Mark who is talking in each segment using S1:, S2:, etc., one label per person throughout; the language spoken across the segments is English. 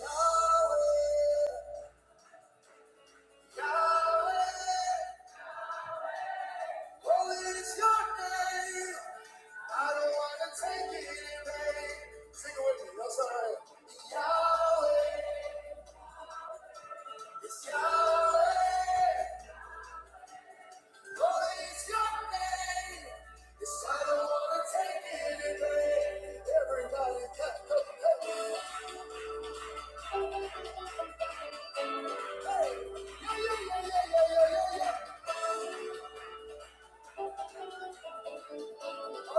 S1: Yahweh, Yahweh, holy is your name. I don't want to take it in vain. Sing it with me. all right. Yahweh, it's Yahweh, holy is your name. Yes, I don't want to take it in vain. Everybody, cut, cut, cut. Hey, yeah, yeah, yeah, yeah, yeah, yeah, yeah. There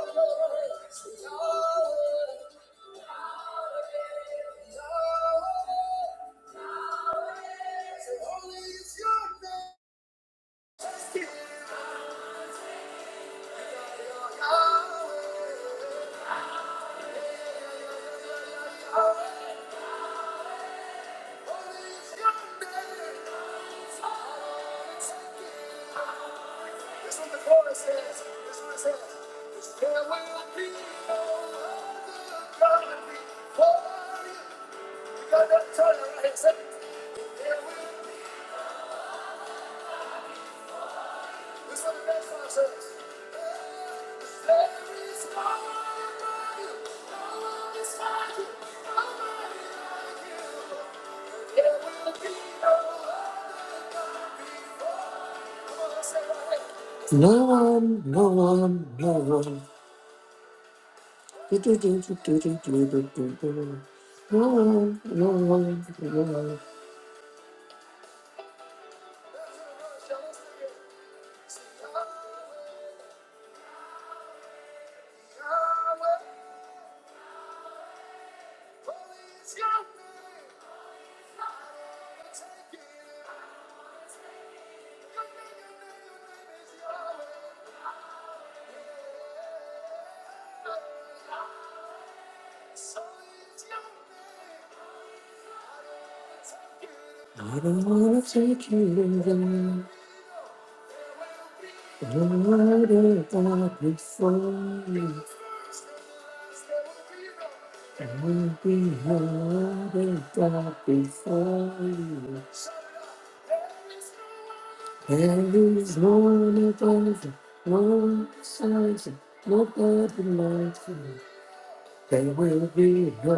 S1: will be no right. No one, no one, no one. Do, do, do, do, do, do, do, do, do, do. No one, no one, no one. I don't wanna take you away. What if I could fly? It would be hard if I could fly. There is one above, one size, nobody likes me. They will be no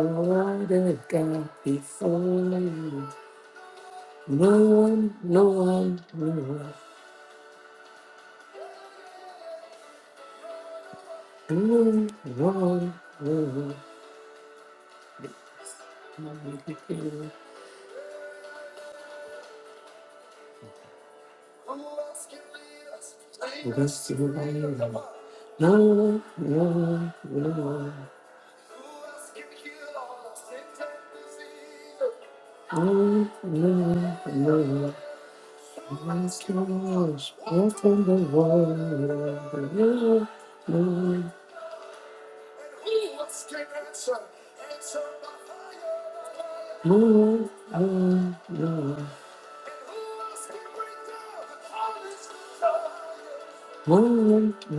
S1: other God before you. No one, no one, no one. Glory, glory, glory. Bless your name. Glory, glory, glory. Glory, glory, glory. Bless your name. Walk the world? Glory, glory, Lord, Lord, Lord. Lord, Lord, Lord.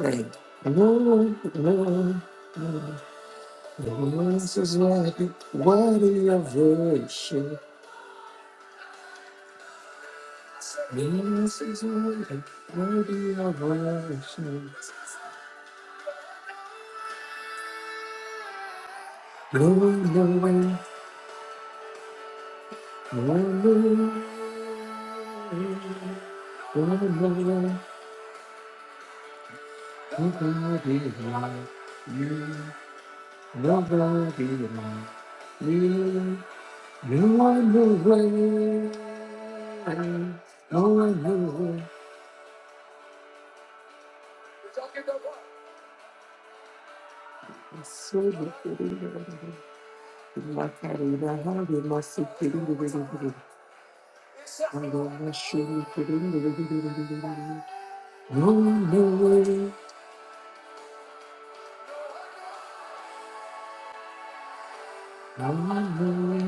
S1: Hey, Lord, Lord, Lord. This is worthy, worthy of worship. This is worthy, worthy of worship. Lord, Lord, Nobody like you. Nobody like you. No one knows where. No one knows where. So good, my Karina, how you must be feeling the way. I'm gonna show you feeling the way. No one knows No one knows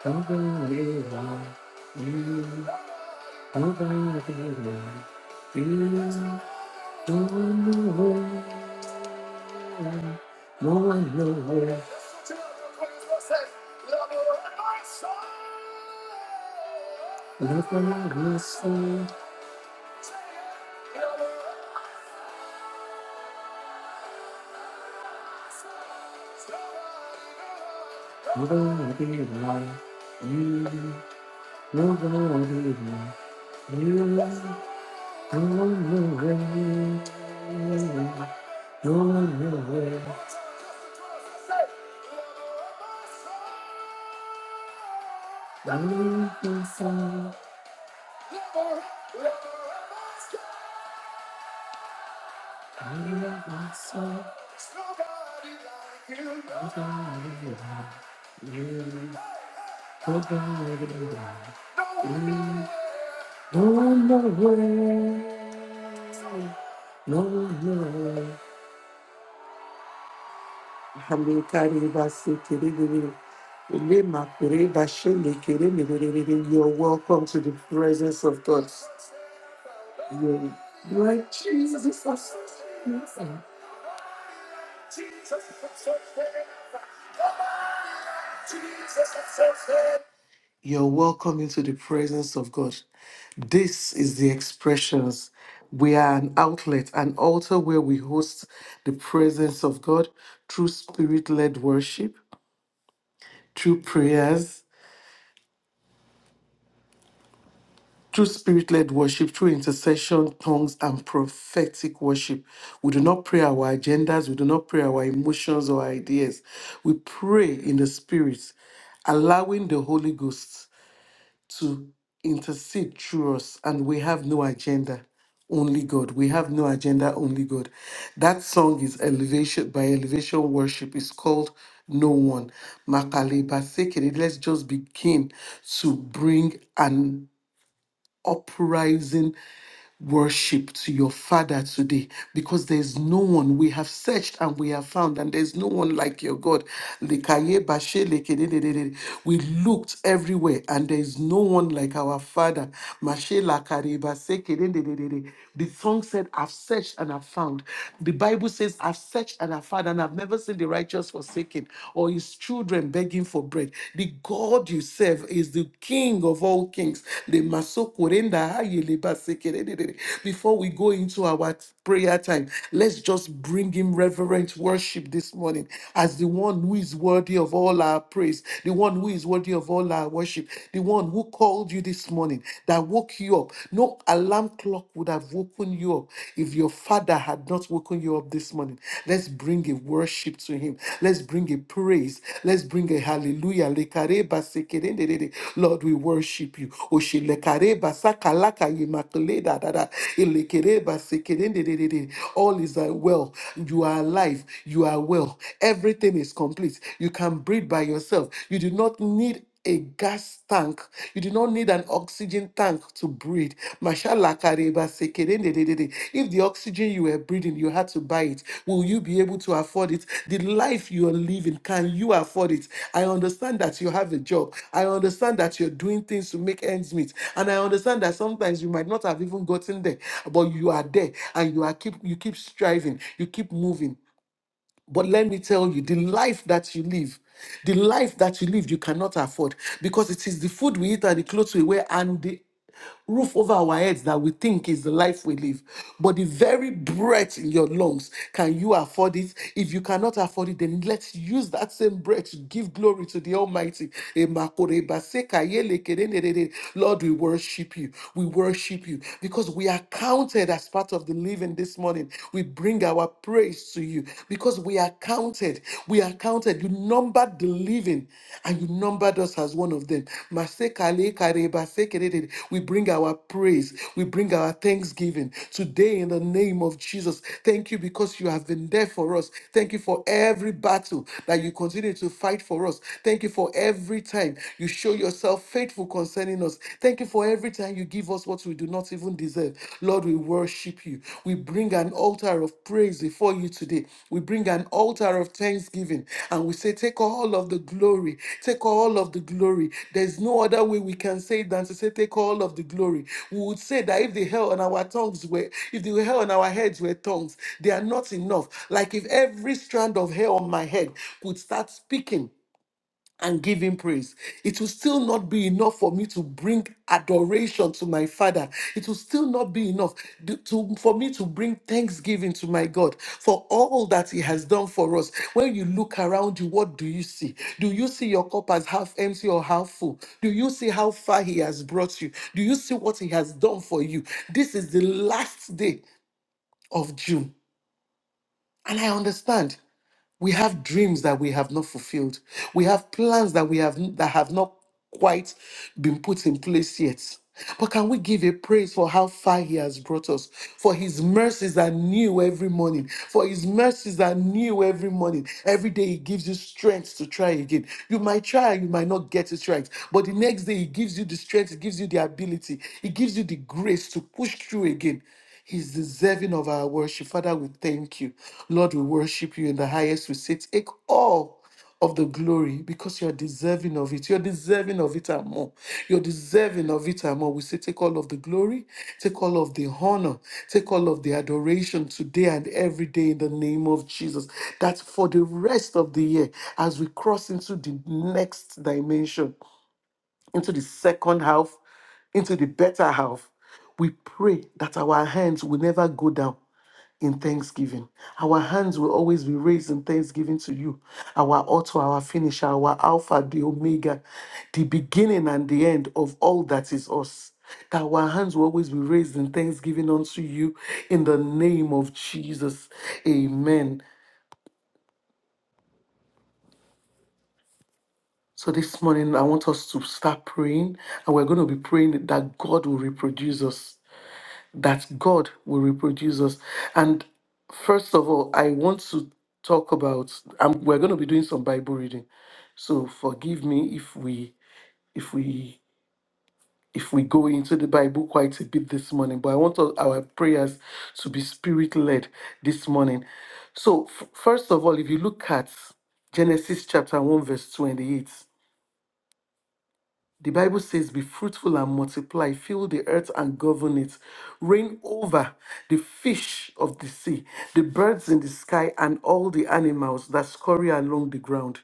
S1: Thank you. Move on with me. You are moving. You're moving. I'm inside. I'm outside. Nobody like you. Oh, God, oh, God. No, no way. No, no way. Hamikari basi kiribiri. Ulema kure bashende kiribiri. You're welcome to the presence of God. You're you're like Jesus. Jesus, You're welcome into the presence of God. This is the expressions. We are an outlet, an altar where we host the presence of God through spirit led worship, through prayers, through spirit led worship, through intercession, tongues, and prophetic worship. We do not pray our agendas, we do not pray our emotions or ideas. We pray in the spirit allowing the Holy Ghost to intercede through us, and we have no agenda, only God. We have no agenda, only God. That song is elevation by elevation worship. It's called No One. Makaleba Sekere. Let's just begin to bring an uprising worship to your Father today because there's no one. We have searched and we have found, and there's no one like your God. Lekaye bashe lekedededede. We looked everywhere, and there's no one like our Father. Mashe lakare base kededededede. The song said, I've searched and I've found. The Bible says, I've searched and I've found, and I've never seen the righteous forsaken or his children begging for bread. The God you serve is the King of all kings. Le maso korenda aye le basekerere. Before we go into our prayer time, let's just bring him reverent worship this morning as the one who is worthy of all our praise, the one who is worthy of all our worship, the one who called you this morning, that woke you up. No alarm clock would have woken you up if your father God that had not woken you up this morning, let's bring a worship to Him. Let's bring a praise. Let's bring a hallelujah. Lekareba sekerendedede. Lord, we worship you. Oshelekareba sakalaka yemakeleda dada. Elekereba sekerendededede. All is uh, well. You are alive. You are well. Everything is complete. You can breathe by yourself. You do not need a gas tank. You do not need an oxygen tank to breathe. Mashallah, kareba, sekerende, de, de, de. If the oxygen you were breathing, you had to buy it, will you be able to afford it? The life you are living, can you afford it? I understand that you have a job. I understand that you're doing things to make ends meet. And I understand that sometimes you might not have even gotten there, but you are there and you are keep you keep striving, you keep moving. But let me tell you, the life that you live, the life that you live, you cannot afford because it is the food we eat and the clothes we wear and the roof over our heads that we think is the life we live. But the very breath in your lungs, can you afford it? If you cannot afford it, then let's use that same breath to give glory to the Almighty. Emakoreba sekayele Lord, we worship you. We worship you because we are counted as as part of the living this morning. We bring our praise to you because we are counted. We are counted. You numbered the living and you numbered us as one of them. Masekale kareba sekerede. We bring our praise. We bring our thanksgiving today in the name of Jesus. Thank you because you have been there for us. Thank you for every battle that you continue to fight for us. Thank you for every time you show yourself faithful concerning us. Jesus. Thank you for every time you give us what we do not even deserve. Lord, we worship you. We bring an altar of praise before you today. We bring an altar of thanksgiving and we say, Take all of the glory. Take all of the glory. There's no other way we can say it than to say, Take all of the glory. We would say that if the hell on our tongues were, if the hell on our heads were tongues, they are not enough. Like if every strand of hair on my head could start speaking and give him praise. It will still not be enough for me to bring adoration to my father. It will still not be enough d- to, for me to bring thanksgiving to my God for all that he has done for us. When you look around you, what do you see? Do you see your cup as half empty or half full? Do you see how far he has brought you? Do you see what he has done for you? This is the last day of June. And I understand. We have dreams that we have not fulfilled. We have plans that we have that have not quite been put in place yet. But can we give a praise for how far he has brought us? For his mercies are new every morning. For his mercies are new every morning. Every day he gives you strength to try again. You might try and you might not get it right. But the next day he gives you the strength, he gives you the ability, he gives you the grace to push through again. He's deserving of our worship. Father, we thank you. Lord, we worship you in the highest. We say, take all of the glory because you're deserving of it. You're deserving of it and more. You're deserving of it and more. We say, take all of the glory, take all of the honor, take all of the adoration today and every day in the name of Jesus. That for the rest of the year, as we cross into the next dimension, into the second half, into the better half, we pray that our hands will never go down in thanksgiving. Our hands will always be raised in thanksgiving to you, our author, our finisher, our alpha, the omega, the beginning and the end of all that is us. That our hands will always be raised in thanksgiving unto you in the name of Jesus. Amen. So this morning, I want us to start praying, and we're going to be praying that God will reproduce us. that God will reproduce us. And first of all, I want to talk about. Um, we're going to be doing some Bible reading, so forgive me if we if we if we go into the Bible quite a bit this morning. But I want all our prayers to be spirit led this morning. So f- first of all, if you look at Genesis chapter one verse twenty eight. The Bible says, Be fruitful and multiply, fill the earth and govern it, reign over the fish of the sea, the birds in the sky, and all the animals that scurry along the ground.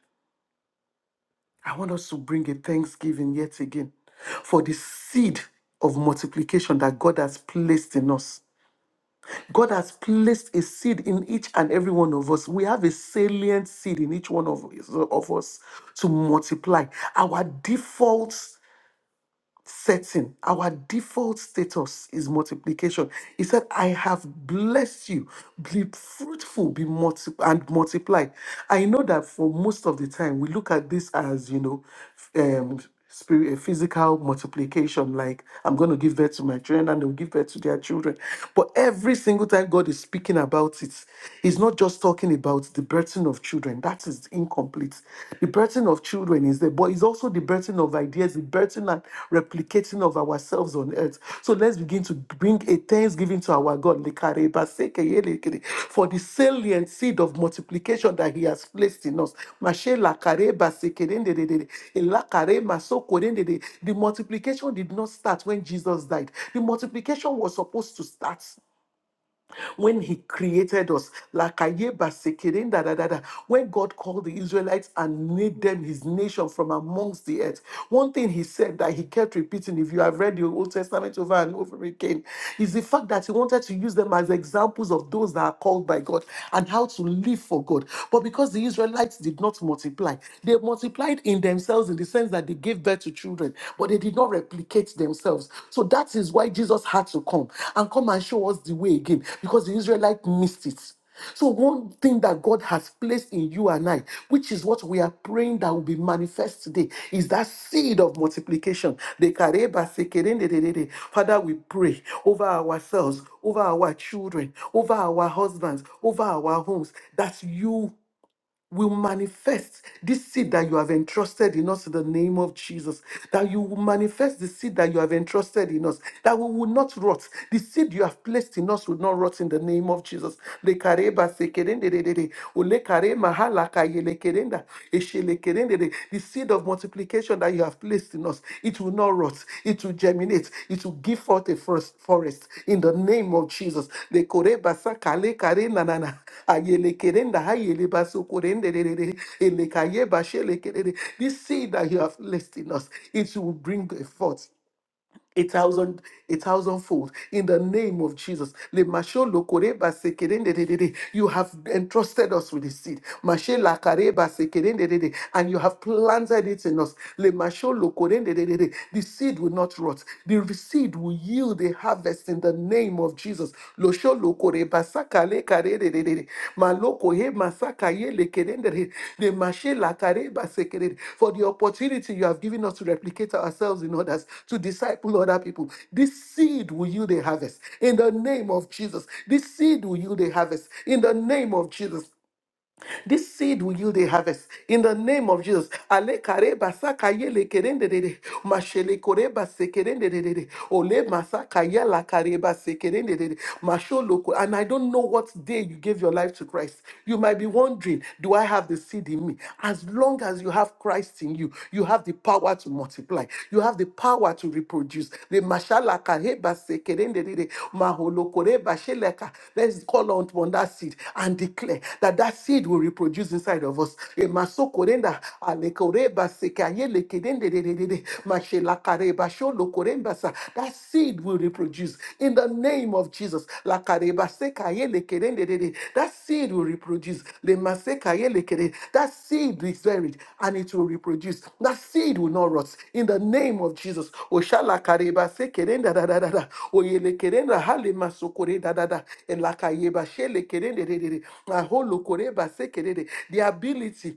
S1: I want us to bring a thanksgiving yet again for the seed of multiplication that God has placed in us. God has placed a seed in each and every one of us. We have a salient seed in each one of, of us to multiply. Our default setting, our default status is multiplication. He said, I have blessed you, be fruitful, be multi- and multiply. I know that for most of the time, we look at this as, you know, f- um, spirit, uh, physical multiplication, like I'm going to give birth to my children and they'll give birth to their children. But every single time God is speaking about it, He's not just talking about the birthing of children. That is is incomplete. The birthing of children is there, but it's also the birthing of ideas, the birthing and replicating of ourselves on earth. So let's begin to bring a thanksgiving to our God Lekare for the salient seed of multiplication that He has placed in us. Mashe lakare The multiplication did not start when Jesus died, the multiplication was supposed to start when He created us. Lakayeba sekeren da da da da. When God called the Israelites and made them His nation from amongst the earth, one thing He said that He kept repeating, if you have read the Old Testament over and over again, is the fact that He wanted to use them as examples of those that are called by God and how to live for God. But because the Israelites did not multiply, they multiplied in themselves in the sense that they gave birth to children, but but they did not replicate themselves. So that is why Jesus had to come and come and show us the way again because the Israelites missed it. So, one thing that God has placed in you and I, which is what we are praying that will be manifest today, is that seed of multiplication. The Dekareba sekerendededede. Father, we pray over ourselves, over our children, over our husbands, over our homes, that you will manifest this seed that you have entrusted in us in the name of Jesus. That you will manifest the seed that you have entrusted in us. That we will not rot. The seed you have placed in us will not rot in the name of Jesus. Lekareba sekerendedede, olekarema halakayelekerenda, eshelekerendede. The seed of of multiplication that you have placed in us, it will not rot, it will germinate, it will give forth a first forest in the name of Jesus. The kore basa kale kare na na na. Ayele kere nda hayele baso kore nde Ele kaye bashe le kere This seed that you have placed in us, it will bring a forth a thousand a thousandfold in the name of Jesus. Le masho lo koreba sekerende de de de. You have entrusted us with the seed. Mashe la kareba sekerende de de. And you have planted it in us. Le masho lo korende de de de. The seed will not rot. The seed will yield a harvest in the name of Jesus losho lokore basaka le kare re re re re. maloko he masaka ye le kerende re de mashe la kare basekere for the opportunity you have given us to replicate ourselves in others to disciple other people this seed will yield a harvest in the name of Jesus this seed will yield a harvest in the name of Jesus this seed will yield a harvest in the name of Jesus. Ale kare basa kaye le kerende dede. Mashele kore base kerende dede. Ole masa kaye la kare base kerende dede. Masholo ko- And I don't know what day you gave your life to Christ. You might be wondering, do I have the seed in me? As long as you have Christ in you, you have the power to multiply. You have the power to reproduce. The mashalaka heba sekerendedede, maholokoreba sheleka. Let's call out on that seed and declare that that seed will reproduce inside of us. Emasokorenda alekoreba sekayelekedendededede, mashelaka reba sholokorembasa. That seed will reproduce in the name of Jesus. Lakareba sekaye lekerendedede. That seed will reproduce. Lemasekaye lekere. That seed is buried and it will reproduce. That seed will not rot. In the name of Jesus. Oshala Kareba sekerenda da da da. sekerendadadadada. Oyelekerenda halemasokoredadada. Elakayeba shelekerendedede. Aholokoreba sekerede. The ability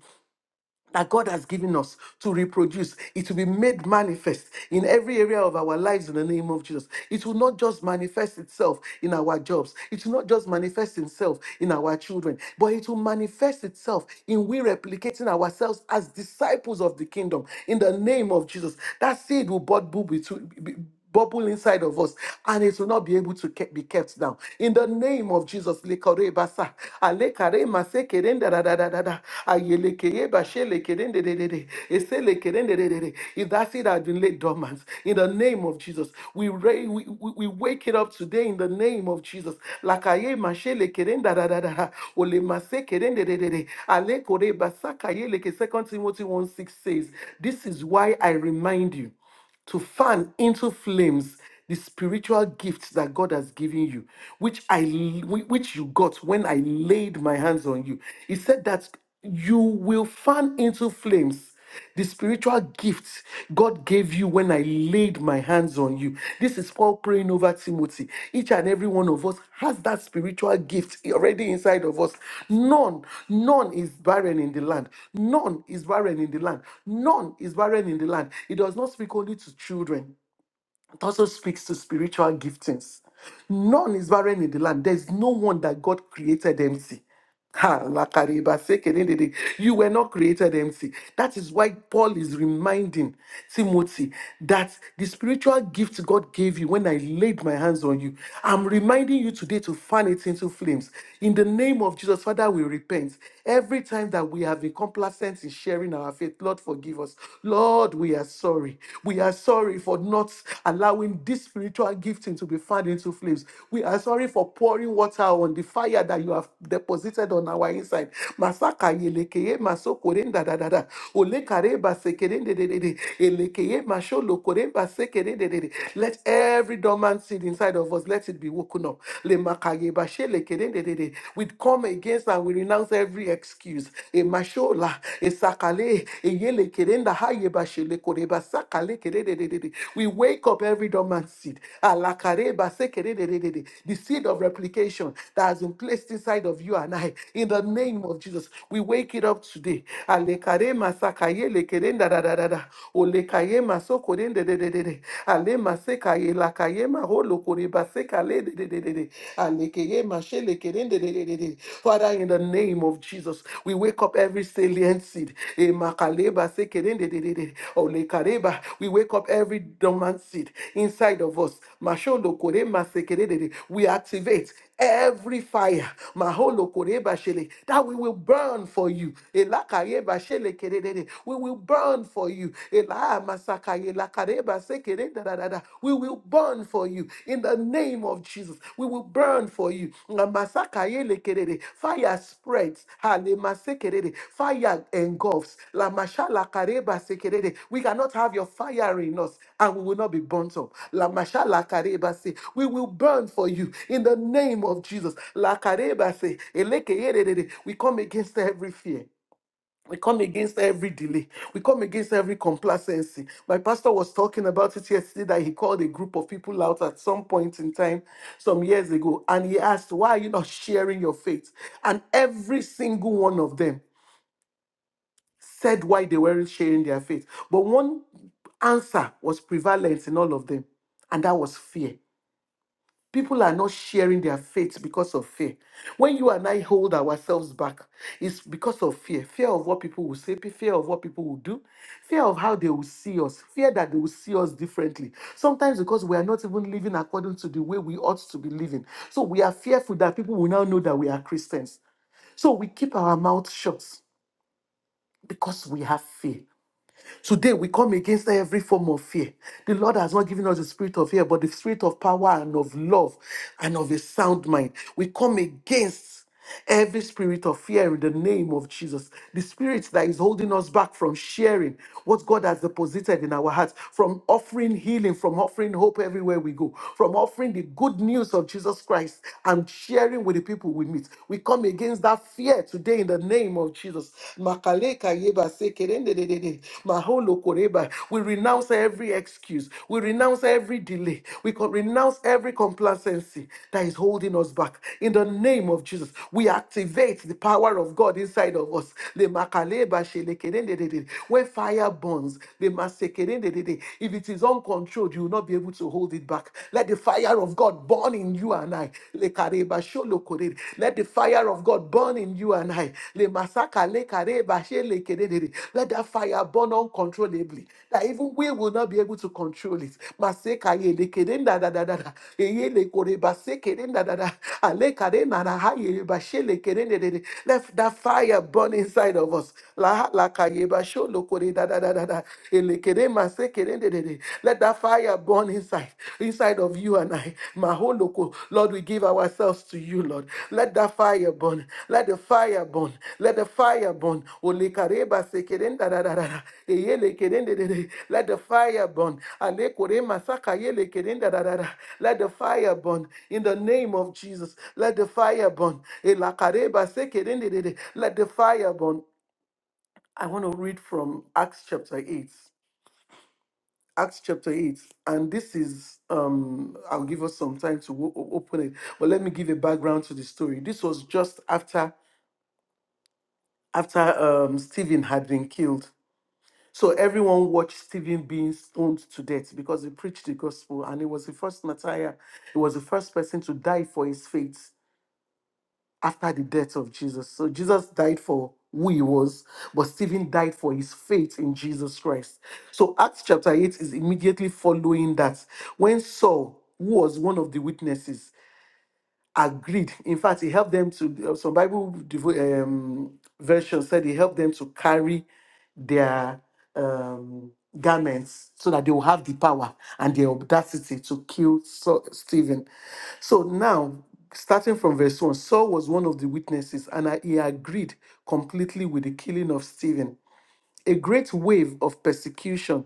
S1: that God has given us to reproduce. It will be made manifest in every area of our lives in the name of Jesus. It will not just manifest itself in our jobs, it will not just manifest itself in our children, but it will manifest itself in we replicating ourselves as disciples of the kingdom in the name of Jesus. That seed will bud- bud- between- bubble inside of us and it will not be able to ke- be kept down. In the name of Jesus, lekore basa, alekare mase kerende da da da da da, ayelekeye bashe lekerende de de de, ese lekerende de de de. If that seed had been laid dormant, in the name of Jesus, we, ra- we, we, we wake it up today in the name of Jesus. Lakaye mashe lekerende da da da da, da, ole mase kerende de de de, alekore basa kaye leke. Second Timothy 1 6 says, This is why I remind you to fan into flames the spiritual gifts that God has given you, which I whi- which you got when I laid my hands on you. He said that you will fan into flames the spiritual gifts God gave you when I laid my hands on you. This is called praying over Timothy. Each and every one of us has that spiritual gift already inside of us. None, none is barren in the land. None is barren in the land. None is barren in the land. It does not speak only to children. It also speaks to spiritual giftings. None is barren in the land. There's no one that God created empty. Ha, lakariba sekerendede. You were not created empty. That is why Paul is reminding Timothy that the spiritual gift God gave you when I laid my hands on you, I'm reminding you today to fan it into flames. In the name of Jesus, Father, we repent. Every time that we have been complacent in sharing our faith, Lord, forgive us. Lord, we are sorry. We are sorry for not allowing this spiritual gifting to be fanned into flames. We are sorry for pouring water on the fire that you have deposited on our inside. Masaka yelekeye masokorenda da da da. Olekareba sekerende de de de. Elekeye masholokoremba sekerende de de. Let every dormant seed inside of us, let it be woken up yeba shele We come against and we renounce every excuse. E mashola, e sakale, e yele kede nda ha yeba shele kore ba sakale kede de de de de. We wake up every dormant seed. Alakare ba se de de de de. The seed of replication that has been placed inside of you and I. In the name of Jesus, we wake it up today. Alekare masakaye lekere nda da da da da. Olekaye masokore nde de de de de. Ale masekaye kaye la kaye ma ho lo kore ba se ka le de de de de de. Ane keye ma de de de de de. Father, in the name of Jesus, we wake up every salient seed. E ma ka kere de de de de. O le We wake up every dormant seed inside of us. Ma sho lo kere de de. We activate every fire maholo koreba shele, that we will burn for you Elakayeba shele kererere, we will burn for you Ela masakaye lakareba sekere dadadada, we will burn for you in the name of jesus we will burn for you Namasakaye lekerere. Fire spreads. Halema sekerere. Fire engulfs. La mashala kareba sekerere. We cannot have your fire in us and we will not be burnt up. La mashala kareba se. We will burn for you in the name of Jesus. La kareba se. Elekeyerere. We come against every fear. We come against every delay. We come against every complacency. My pastor was talking about it yesterday that he called a group of people out at some point in time, some years ago, and he asked, Why are you not sharing your faith? And every single one of them said why they weren't sharing their faith. But one answer was prevalent in all of them, and that was fear. People are not sharing their faith because of fear. When you and I hold ourselves back, it's because of fear fear of what people will say, pe- fear of what people will do, fear of how they will see us, fear that they will see us differently. Sometimes because we are not even living according to the way we ought to be living. So we are fearful that people will now know that we are Christians. So we keep our mouth shut because we have fear. Today we come against every form of fear. The Lord has not given us the spirit of fear, but the spirit of power and of love and of a sound mind. We come against every spirit of fear in the name of Jesus. The spirit that is holding us back from sharing what God has deposited in our hearts, from offering healing, from offering hope everywhere we go, from offering the good news of Jesus Christ and sharing with the people we meet. We come against that fear declare today in the name of Jesus. Makaleka yeba sekerende de de de. Maholo koreba. We renounce every excuse. We renounce every delay. We co- renounce every complacency that is holding us back. In the name of Jesus, we activate the power of God inside of us. Le makaleba shelekerende de de. When fire burns, le masekerende de de. if it is uncontrolled, you will not be able to hold it back. Let the fire of God burn burn in you and I. le kareba sholo sholokorere. Let the fire of God burn in you and I. le le masaka Lemasaka lekareba shelekerere. Let that fire burn uncontrollably. That even we will not be able to control it. Maseka yelekerenda da da da da. da. Eye lekoreba sekerenda da da. da. Ale kare na na ha ye ba hayeba shelekerere. Let that fire burn inside of us. La la kaye ba sholo kore da da da da da. Ele kere maseke let that fire burn inside, inside of you and I. Maholoko, Lord, we give ourselves to you, Lord. Let that fire burn. Let the fire burn. Let the fire burn. Olekareba sekerenda da da da da. Eyele kerende de de. Let the fire burn. Alekore masaka yele kerenda da da da. Let the fire burn. In the name of Jesus, let the fire burn. Elakareba sekerende de de. Let the fire burn. I want to read from Acts chapter 8. Acts chapter 8, and this is, um, I'll give us some time to o- o- open it, but let me give a background to the story. This was just after after um, Stephen had been killed. So everyone watched Stephen being stoned to death because he preached the gospel and he was the first martyr. He was the first person to die for his faith. after the death of Jesus. So Jesus died for who he was, but Stephen died for his faith in Jesus Christ. So Acts chapter 8 is immediately following that when Saul, who was one of the witnesses, agreed. In fact, he helped them to, uh, some Bible devo- um, version said he helped them to carry their um, garments so that they will have the power and the audacity to kill Saul, Stephen. So now, starting from verse 1, Saul was one of the witnesses and uh, he agreed completely with the killing of Stephen. A great wave of persecution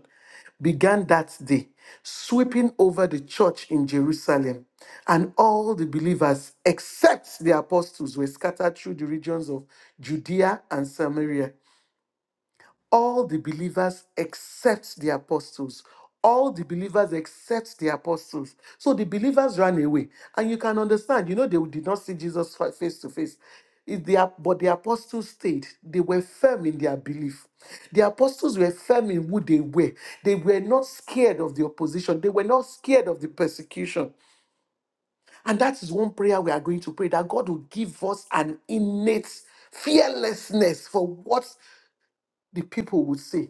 S1: began that day, sweeping over the church in Jerusalem. And all the believers, except the apostles, were scattered through the regions of Judea and Samaria all the believers except the apostles. All the believers except the apostles. So the believers ran away. And you can understand, you know, they did not see Jesus fa- face to face. If the ap- But the apostles stayed. They were firm in their belief. The apostles were firm in who they were. They were not scared of the opposition. They were not scared of the persecution. And that is one prayer we are going to pray that God will give us an innate fearlessness for what the people would say.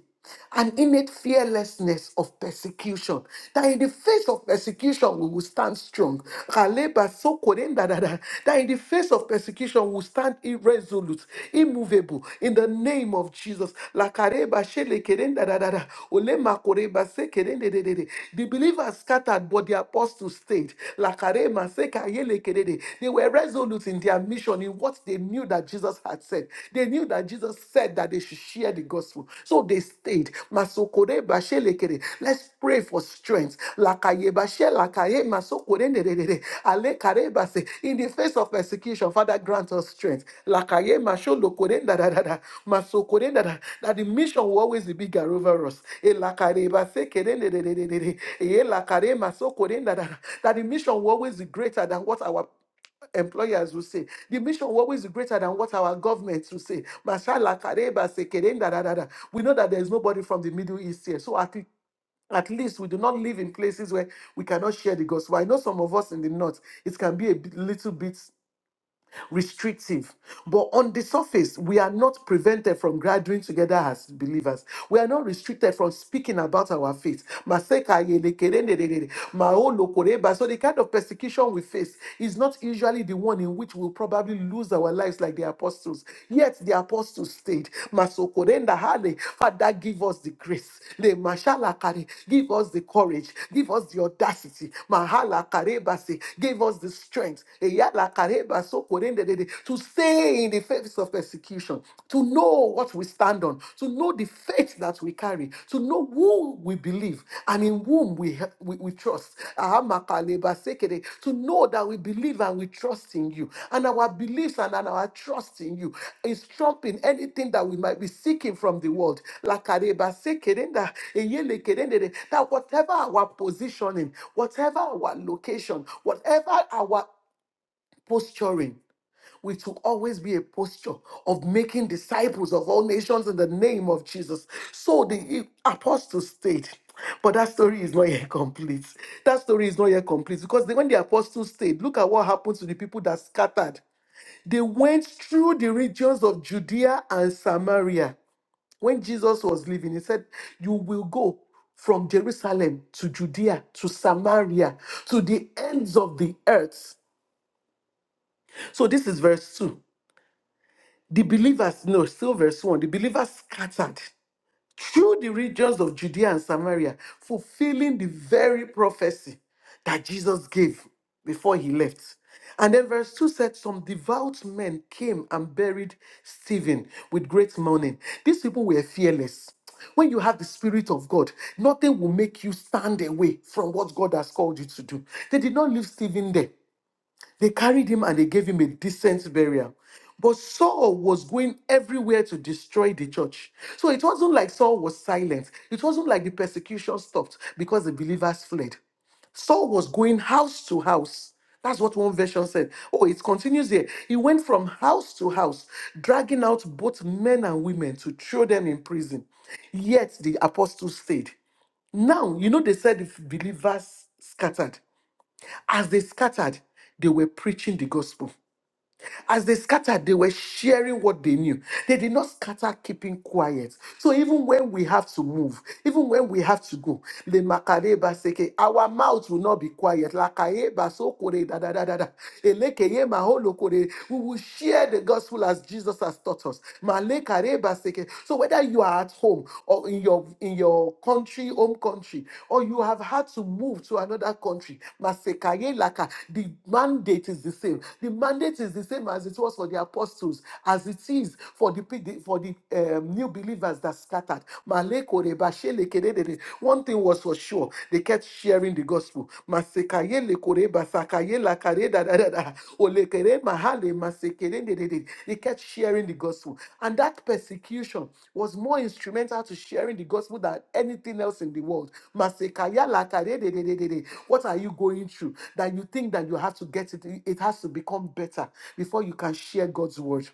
S1: An innate fearlessness of persecution. That in the face of persecution, we will stand strong. Kaleba sokoden da da da. That in the face of persecution, we will stand irresolute, immovable, in the name of Jesus. Lakareba shelekeden da da da da. Olema koreba sekeden de de de de. The believers scattered, but the apostles stayed. Lakarema seka yelekedede. They were resolute in their mission, in what they knew that Jesus Jesus had said. They knew that Jesus said that they should share the gospel. So they stayed. Masokore bashelekere. Let's pray for strength. Lakaye bashe lakaye masokore nerere. Alekare base. In the face of persecution, Father, grant us strength. Lakaye masholokore dadadada. Masokore dada. That the mission will always be bigger over us. Elakare base kere nerere. Eyelakare masokore dadada. That the mission will always be greater than what our employers will say. The mission will always be greater than what our governments will say. Mashallah, Kareba, Sekere, da, da, da, da. We know that there is nobody from the Middle East here. So at, le- at least we do not live in places where we cannot share the gospel. I know some of us in the north, it can be a bit- little bit restrictive. But on the surface, we are not prevented from gathering together as believers. We are not restricted from speaking about our faith. Maseka yelekerendedede, maolokoreba. So the kind of persecution we face is not usually the one in which we'll probably lose our lives like the apostles. Yet the apostles stayed. Masokorenda hale. Father, give us the grace. Le mashalakare. Give us the courage. Give us the audacity. Mahala karebase. Give us the strength. Akareba Sokorendedede, to stay in the face of persecution, to know what we stand on, to know the faith that we carry, to know whom we believe and in whom we, we, we trust. Ahamakaleba Sekere, To know that we believe and we trust in you, and our beliefs and, and our trust in you is trumping anything that we might be seeking from the world. Lakareba Sekerenda, Eyelekerendede, That whatever our positioning, whatever our location, whatever our posturing we should always be a posture of making disciples of all nations in the name of Jesus. So the apostles stayed. But that story is not yet complete. That story is not yet complete because when the apostles stayed, look at what happened to the people that scattered. They went through the regions of Judea and Samaria. When Jesus was leaving, he said, You will go from Jerusalem to Judea to Samaria to the ends of the earth. So this is verse 2. The believers, no, still verse 1, the believers scattered through the regions of Judea and Samaria, fulfilling the very prophecy that Jesus gave before he left. And then verse 2 said, Some devout men came and buried Stephen with great mourning. These people were fearless. When you have the Spirit of God, nothing will make you stand away from what God has called you to do. They did not leave Stephen there. They carried him and they gave him a decent burial. But Saul was going everywhere to destroy the church. So it wasn't like Saul was silent. It wasn't like the persecution stopped because the believers fled. Saul was going house to house. That's what one version said. Oh, it continues here. He went from house to house, dragging out both men and women to throw them in prison. Yet the apostles stayed. Now, you know, they said the believers scattered. As they scattered, they were preaching the gospel. As they scattered, they were sharing what they knew. They did not scatter keeping quiet. So even when we have to move, even when we have to go, le makareba seke, our mouth will not be quiet. Lakaeba sokore da da da da da. Elekeye maholo kore. We will share the gospel as Jesus has taught us. Malekareba seke. So whether you are at home or in your in your country, home country, or you have had to move to another country. Masekaye laka. The mandate is the same. The mandate is the same as it was for the apostles, as it is for the pe- for the um, new believers that scattered. Maleko reba shele kededede. One thing was for sure, they kept sharing the gospel kaye le kore basa kaye la kare da da da da. Ole kere mahale masekere de de de. They kept sharing the gospel. And that persecution was more instrumental to sharing the gospel than anything else in the world. Masekaya la kare de de de de de. What are you going through that you think that you have to get it? It has to become better before you can share God's word.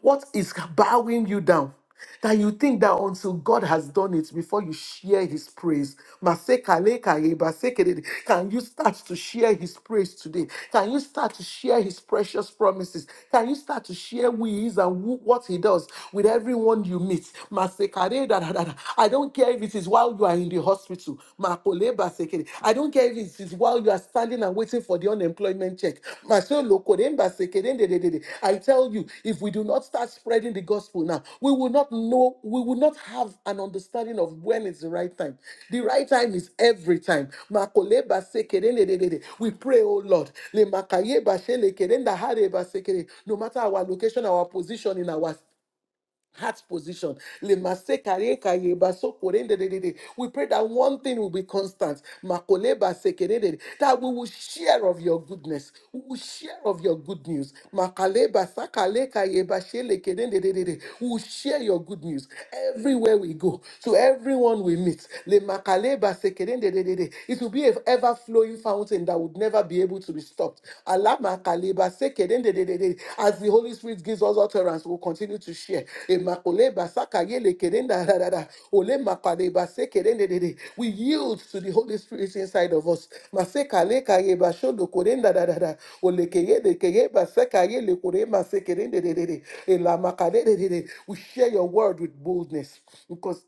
S1: What is bowing you down? That you think that until God has done it before you share his praise. Masekalekareba, sekerede. Can you start to share his praise today? Can you start to share his precious promises? Can you start to share who he is and who- what he does with everyone you meet? Masekare da da da da. I don't care if it is while you are in the hospital. Makoleba sekere. I I don't care if it is while you are standing and waiting for the unemployment check. Masho loko, den baseke, den de- de- de- de. I tell you, if we do not start spreading the gospel now, we will not know, we will not have an understanding of when is the right time. The right time is every time. Makole baseke, den de- de- de- de. We pray, oh Lord. Le makaye bashe leke, den dahare baseke, de. No matter our location, our position in our heart position. Le kare kaye baso korende de de de. We pray that one thing will be constant. Makole base kere de de. That we will share of your goodness. We will share of your good news. Makale basa kale kaye bashe le kere de de de de. We will share your good news everywhere we go. To everyone we meet. Le makale base kere de de de de. It will be an ever flowing fountain that would never be able able to be stopped. Allah makaleba seke den de de de de. As the Holy Spirit gives us utterance, we'll continue to share. Emakoleba saka yele keren da da da da. Ole makaleba seke den de de de. We yield to the Holy Spirit inside of us. Maseka leka yeba shodo koren da da da da. Ole keye de keye ba seka yele kore maseke den de de de de. Ela makade de de de. We share your word with boldness because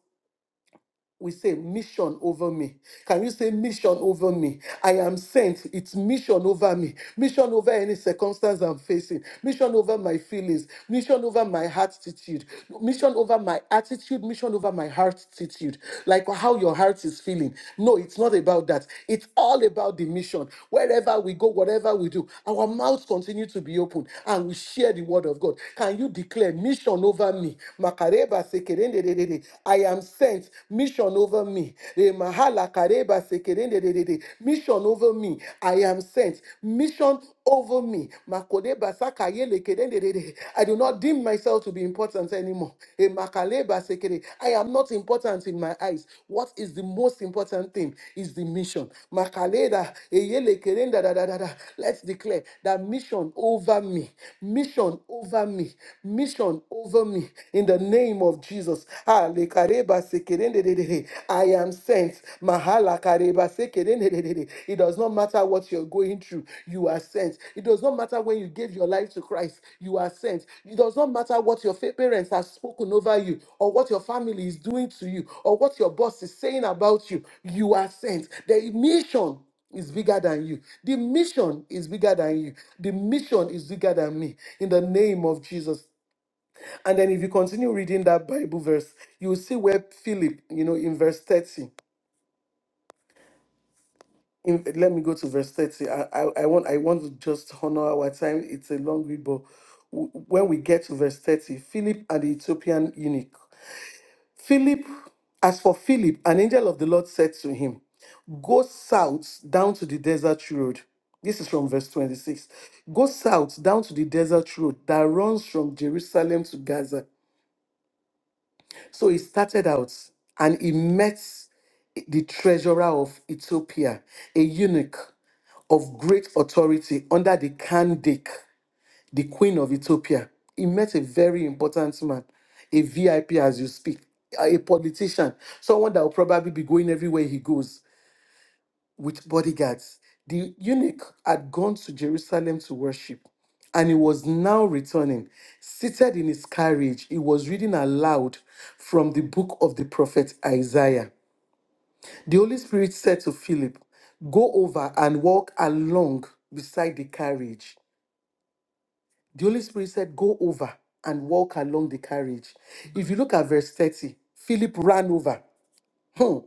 S1: we say mission over me. Can you say mission over me? I am sent. It's mission over me. Mission over any circumstance I'm facing. Mission over my feelings. Mission over my attitude. Mission over my attitude. Mission over my attitude. Like how your heart is feeling. No, it's not about that. It's all about the mission. Wherever we go, whatever we do, our mouths continue to be open and we share the word of God. Can you declare mission over me? Makareba sekerendedede dededede. I am sent. Mission over me. Eh, mahala kareba sekerendededede. Mission over me. I am sent. Mission over me. Makodeba sakayele kerendedede. I do not deem myself to be important anymore. Eh, makaleba sekere. I am not important in my eyes. What is the most important thing is the mission. Makaleda, eyele kerenda da da da da. Let's declare that mission over me, mission over me, mission over me. In in the name of Jesus. Ah, le kareba sekerendedede. I am sent. Mahala kareba sekerendedede. It does not matter what you're going through, you are sent. It does not matter when you gave your life to Christ, you are sent. It does not matter what your fa- parents have spoken over you, or what your family is doing to you, or what your boss is saying about you, you are sent. The mission is bigger than you. The mission is bigger than you. The mission is bigger than me. In the name of Jesus. And then if you continue reading that Bible verse, you will see where Philip, you know, in verse 30. In, let me go to verse 30. I, I, I want I want to just honor our time. It's a long read, but w- when we get to verse 30, Philip and the Ethiopian eunuch. Philip, as for Philip, an angel of the Lord said to him, Go south down to the desert road. This is from verse 26. Go south down to the desert road that runs from Jerusalem to Gaza. So he started out and he met the treasurer of Ethiopia, a eunuch of great authority under the Kandake, the queen of Ethiopia. He met a very important man, a VIP as you speak, a a politician, someone that will probably be going everywhere he goes with bodyguards. The eunuch had gone to Jerusalem to worship, and he was now returning. Seated in his carriage, he was reading aloud from the book of the prophet Isaiah. The Holy Spirit said to Philip, Go over and walk along beside the carriage. The Holy Spirit said, Go over and walk along the carriage. If you look at verse 30, Philip ran over Hmm.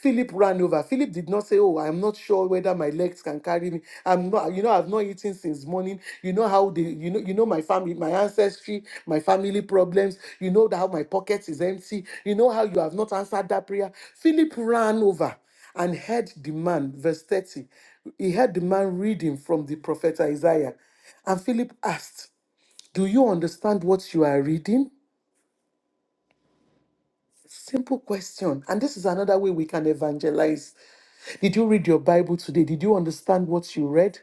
S1: Philip ran over. Philip did not say, Oh, I'm not sure whether my legs can carry me. I'm not, you know, I've not eaten since morning. You know how they, you know, you know my family, my ancestry, my family problems. You know that how my pocket is empty. You know how you have not answered that prayer. Philip ran over and heard the man, verse 30. He heard the man reading from the prophet Isaiah. And Philip asked, Do you understand what you are reading? Simple question. And this is another way we can evangelize. Did you read your Bible today? Did you understand what you read?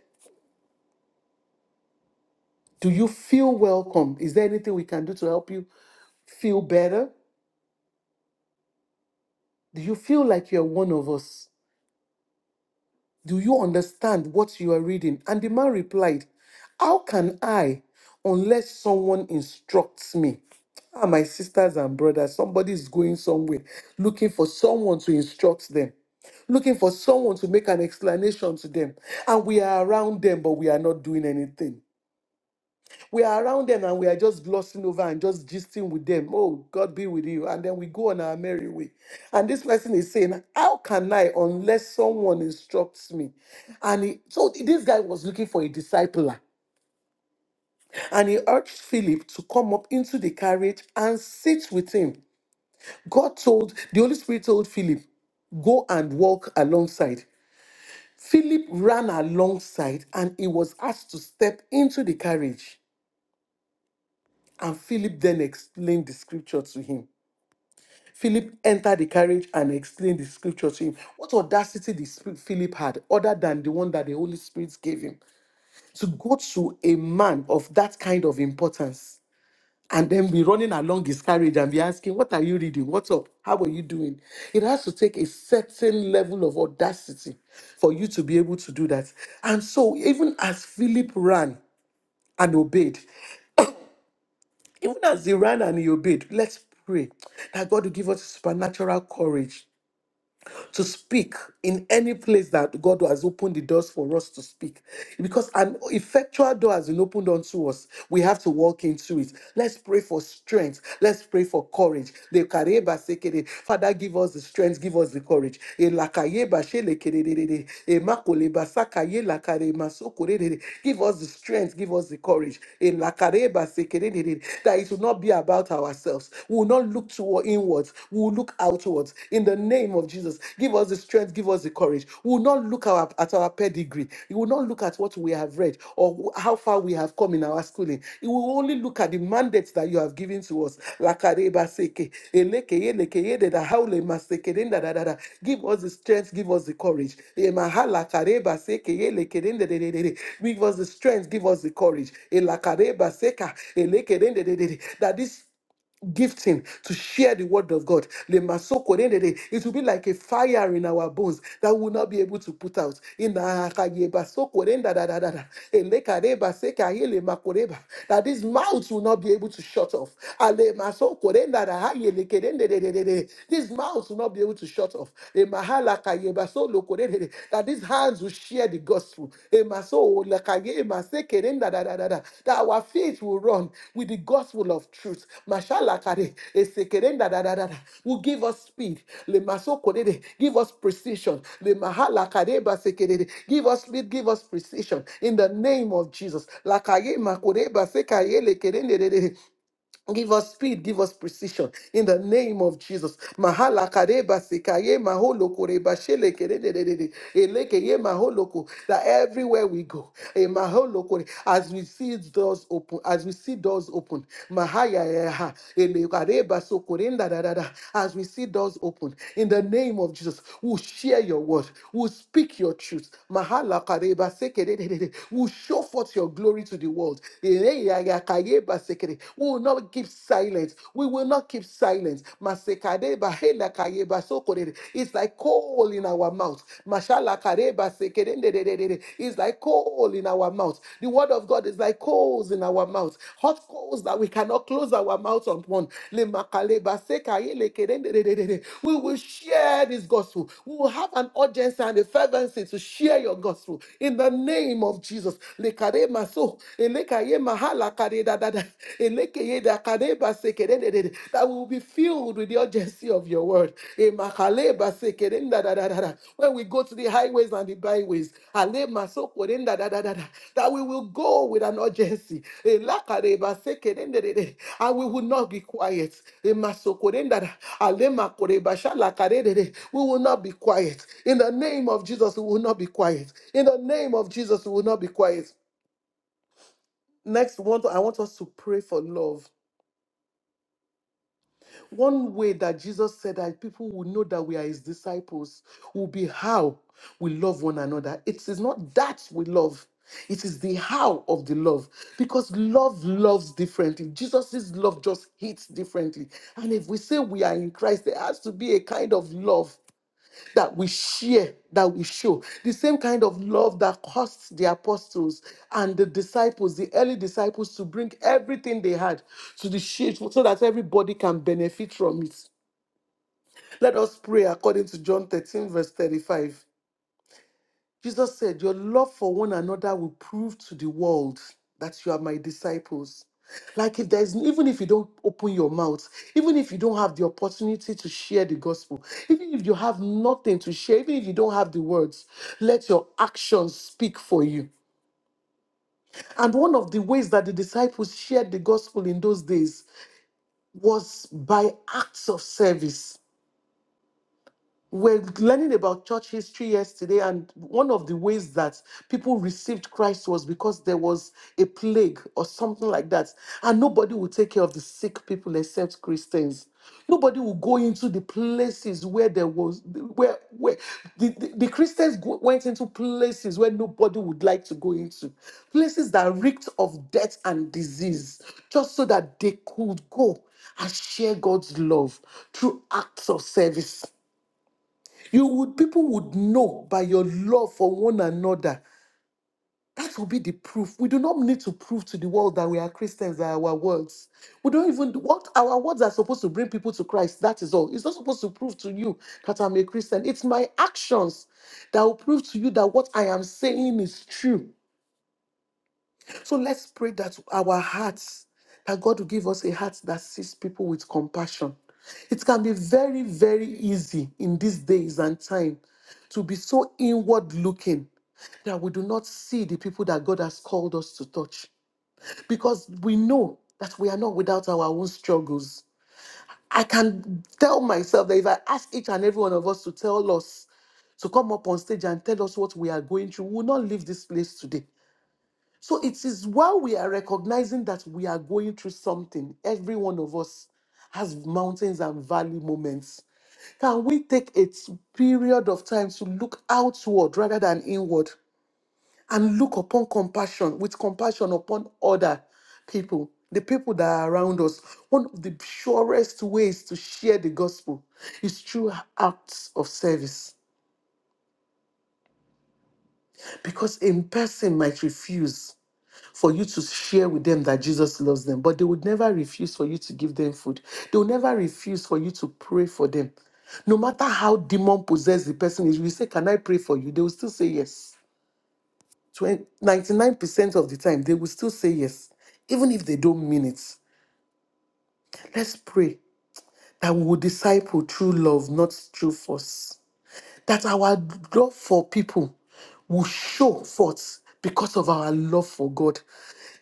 S1: Do you feel welcome? Is there anything we can do to help you feel better? Do you feel like you're one of us? Do you understand what you are reading? And the man replied, How can I unless someone instructs me? Ah, my sisters and brothers, somebody is going somewhere looking for someone to instruct them, looking for someone to make an explanation to them. And we are around them, but we are not doing anything we are around them and we are just glossing over and just gisting with them. Oh, God be with you. And then we go on our merry way. And this person is saying, How can I unless someone instructs me? And he, so this guy was looking for a discipler. And he urged Philip to come up into the carriage and sit with him. God told, the Holy Spirit told Philip, Go and walk alongside. Philip ran alongside and he was asked to step into the carriage. And Philip then explained the scripture to him. Philip entered the carriage and explained the scripture to him. What audacity the Spirit Philip had, other than the one that the Holy Spirit gave him, to go to a man of that kind of importance and then be running along his carriage and be asking, What are you reading? What's up? How are you doing? It has to take a certain level of audacity for you to be able to do that. And so, even as Philip ran, and obeyed. Even as they ran and he obeyed, let's pray that God will give us supernatural courage to speak in any place that God has opened the doors for us to speak. Because an effectual door has been opened unto us. We have to walk into it. Let's pray for strength. Let's pray for courage. Lekareba sekere. Father, give us the strength, give us the courage. Elakayeba shelekerere. Emakoleba sakaye lakare masokorere. Give us the strength, give us the courage. Elakareba sekerere. That it will not be about ourselves. We will not look toward inwards. We we will look outwards in the name of Jesus. Give us the strength, give us the courage. We will not look our, at our pedigree. We will not look at what we have read or wh- how far we have come in our schooling. We will only look at the mandates that you have given to us. Lakareba seke, eleke, eleke, yede da haule maseke, den da da da da. Give us the strength, give us the courage. Emahala kareba seke, eleke, den de de de de de. Give us the strength, give us the courage. Elakareba seka, eleke, den de de de de. That this gifting to share the word of God. Le masoko at the end of the day, it will be like a fire in our bones that we will not be able to put out. In the akaye basoko re nda da da da da. Elekare baseka ye le makoreba. That this mouth will not be able to shut off. Ale masoko re nda da ha ye le kere nde de de de de. This mouth will not be able to shut off. Le mahala kaye baso lo kore de de. That that these hands will share the gospel. Ema so olakaye, ema se keren da da da da da. That our faith will run with the gospel of truth. Mashalakare, ese keren da da da da da. Will give us speed. Lema so korede, Give us precision. Lema halakare ba se kerede. Give us speed, give us precision. In the name of Jesus. Lakaye ma ba se kaye le keren de de de. Give us speed, give us precision in the name of Jesus. Mahala kareba sekaye maholo koreba shele keredededede, elekeye maholo ko, That everywhere we go, eh, maholo kore, as we see doors open, as we see doors open, mahaya yaha, ele kareba sokorenda dadada, as we see doors open, in the name of Jesus, we'll share your word, we'll speak your truth. Mahala kareba sekerededede, We'll show forth your glory to the world. Ele yaya kaye Yeba Sekere. We will not keep silence. We will not keep silence. Masekadeba Hela Kayeba Sokore. It's like coal in our mouth. Mashala Kareba Sekere Ndedededede. It's like coal in our mouth. The word of God is like coals in our mouth. Hot coals that we cannot close our mouth upon. Lemakaleba Sekaye Lekere Ndedededede. We will share this gospel. We will have an urgency and a fervency to share your gospel in the name of Jesus. Lekare maso, Elekaye mahala kareda dada. Elekeye da kareba sekerende That we will be filled with the urgency of your word. Emakaleba sekerenda dada dada. When we go to the highways and the byways, alema sokorenda dada dada. that we will go with an urgency. Elakareba sekerende And we will not be quiet. Emasokorenda dada. Alema koreba shalakarede. We will not be quiet. In the name of Jesus, we will not be quiet. In the name of Jesus, we will not be quiet. Next, want I want us to pray for love. One way that Jesus said that people will know that we are his disciples will be how we love one another. It is not that we love, it is the how of the love. Because love loves differently. Jesus' love just hits differently. And if we say we are in Christ, there has to be a kind of love that we share, that we show. The same kind of love that cost the apostles and the disciples, the early disciples, to bring everything they had to the church so that everybody can benefit from it. Let us pray according to John 13, verse 35. Jesus said, Your love for one another will prove to the world that you are my disciples. Like if there's even if you don't open your mouth, even if you don't have the opportunity to share the gospel, even if you have nothing to share, even if you don't have the words, let your actions speak for you. And one of the ways that the disciples shared the gospel in those days was by acts of service we're learning about church history yesterday, and one of the ways that people received Christ was because there was a plague or something like that, and nobody would take care of the sick people except Christians. Nobody will go into the places where there was where where the, the, the Christians go, went into places where nobody would like to go into, places that reeked of death and disease, just so that they could go and share God's love through acts of service. You would people would know by your love for one another. That will be the proof. We do not need to prove to the world that we are Christians by our words. We don't even what our words are supposed to bring people to Christ. That is all. It's not supposed to prove to you that I'm a Christian. It's my actions that will prove to you that what I am saying is true. So let's pray that our hearts, that God will give us a heart that sees people with compassion. It can be very, very easy in these days and time to be so inward looking that we do not see the people that God has called us to touch because we know that we are not without our own struggles. I can tell myself that if I ask each and every one of us to tell us to come up on stage and tell us what we are going through, we will not leave this place today. So it is while we are recognizing that we are going through something, every one of us has mountains and valley moments. Can we take a t- period of time to look outward rather than inward and look upon compassion with compassion upon other people, the people that are around us? One of the surest ways to share the gospel is through acts of service because a person might refuse for you to share with them that Jesus loves them, but they would never refuse for you to give them food. They will never refuse for you to pray for them. No matter how demon possessed the person is, you say, Can I pray for you? They will still say yes. Twen- 99% of the time, they will still say yes, even if they don't mean it. Let's pray that we will disciple true love, not through force. that our love for people will show forth because of our love for God.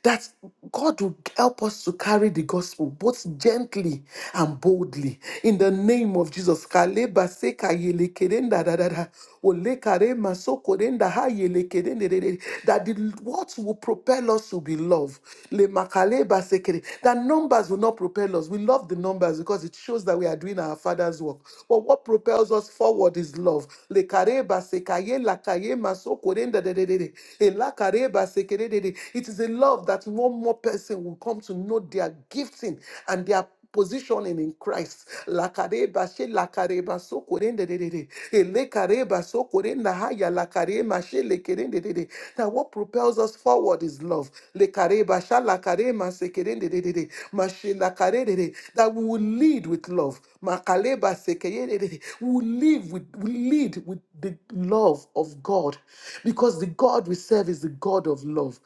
S1: That God will help us to carry the gospel both gently and boldly. In the name of Jesus. Kaleba seka yele kerenda da da da. Ole kare maso korenda ha yele kerende de de. de. That the words will propel us to be loved. Le makale basekere. That numbers will not propel us. We love the numbers because it shows that we are doing our Father's work. But what propels us forward is love. Le kare basekaye lakaye masokore ndadededede. E lakare basekerede. It is a love that one more person will come to know their gifting and their positioning in Christ. Lakareba she lakareba so korendedede. Elekareba so korenda haya lakarema she lekerende de. de. That what propels us forward is love. Lekareba sha lakarema se kerendedede. Mashe lakare de. de. That we will lead with love. Makaleba se keye de. de de. We will live with we lead with the love of God. Because the God we serve is the God of love.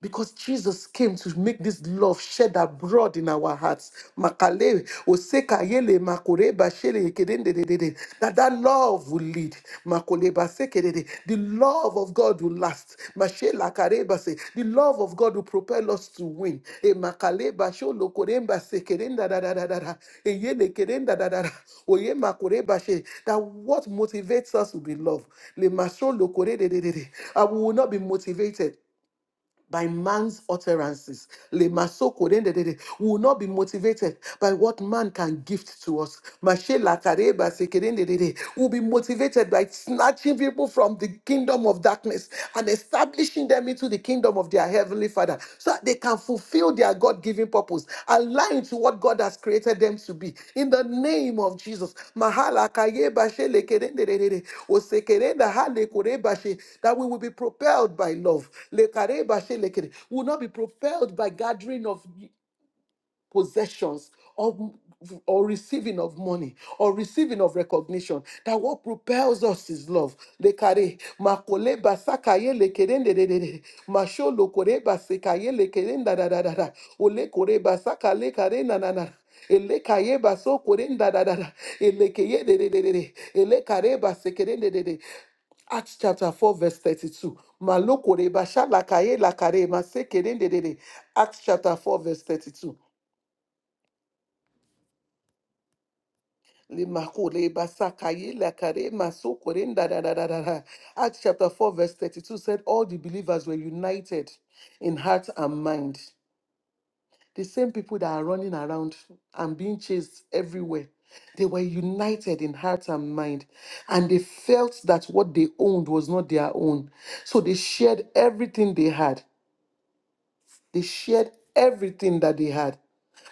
S1: Because Jesus came to make this love shed abroad in our hearts. Makale, oseka yele, makoreba shele yekedendedede. That that love will lead. Makoleba sekedede. The love of God will last. Mashela kareba se. The love of God will propel us to win. E makaleba sholo koremba sekedendadadadada. E yele kedendadadada. Oye makoreba she. That what motivates us will be love. Le masholo koredededede. And we will not be motivated by man's utterances. Le masoko dende de We will not be motivated by what man can gift to us. Mashe la kareba seke dende de We will be motivated by snatching people from the kingdom of darkness and establishing them into the kingdom of their heavenly Father. So that they can fulfill their God given purpose, aligned to what God has created them to be. In the name of Jesus. Mahala kaye bashe lekerendere, osekerenda hale kore bashe, That we will be propelled by love. Lekare bashe lekere. We will not be propelled by gathering of possessions or, or receiving of money or receiving of recognition that what propels us is love Lekare, makole basakaye lekerendededede, masholo kore basekaye lekerendadadadada, ole kore basaka lekare nanana, ele kaye baso kore ndadadada, ele keye dedededede, ele kare basekerendedede. Acts chapter 4, verse 32. Malokore basha lakaye lakare masekerendedede. Acts chapter 4, verse 32. Limakule basakaye lakare masokore nda da da da da da. Acts chapter 4, verse 32 said, All the believers were united in heart and mind. The same people that are running around and being chased everywhere, they were united in heart and mind. And they felt that what they owned was not their own. So they shared everything they had. They shared everything that they had.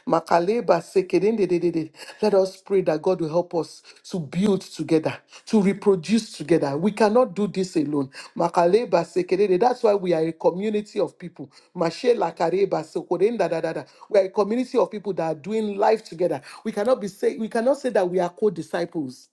S1: Makaleba sekedendededede. Let us pray that God will help us to build together, to reproduce together. We cannot do this alone. Makaleba sekedede. That's why we are a community of people. Mashe lakareba sekodendadadada. We are a community of people that are doing life together. We cannot be say we cannot say that we are co-disciples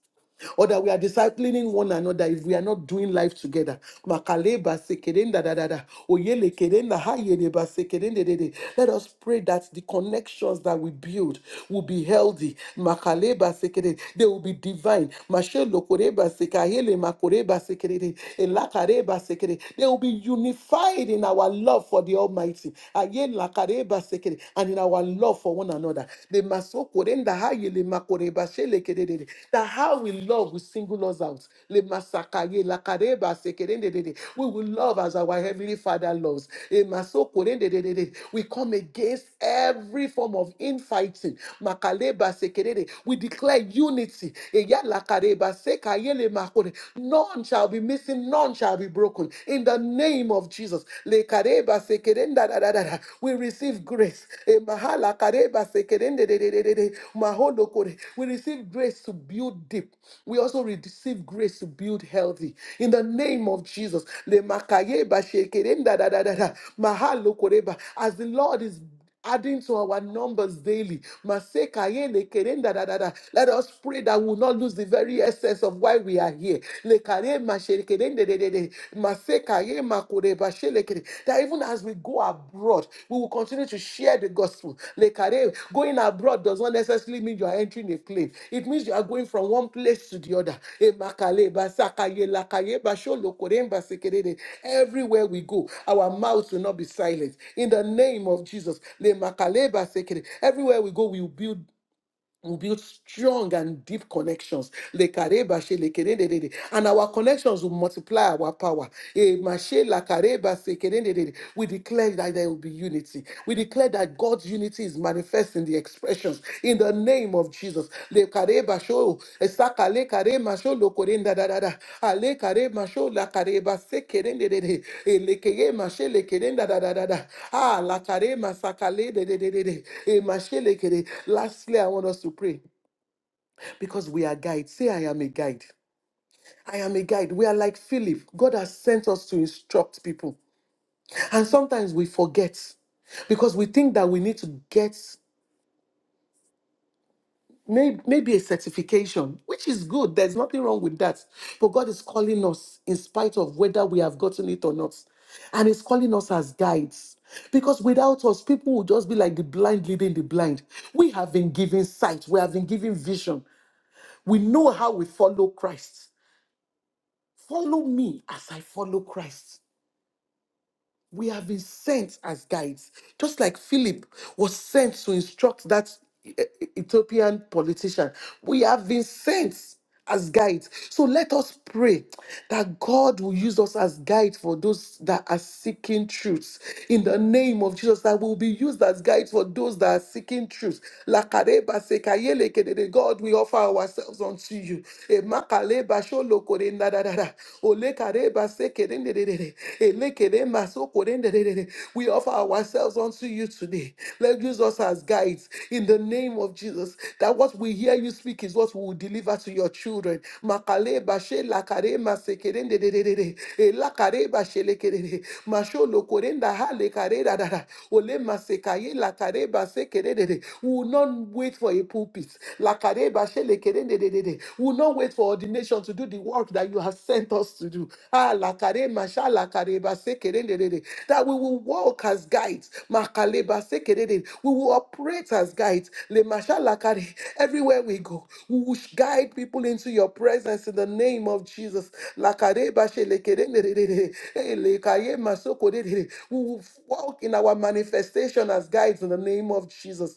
S1: or that we are disciplining one another if we are not doing life together. Makaleba sekerenda da da da. da. Oyele kerenda hayedeba sekerende de de. de. Let us pray that the connections that we build will be healthy. Makaleba sekere. They will be divine. Mashelo koreba sekahele makoreba sekere. Elakareba sekere. They will be unified in our love for the Almighty. Ayela kareba sekere. And in our love for one another another. The masokorenda haye le makoreba shelekedede. That how we love will single us out. Le masakaye lakareba sekerendedede. We will love as our Heavenly Father loves. E masokorendededede. We come against every form of infighting. Makaleba sekerede. We declare unity. E ya la kareba sekaye le makore. None shall be missing, none shall be broken. In the name of Jesus. Le kareba sekerenda da da da da. We receive grace. E mahala kareba sekerende de de de de de. Mahondo kore. We receive grace to build deep. We also receive grace to build healthy. In the name of Jesus. Le makayeba shekerenda da da da da. Mahalo koreba. As the Lord is adding to our numbers daily. Maseka yele kerenda da da da. Let us pray that we will not lose the very essence of why we are here. Lekare mashere kerende de de de. Maseka ye makore bashe lekere. That even as we go abroad, we will continue to share the gospel. Lekare away. Going abroad does not necessarily mean you are entering a plane. It means you are going from one place to the other. Emakale, basakaye, lakaye, basholokore, basekerere. Everywhere we go, our mouths will not be silent. In the name of Jesus. Lemakale, basekere. Everywhere we go, we will build we build strong and deep connections. Lekareba she lekerendedede. And our connections will multiply our power. Eh, mashe lakareba sekerendedede. We declare that there will be unity. We declare that God's unity is manifest in the expressions in the name of Jesus. Le kare basho, esaka le kare masho lo korenda da da da. Ale kare masho la kare base kerende de de. E le kere mashe le kerenda da da da da. Ah, la kare masaka le de de de de de. E mashe le kere. Lastly, I want us to pray because we are guides. Say, I am a guide. I am a guide. We are like Philip. God has sent us to instruct people. And sometimes we forget because we think that we need to get may, maybe a certification, which is good. There's nothing wrong with that. But God is calling us in spite of whether we have gotten it or not. And He's calling us as guides. Because without us, people will just be like the blind leading the blind. We have been given sight, we have been given vision. We know how we follow Christ. Follow me as I follow Christ. we have been sent as guides, just like Philip was sent to instruct that E- E- Ethiopian politician. We have been sent as guides. So let us pray that God will use us as guides for those that are seeking truth. In the name of Jesus, that will be used as guides for those that are seeking truth. Lakareba sekayele kedede. God, we offer ourselves unto you. Emakaleba sholokore nadadada. Olekareba sekerendedede. Elekerema sokorendedede. We offer ourselves unto you today. Let use us as guides in the name of Jesus. That what we hear you speak is what we will deliver to your children. Makale bashe lakare masekerende de de de de. Elakare bashe lekere de. masho lokorenda ha lekare da da da. Masholokorenda halekarerarara. Olema sekaye lakareba sekerendedede. We will not wait for a pulpit. Lakareba lekere. Hey, We will not wait for ordination to do the work that you have sent us to do. Ah, lakare, masha, lakare, base, kerendedede. That we will walk as guides. Makale, base, kerendede. We will operate as guides. Le, masha, lakare. Everywhere we go, we will guide people into your presence in the name of Jesus. Lakare, bashe, le, kerendedede. Eh, le, kaye, masoko, dedede. We will walk in our manifestation as guides in the name of Jesus.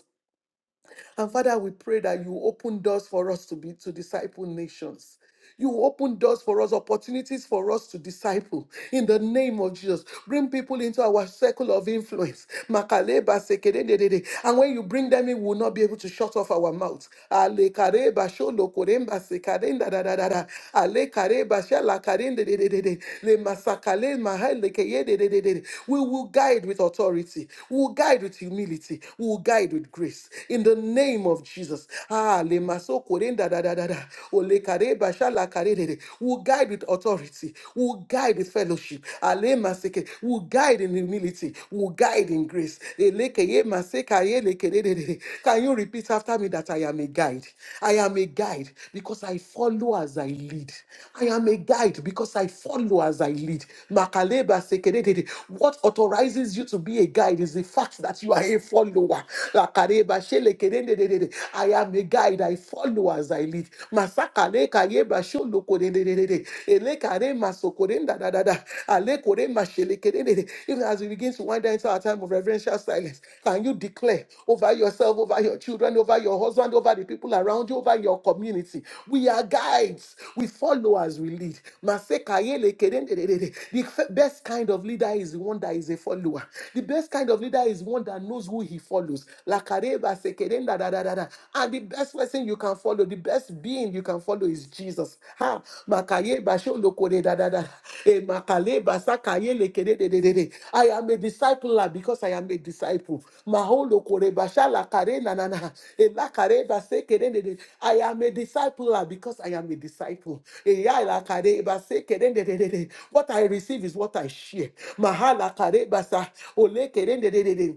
S1: And Father, we pray that you open doors for us to be to disciple nations. You open doors for us, opportunities for us to disciple in the name of Jesus. Bring people into our circle of influence. Makaleba sekedededede. And when you bring them in, we will not be able to shut off our mouths. Alekareba sholokoremba sekadendadadadada. Alekareba shalakadendedededede. Lemasakale mahalekededededede. We will guide with authority. We will guide with humility. We will guide with grace. Jesus. In the name of Jesus. Ah, le maso korenda da da da da. O le kare ba sha la kare de de. We'll guide with authority. We'll guide with fellowship. Ale maseke. We'll guide in humility. We'll guide in grace. Ele ke ye maseka ye le ke de de de de. Can you repeat after me that I am a guide? I am a guide because I follow as I lead. I am a guide because I follow as I lead. Makaleba sekedede. What authorizes you to be a guide is the fact that you are a follower. Lakareba shelekerendedede. I am a guide, I follow as I lead. Masakale kayeba sholokorendedede. Elekare masokorendadadada. Alekore mashelekerendede. Even as we begin to wind down into our time of reverential silence, can you declare over yourself, over your children, over your husband, over the people around you, over your community? We are guides, we follow as we lead. Masekayelekerendedede. The f- best kind of leader is the one that is a follower. The best kind of leader is one that knows who who he follows. Lakareba sekerenda da da da da. And the best person you can follow, the best being you can follow is Jesus. Ha makayeba sholokore da da da. E makaleba sakaye lekere de de de de. I am a discipler because I am a disciple. Maholokoreba shalakare na na na. E lakareba sekere de de. I am a discipler because I am a disciple. E ya lakareba sekere de de de de. What I receive is what I share. Mahala karebasa ole kerende de de de.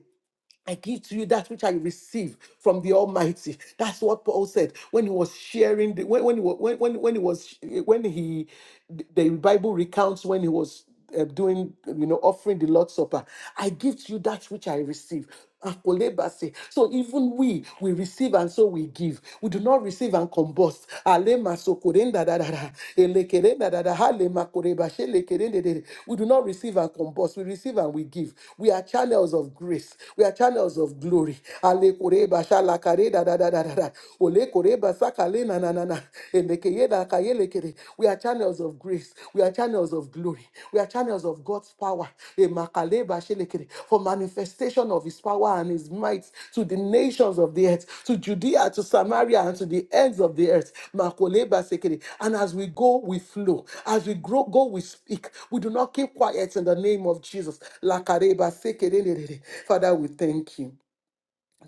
S1: I give to you that which I receive from the Almighty. That's what Paul said when he was sharing the when when he wa- when when, when he was when he the Bible recounts when he was uh, doing you know offering the Lord's Supper. I give to you that which I receive. Akolebase. So even we we receive and so we give. We do not receive and combust boss. Ale masokorenda da da da. Elekerenda da da. Hale makoreba shelekerende de de. We do not receive and combust. We receive and we give. We are channels of grace. We are channels of glory. Ale koreba shalakare da da da da da da. Ole koreba sakale na na na na. Elekeye da kaye lekere. We are channels of grace. We are channels of glory. We are channels of God's power. Emakaleba shelekere, For manifestation of his power and his might to the nations of the earth, to Judea, to Samaria, and to the ends of the earth. Makoleba sekere. And as we go, we flow. As we grow, go, we speak. We do not keep quiet in the name of Jesus. Lakareba sekere. Father, we thank you.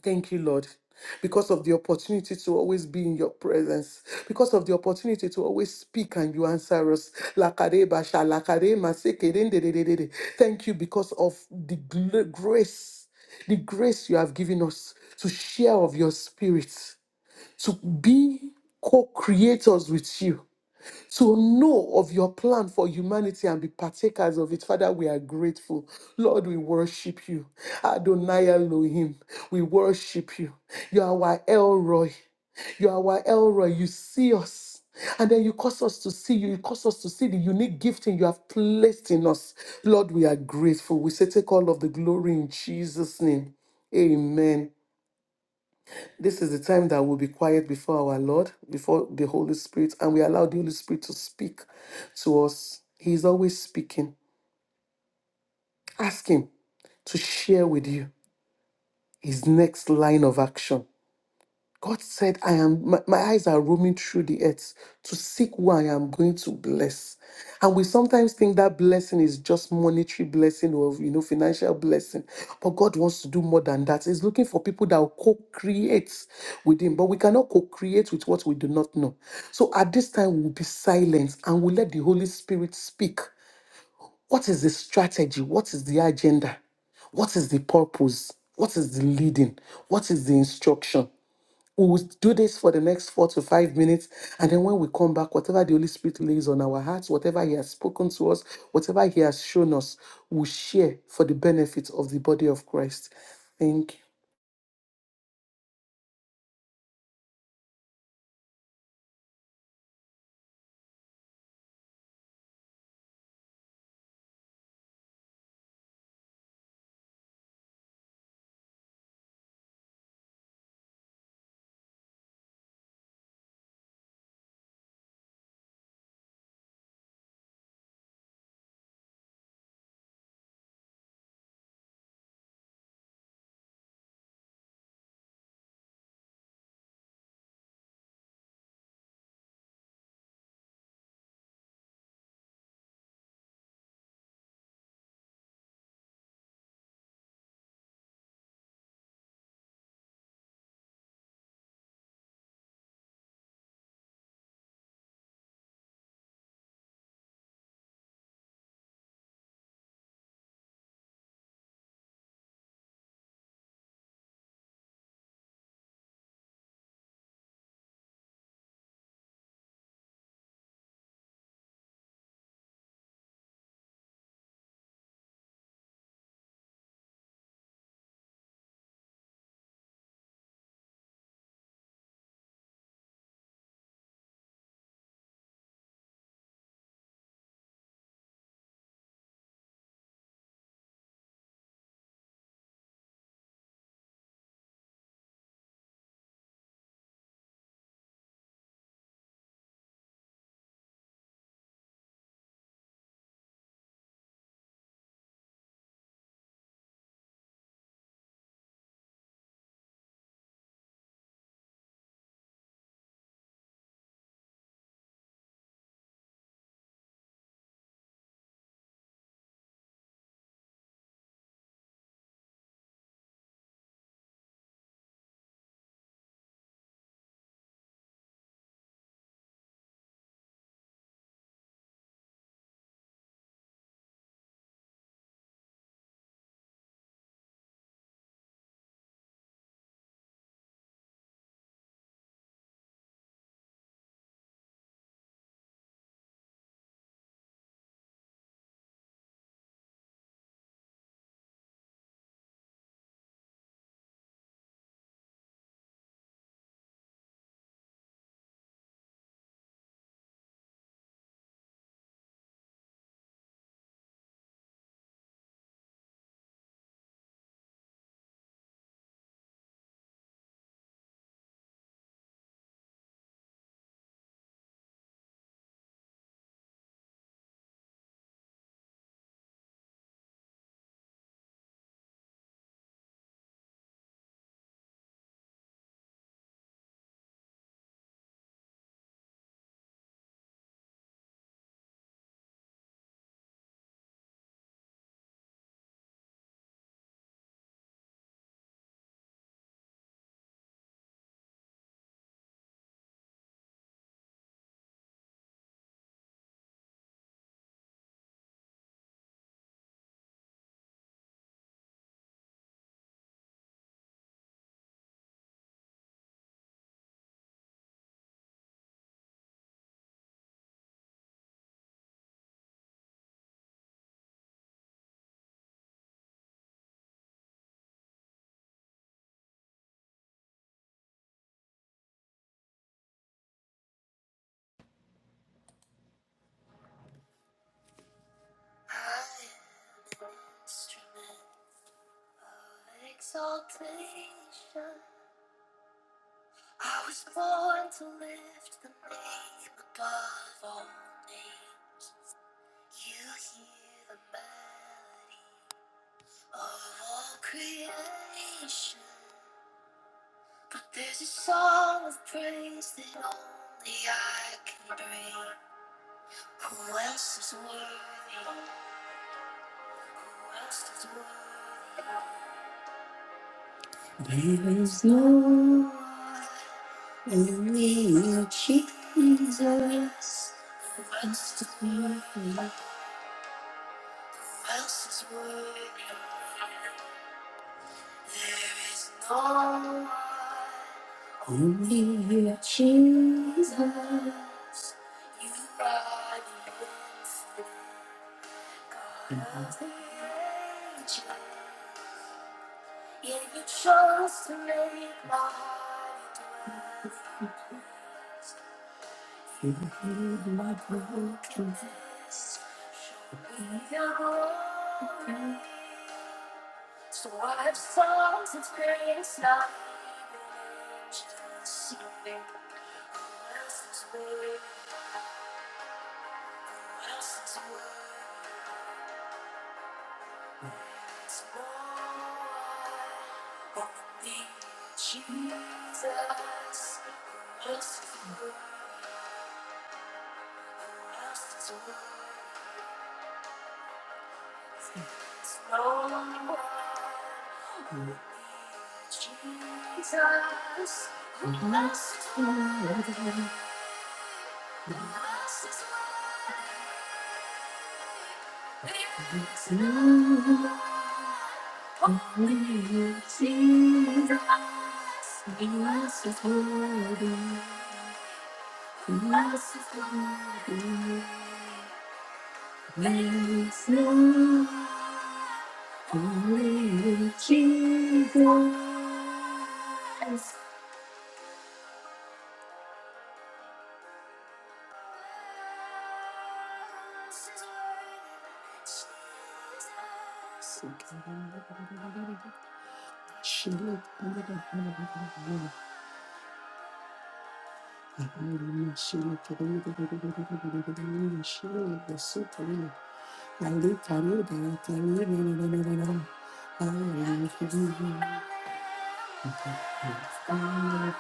S1: Thank you, Lord, because of the opportunity to always be in your presence, because of the opportunity to always speak and you answer us. Lakade basha, lakade maseke, den de de de de de. Thank you because of the gl- grace, the grace you have given us to share of your spirit, to be co creators with you to know of your plan for humanity and be partakers of it. Father, we are grateful. Lord, we worship you. Adonai Elohim, we worship you. You are our Elroy. You are our Elroy. You see us. And then you cause us to see you. You cause us to see the unique gifting you have placed in us. Lord, we are grateful. We say, take all of the glory in Jesus' name. Amen. This is the time that we'll be quiet before our Lord, before the Holy Spirit, and we allow the Holy Spirit to speak to us. He is always speaking. Ask Him to share with you His next line of action God said, I am, my, my eyes are roaming through the earth to seek who I am going to bless. And we sometimes think that blessing is just monetary blessing or, you know, financial blessing. But God wants to do more than that. He's looking for people that will co-create with him. But we cannot co-create with what we do not know. So at this time, we'll be silent and we'll let the Holy Spirit speak. What is the strategy? What is the agenda? What is the purpose? What is the leading? What is the instruction? we will do this for the next four to five minutes. And then when we come back, whatever the Holy Spirit lays on our hearts, whatever He has spoken to us, whatever He has shown us, we'll share for the benefit of the body of Christ. Thank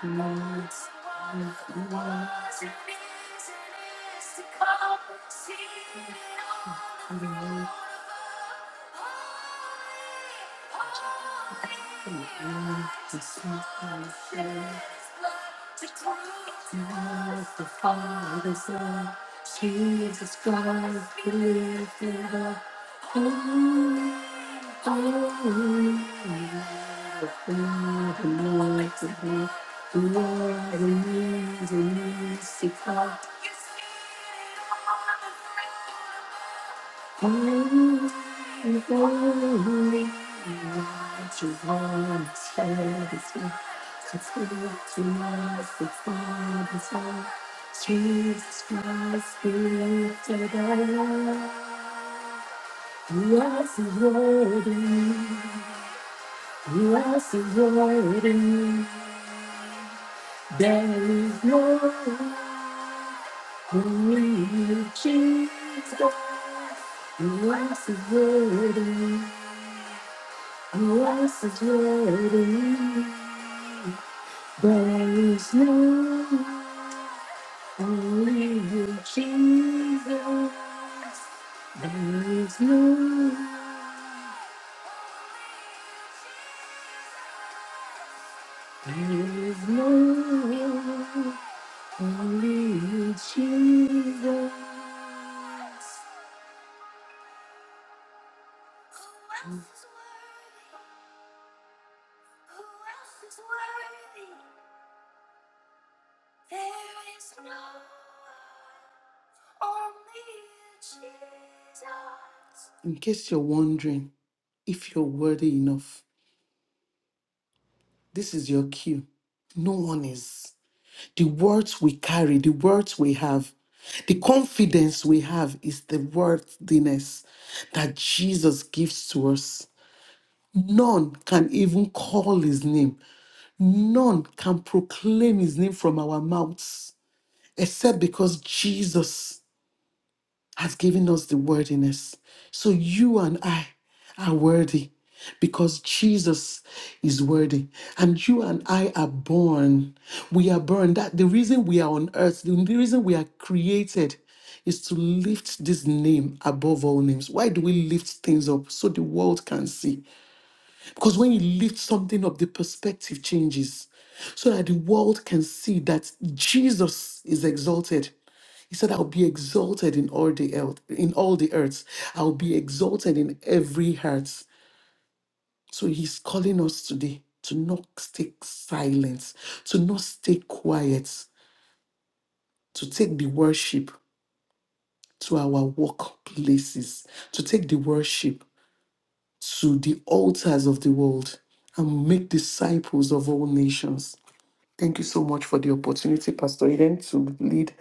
S1: you. Jesus Christ, be today. You are so worthy. You are so worthy. There is no religion. Yes, is worthy. Yes, is worthy. There is no you, Jesus. There is no. In case you're wondering if you're worthy enough, this is your cue. No one is. The words we carry, the words we have, the confidence we have is the worthiness that Jesus gives to us. None can even call his name None can proclaim his name from our mouths except because Jesus has given us the worthiness. So you and I are worthy because Jesus is worthy and you and I are born we are born that the reason we are on earth the reason we are created is to lift this name above all names why do we lift things up so the world can see because when you lift something up, the perspective changes so that the world can see that Jesus is exalted. He said, I'll be exalted in all the earth, in all the earths. I'll be exalted in every heart. So he's calling us today to not stay silent, to not stay quiet, to take the worship to our workplaces, to take the worship to the altars of the world and make disciples of all nations. Thank you so much for the opportunity, Pastor Eden, to lead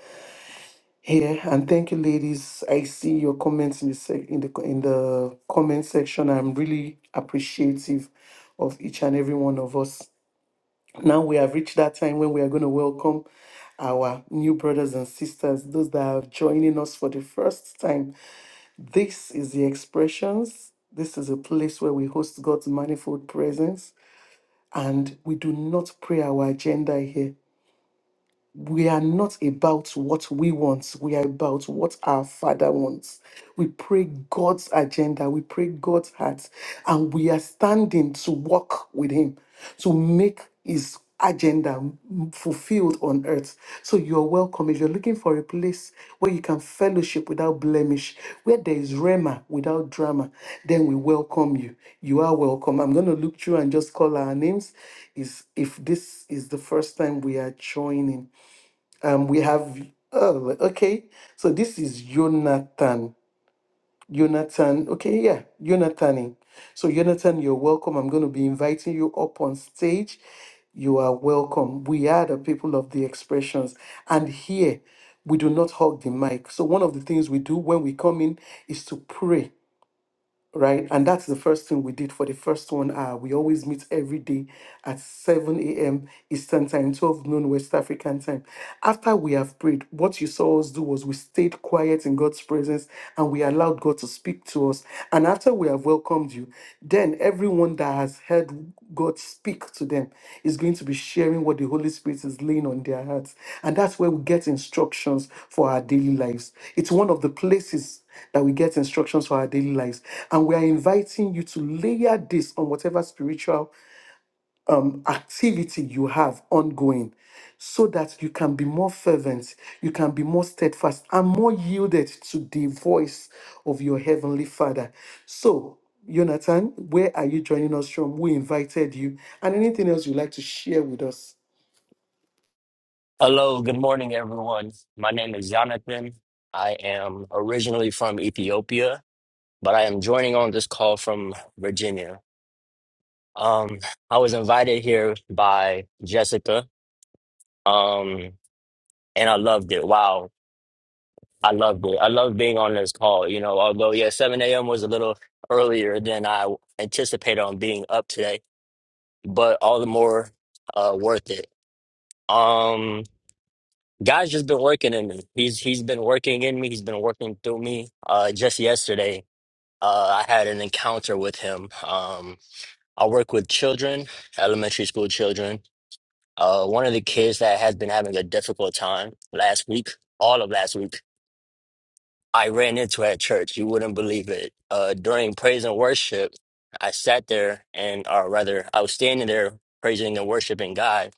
S1: here, and thank you, ladies. I see your comments in the sec- in the in the comment section. I'm really appreciative of each and every one of us. Now we have reached that time when we are going to welcome our new brothers and sisters, those that are joining us for the first time. This is the expressions. This is a place where we host God's manifold presence, and we do not pray our agenda here. we are not about what we want, we are about what our Father wants. We pray God's agenda, we pray God's heart, and we are standing to walk with Him to make His agenda fulfilled on earth. So you're welcome. If you're looking for a place where you can fellowship without blemish, where there is rema without drama, then we welcome you. You are welcome. I'm going to look through and just call our names. Is if this is the first time we are joining um we have oh okay so this is jonathan jonathan okay yeah jonathan so jonathan you're welcome i'm going to be inviting you up on stage you are welcome we are the people of the expressions and here we do not hug the mic so one of the things we do when we come in is to pray right? And that's the first thing we did for the first one hour. We always meet every day at 7 a.m. Eastern Time, 12 noon West African Time. After we have prayed, what you saw us do was we stayed quiet in God's presence and we allowed God to speak to us. And after we have welcomed you, then everyone that has heard God speak to them is going to be sharing what the Holy Spirit is laying on their hearts. And that's where we get instructions for our daily lives. It's one of the places that we get instructions for our daily lives. And we are inviting you to layer this on whatever spiritual um, activity you have ongoing so that you can be more fervent, you can be more steadfast, and more yielded to the voice of your Heavenly Father. So, Jonathan, where are you joining us from? We invited you, and anything else you'd like to share with us?
S2: Hello, good morning, everyone. My name is Jonathan. I am originally from Ethiopia, but I am joining on this call from Virginia. Um, I was invited here by Jessica, um, and I loved it. Wow, I loved it. I love being on this call. You know, although yeah, 7 a.m. was a little earlier than I anticipated on being up today, but all the more uh, worth it. Um, God's just been working in me. He's he's been working in me. He's been working through me. Uh, just yesterday, uh, I had an encounter with him. Um, I work with children, elementary school children. Uh, one of the kids that has been having a difficult time last week, all of last week. I ran into at church. You wouldn't believe it. Uh, during praise and worship, I sat there and, or rather, I was standing there praising and worshiping God,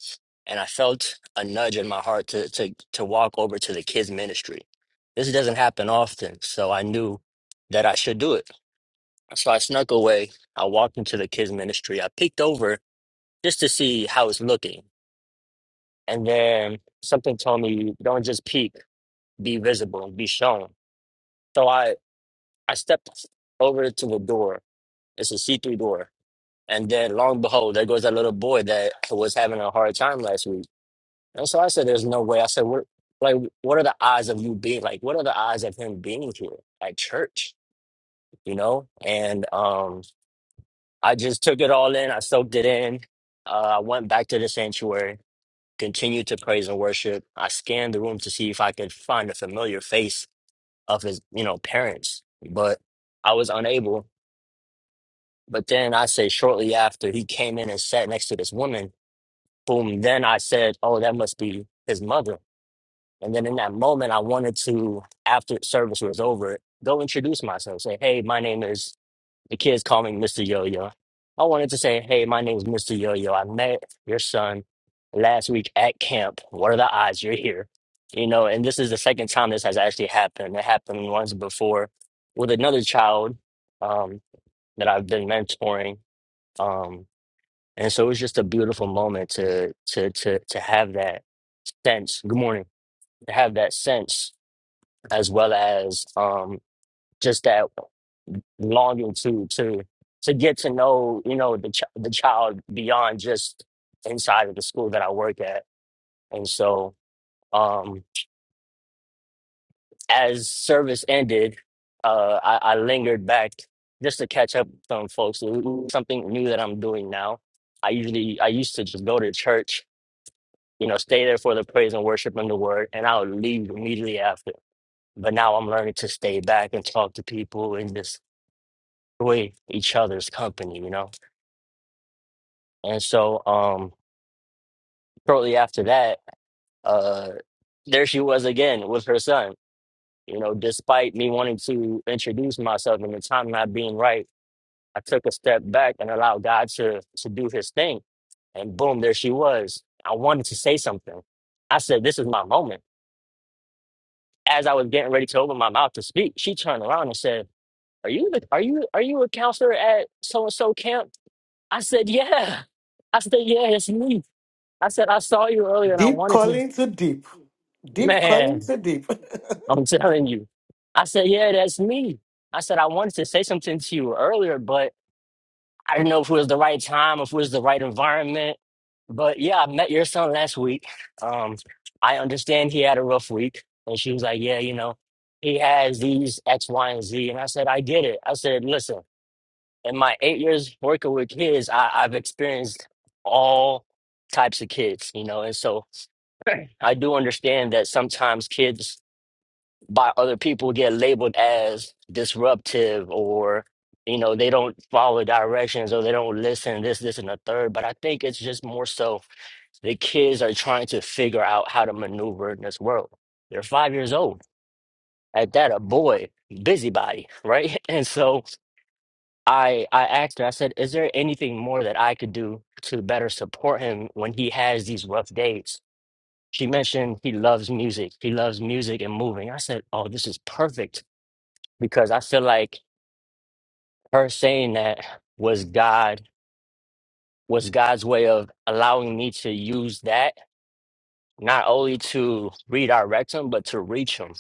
S2: and I felt a nudge in my heart to to to walk over to the kids ministry. This doesn't happen often, so I knew that I should do it. So I snuck away. I walked into the kids ministry. I peeked over just to see how it's looking, and then something told me, "Don't just peek, be visible, be shown." So I I stepped over to a door. It's a C three door, and then long and behold, there goes that little boy that was having a hard time last week. And so I said, "There's no way." I said, "What? Like, what are the odds of you being like? What are the odds of him being here at church? You know?" And um, I just took it all in. I soaked it in. Uh, I went back to the sanctuary, continued to praise and worship. I scanned the room to see if I could find a familiar face of his, you know, parents, but I was unable. But then I say shortly after he came in and sat next to this woman, boom, then I said, Oh, that must be his mother. And then in that moment I wanted to, after service was over, go introduce myself, say, Hey, my name is the kids call me Mr. Yo Yo. I wanted to say, Hey, my name is Mr. Yo Yo. I met your son last week at camp. What are the odds you're here? You know, and this is the second time this has actually happened. It happened once before with another child um, that I've been mentoring. Um, and so it's just a beautiful moment to to to to have that sense. Good morning. To have that sense as well as um just that longing to to to get to know, you know, the ch- the child beyond just inside of the school that I work at. And so um as service ended, uh I, I lingered back just to catch up with some folks. It was Something new that I'm doing now. I usually I used to just go to church you know, stay there for the praise and worship and the word, and I'll leave immediately after. But now I'm learning to stay back and talk to people and just enjoy each other's company, you know? And so um shortly after that, uh there she was again with her son. You know, despite me wanting to introduce myself and the time not being right, I took a step back and allowed God to to do his thing. And boom, there she was. I wanted to say something. I said, This is my moment as I was getting ready to open my mouth to speak, she turned around and said, "Are you the, are you are you a counselor at so and so camp?" I said, "Yeah." I said, "Yeah, it's me." I said, "I saw you earlier and I
S1: Deep
S2: wanted to."
S1: calling to deep, deep calling
S2: Man,
S1: to deep.
S2: I'm telling you. I said, "Yeah, that's me." I said, "I wanted to say something to you earlier, but." I didn't know if it was the right time, if it was the right environment. But yeah, I met your son last week. Um, I understand he had a rough week. And she was like, Yeah, you know, he has these X, Y, and Z. And I said, I get it. I said, Listen, in my eight years working with kids, I, I've experienced all types of kids, you know, and so I do understand that sometimes kids by other people get labeled as disruptive or you know they don't follow directions or they don't listen this this and the third but i think it's just more so the kids are trying to figure out how to maneuver in this world they're five years old at that a boy busybody right and so i i asked her i said is there anything more that i could do to better support him when he has these rough days she mentioned he loves music he loves music and moving i said oh this is perfect because I feel like her saying that was God was God's way of allowing me to use that not only to redirect him but to reach him.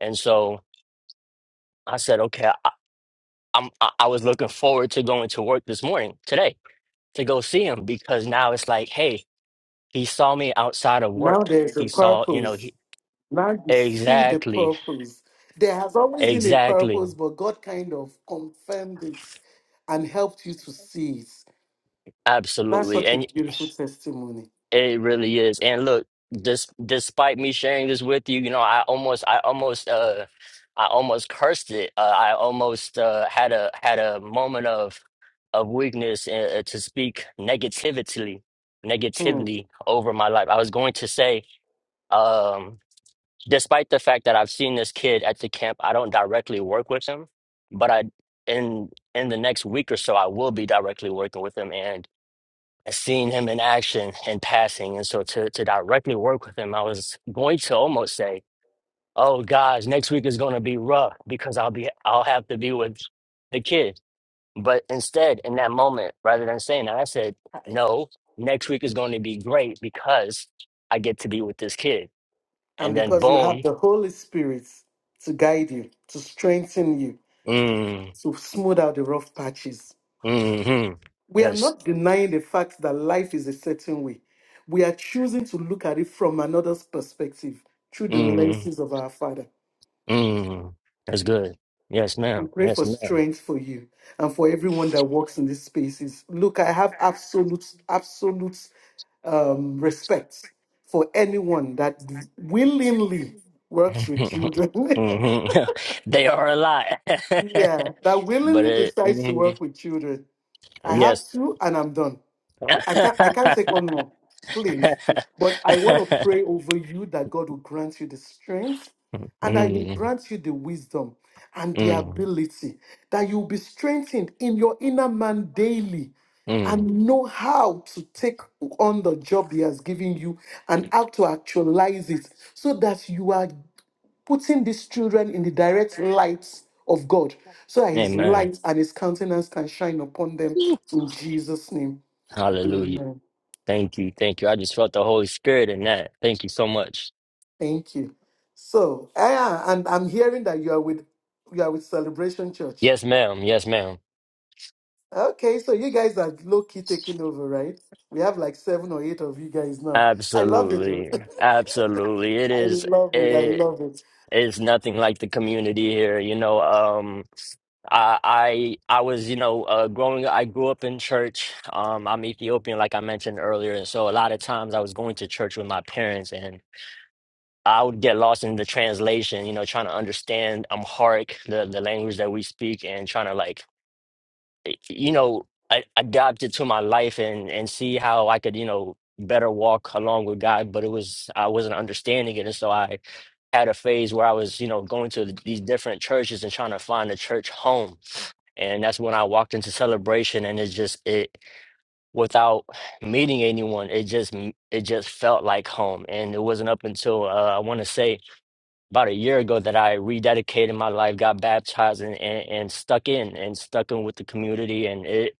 S2: And so I said, okay, I, I'm I, I was looking forward to going to work this morning today to go see him because now it's like, hey, he saw me outside of work.
S1: Now there's a
S2: He saw, you know,
S1: purpose.
S2: he
S1: Now you see the
S2: exactly,
S1: purpose. There has always been a
S2: exactly,
S1: purpose, but God kind of confirmed it and helped you to see it. That's
S2: absolutely,
S1: such a
S2: and
S1: beautiful testimony.
S2: It really is. And look, dis despite me sharing this with you, you know, I almost, I almost, uh, I almost cursed it. Uh, I almost uh, had a had a moment of of weakness uh, uh, to speak negatively,
S1: Hmm.
S2: negatively over my life. I was going to say, um, despite the fact that I've seen this kid at the camp, I don't directly work with him, but I in in the next week or so, I will be directly working with him, and seeing him in action and passing. And so to, to directly work with him, I was going to almost say, oh gosh, next week is going to be rough because I'll be, I'll have to be with the kid. But instead, in that moment, rather than saying that, I said,
S1: I-
S2: no, next week is going to be great because I get to be with this kid.
S1: And
S2: And then
S1: because you have
S2: boom,
S1: the Holy Spirit to guide you, to strengthen you,
S2: mm,
S1: to smooth out the rough patches.
S2: mm-hmm.
S1: We are
S2: Yes.
S1: not denying the fact that life is a certain way. We are choosing to look at it from another's perspective through the
S2: Mm,
S1: lenses of our Father.
S2: mm. That's good. Yes,
S1: We
S2: ma'am.
S1: pray for
S2: Yes,
S1: strength for you and for everyone that works in these spaces. Look, I have absolute, absolute um, respect for anyone that willingly works with children.
S2: hmm They are a lot,
S1: yeah, that
S2: but
S1: willingly
S2: it,
S1: decides to
S2: mhm.
S1: work with children. I have
S2: yes.
S1: two and I'm done. I
S2: mm,
S1: can't I can't take on more, please. But I want to pray over you that God will grant you the strength and I will
S2: mm,
S1: grant you the wisdom and the ability that you'll be strengthened in your inner man daily
S2: mm.
S1: and know how to take on the job he has given you and how to actualize it so that you are putting these children in the direct light of God so that his
S2: Amen.
S1: light and his countenance can shine upon them in Jesus' name.
S2: Hallelujah.
S1: Amen.
S2: Thank you. Thank you. I just felt the Holy Spirit in that. Thank you so much.
S1: Thank you. So, ah, and I'm hearing that you are with you are with Celebration Church.
S2: Yes, ma'am. Yes, ma'am.
S1: Okay, so you guys are low key taking over, right? We have like seven or eight of you guys now. I love it.
S2: Absolutely. Absolutely. It
S1: I
S2: is,
S1: love it. I
S2: it
S1: love it.
S2: is nothing like the community here. You know, um I I I was, you know, uh, growing I grew up in church. Um, I'm Ethiopian, like I mentioned earlier, and so a lot of times I was going to church with my parents, and I would get lost in the translation, you know, trying to understand Amharic, the the language that we speak, and trying to like you know, I, adopt it to my life and and see how I could, you know, better walk along with God. But it was I wasn't understanding it, and so I had a phase where I was, you know, going to these different churches and trying to find a church home. And that's when I walked into celebration, and it just it without meeting anyone, it just m- it just felt like home. And it wasn't up until uh, I want to say about a year ago that I rededicated my life, got baptized, and, and and stuck in and stuck in with the community, and it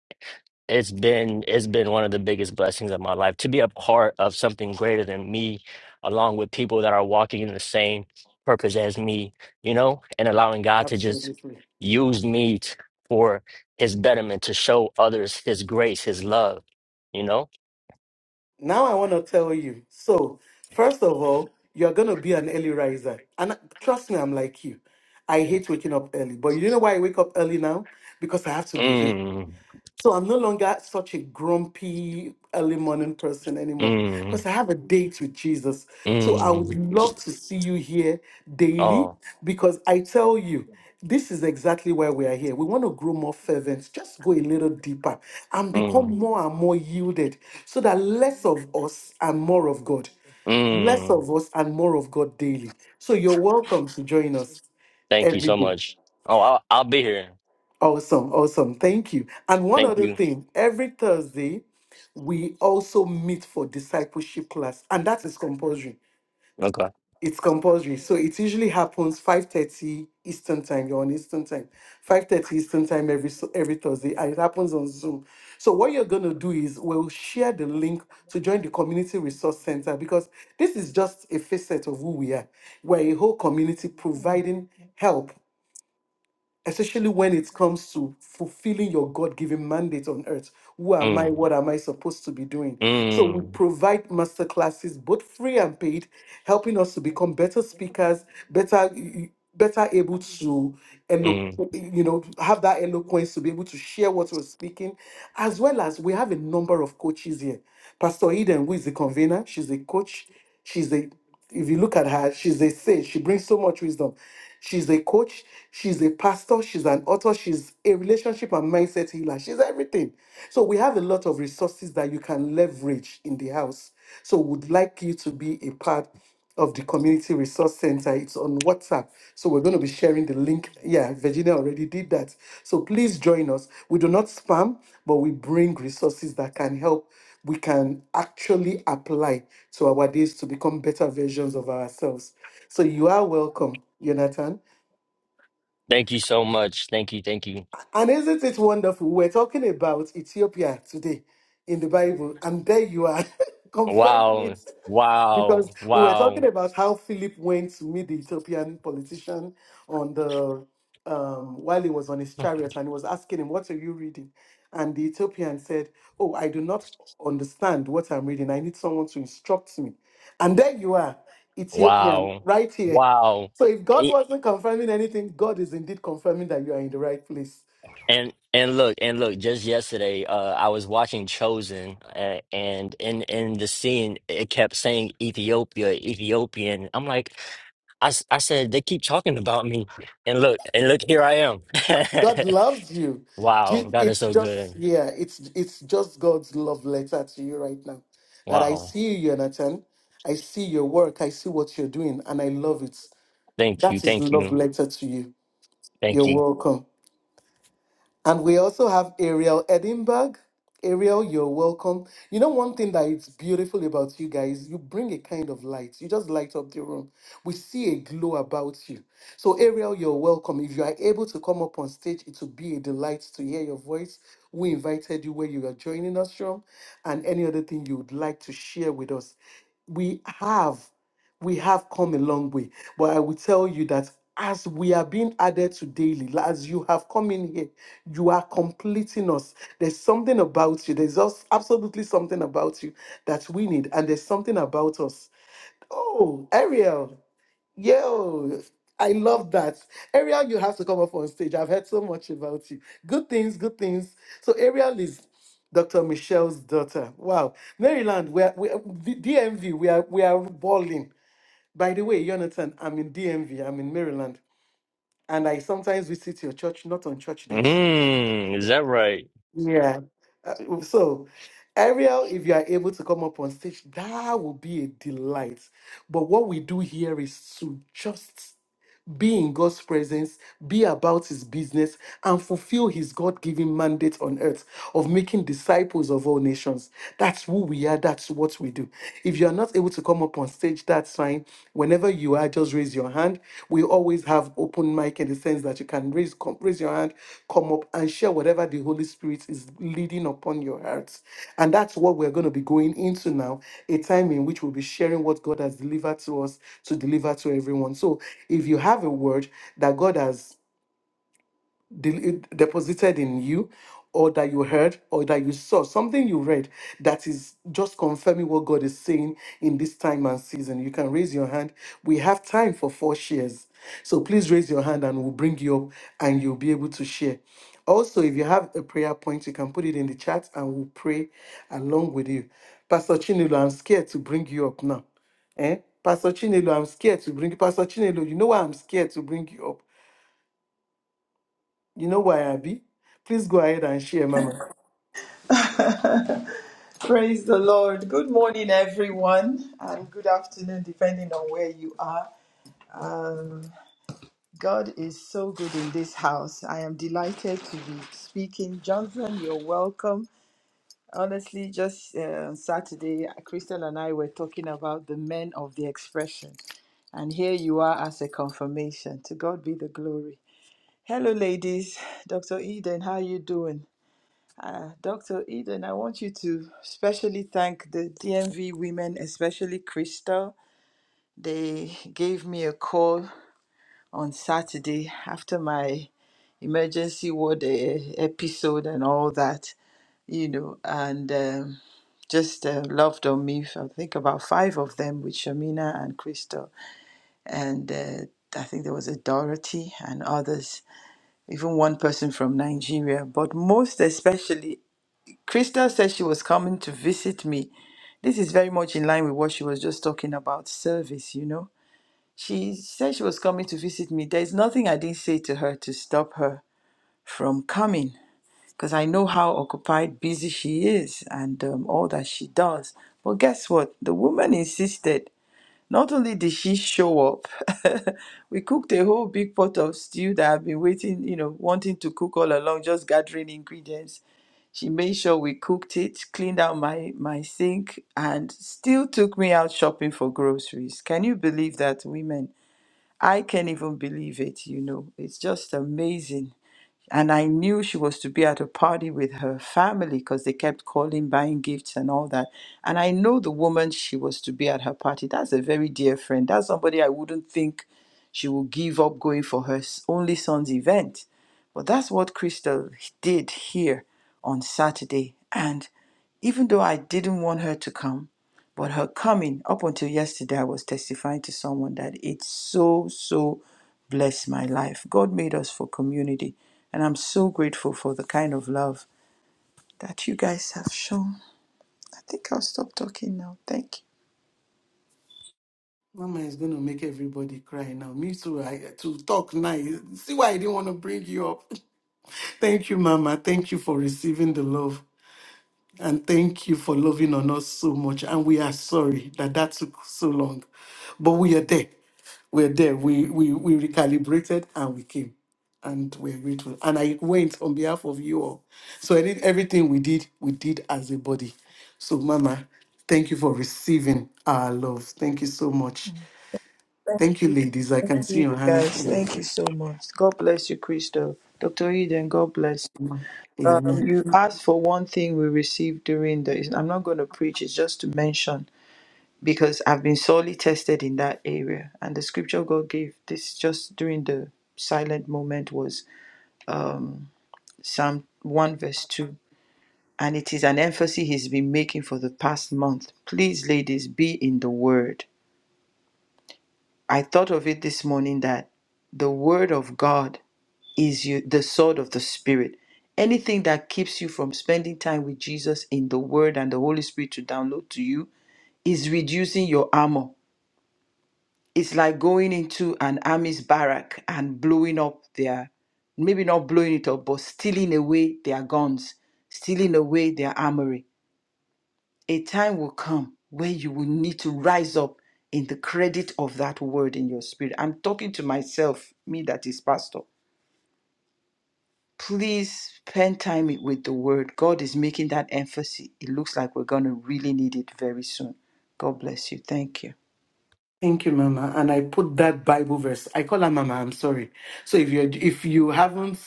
S2: it's been it's been one of the biggest blessings of my life to be a part of something greater than me along with people that are walking in the same purpose as me you know and allowing god to just
S1: Absolutely.
S2: use me t- for his betterment to show others his grace his love you know
S1: Now I want to tell you. So, first of all, you're going to be an early riser. And uh, trust me, I'm like you. I hate waking up early. But you know why I wake up early now? Because I have to be here.
S2: mm,
S1: So I'm no longer such a grumpy early morning person anymore
S2: mm,
S1: because I have a date with Jesus. So I would
S2: mm,
S1: love to see you here daily
S2: oh
S1: because I tell you, this is exactly why we are here. We want to grow more fervent, just go a little deeper and
S2: mm,
S1: become more and more yielded so that less of us and more of God. Less
S2: mm.
S1: of us and more of God daily. So you're welcome to join us
S2: thank you
S1: every
S2: so
S1: day.
S2: much oh I'll, I'll be here
S1: Awesome, awesome. Thank you. And one
S2: thank
S1: other
S2: you
S1: thing, every Thursday, we also meet for discipleship class, and that is compulsory.
S2: okay
S1: It's compulsory. So it usually happens 5:30 Eastern time. You're on Eastern time. 5:30 Eastern time every s- every Thursday. And it happens on Zoom. So what you're gonna do is we'll share the link to join the community resource center because this is just a facet of who we are. We're a whole community providing help especially when it comes to fulfilling your God-given mandate on earth. Who am I?
S2: mm,
S1: What am I supposed to be doing? So we
S2: mm,
S1: provide masterclasses, both free and paid, helping us to become better speakers, better better able to elo-
S2: mm.
S1: you know have that eloquence to be able to share what we're speaking as well as we have a number of coaches here pastor eden who is the convener she's a coach she's a if you look at her, she's a sage. She brings so much wisdom. She's a coach. She's a pastor. She's an author. She's a relationship and mindset healer. She's everything. So we have a lot of resources that you can leverage in the house. So would like you to be a part of the Community Resource Center. It's on WhatsApp. So we're going to be sharing the link. Yeah, Virginia already did that. So please join us. We do not spam, but we bring resources that can help. We can actually apply to our days to become better versions of ourselves. So you are welcome, Jonathan.
S2: Thank you so much. Thank you. Thank you.
S1: And isn't it wonderful? We're talking about Ethiopia today in the Bible, and there you are confirming
S2: Wow.
S1: it.
S2: Wow.
S1: Because we were talking
S2: Wow.
S1: about how Philip went to meet the Ethiopian politician on the um, while he was on his chariot, and he was asking him, "What are you reading?" And the Ethiopian said, "Oh, I do not understand what I'm reading. I need someone to instruct me." And there you are, Ethiopian,
S2: Wow.
S1: right here.
S2: Wow.
S1: So if God
S2: I-
S1: wasn't confirming anything, God is indeed confirming that you are in the right place.
S2: And and look and look. Just yesterday, uh, I was watching Chosen, uh, and in in the scene, it kept saying Ethiopia, Ethiopian. I'm like, I s- I said they keep talking about me, and look and look, here I am.
S1: God loves you. Ju-
S2: Wow, that is
S1: It's
S2: so good.
S1: just yeah, it's it's just God's love letter to you right now. That I
S2: Wow.
S1: see you, Jonathan. I see your work. I see what you're doing, and I love it.
S2: Thank you.
S1: That is
S2: Thank
S1: love
S2: you.
S1: letter to you. You're
S2: Thank you.
S1: welcome. And we also have Ariel Edinburgh. Ariel, you're welcome. You know, one thing that is beautiful about you guys, you bring a kind of light. You just light up the room. We see a glow about you. So, Ariel, you're welcome. If you are able to come up on stage, it would be a delight to hear your voice. We invited you where you are joining us from, and any other thing you would like to share with us. We have we have come a long way. But I will tell you that as we are being added to daily, like, as you have come in here, you are completing us. There's something about you. There's us absolutely something about you that we need, and there's something about us. Oh, Ariel, yo. I love that. Ariel, you have to come up on stage. I've heard so much about you. Good things, good things. So, Ariel is Dr. Michelle's daughter. Wow. Maryland, we are, we are, D- DMV, we are, we are balling by the way, Jonathan, I'm in DMV, I'm in Maryland, and I sometimes visit your church, not on church days.
S2: Mm, is that right?
S1: Yeah. Uh, so, Ariel, if you are able to come up on stage, that will be a delight. But what we do here is to just be in God's presence, be about his business, and fulfill his God given mandate on earth of making disciples of all nations. That's who we are, that's what we do. If you are not able to come up on stage, that's fine. Whenever you are, just raise your hand. We always have open open mic in the sense that you can raise come, raise your hand, come up and share whatever the Holy Spirit is leading upon your hearts. And that's what we're going to be going into now, a time in which we'll be sharing what God has delivered to us to deliver to everyone. So if you have a word that God has del- deposited in you or that you heard or that you saw something you read that is just confirming what god is saying in this time and season you can raise your hand we have time for four shares so please raise your hand and we'll bring you up and you'll be able to share also if you have a prayer point you can put it in the chat and we'll pray along with you pastor chinelo i'm scared to bring you up now Eh? Pastor Chinelo, I'm scared to bring Pastor Chinelo. You know why I'm scared to bring you up? You know why, Abby? Please go ahead and share, Mama.
S3: Praise the Lord. Good morning, everyone, and good afternoon, depending on where you are. Um, God is so good in this house. I am delighted to be speaking. Johnson, you're welcome. Honestly, just uh, on Saturday, Crystal and I were talking about the men of the expression, and here you are as a confirmation. To God be the glory. Hello, ladies. Dr. Eden, how are you doing? Uh, Dr. Eden, I want you to specially thank the DMV women, especially Crystal. They gave me a call on Saturday after my emergency ward eh, episode and all that, you know, and um, just uh, loved on me. I think about five of them with Shamina and Crystal, and uh, I think there was a Dorothy and others, even one person from Nigeria, but most especially. Crystal said she was coming to visit me. This is very much in line with what she was just talking about service, you know. She said she was coming to visit me. There's nothing I didn't say to her to stop her from coming because I know how occupied, busy she is and um, all that she does. But guess what? The woman insisted. Not only did she show up, we cooked a whole big pot of stew that I've been waiting, you know, wanting to cook all along, just gathering ingredients. She made sure we cooked it, cleaned out my, my sink, and still took me out shopping for groceries. Can you believe that, women? I can't even believe it, you know. It's just amazing and I knew she was to be at a party with her family because they kept calling, buying gifts and all that. And I know the woman she was to be at her party. That's a very dear friend. That's somebody I wouldn't think she would give up going for her s- only son's event. But that's what Crystal did here on Saturday. And even though I didn't want her to come, but her coming up until yesterday, I was testifying to someone that it so, so blessed my life. God made us for community. And I'm so grateful for the kind of love that you guys have shown. I think I'll stop talking now. Thank
S1: Mama is going to make everybody cry now. Me too. I to talk now. See why I didn't want to bring you up. Thank you, Mama. Thank you for receiving the love. And thank you for loving on us so much. And we are sorry that that took so long. But we are there. We're there. We, we, we recalibrated and we came. And we're grateful. And I went on behalf of you all. So I did everything we did, we did as a body. So, Mama, thank you for receiving our love. Thank you so much.
S3: you.
S1: Thank you,
S3: Thank
S1: ladies. I can
S3: you,
S1: see
S3: you
S1: your hands.
S3: guys.
S1: In,
S3: Thank you so much. God bless you, Crystal. Dr. Eden, God bless you. Um,
S1: amen.
S3: you asked for one thing we received during the. I'm not going to preach, it's just to mention because I've been sorely tested in that area. And the scripture God gave this just during the silent moment was um, Psalm 1, verse 2. And it is an emphasis he's been making for the past month. Please, ladies, be in the word. I thought of it this morning that the word of God is you, the sword of the spirit. Anything that keeps you from spending time with Jesus in the word and the Holy Spirit to download to you is reducing your armor it's like going into an army's barrack and blowing up their maybe not blowing it up but stealing away their guns stealing away their armory a time will come where you will need to rise up in the credit of that word in your spirit i'm talking to myself me that is pastor please spend time with the word god is making that emphasis it looks like we're going to really need it very soon god bless you thank you
S1: Thank you, Mama. And I put that Bible verse. I call her Mama. I'm sorry. So if you if you haven't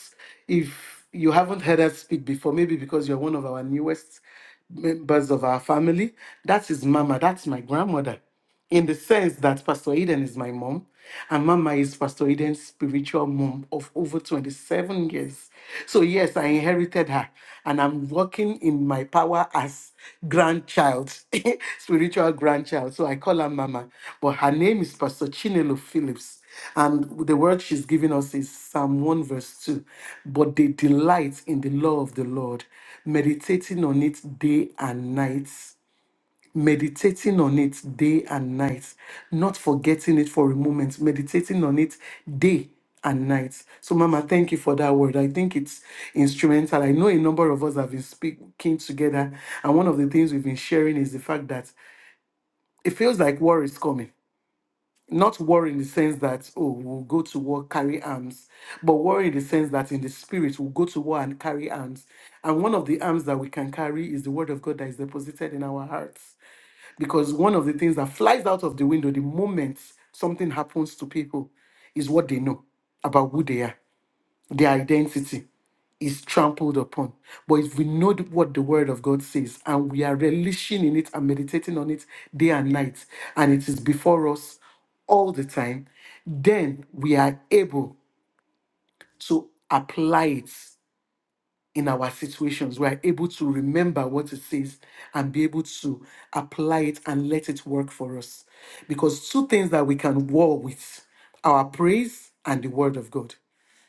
S1: if you haven't heard us speak before, maybe because you're one of our newest members of our family, that is Mama. That's my grandmother. In the sense that Pastor Eden is my mom, and Mama is Pastor Eden's spiritual mom of over 27 years. So, yes, I inherited her, and I'm working in my power as grandchild, spiritual grandchild. So, I call her Mama, but her name is Pastor Chinelo Phillips. And the word she's giving us is Psalm 1, verse 2. But they delight in the law of the Lord, meditating on it day and night meditating on it day and night, not forgetting it for a moment, meditating on it day and night. So, Mama, thank you for that word. I think it's instrumental. I know a number of us have been speaking together, and one of the things we've been sharing is the fact that it feels like war is coming. Not war in the sense that, oh, we'll go to war, carry arms, but war in the sense that in the spirit, we'll go to war and carry arms. And one of the arms that we can carry is the word of God that is deposited in our hearts because one of the things that flies out of the window the moment something happens to people is what they know about who they are. Their identity is trampled upon. But if we know th- what the Word of God says and we are relishing in it and meditating on it day and night, and it is before us all the time, then we are able to apply it in our situations. We are able to remember what it says and be able to apply it and let it work for us. Because two things that we can war with our praise and the word of God.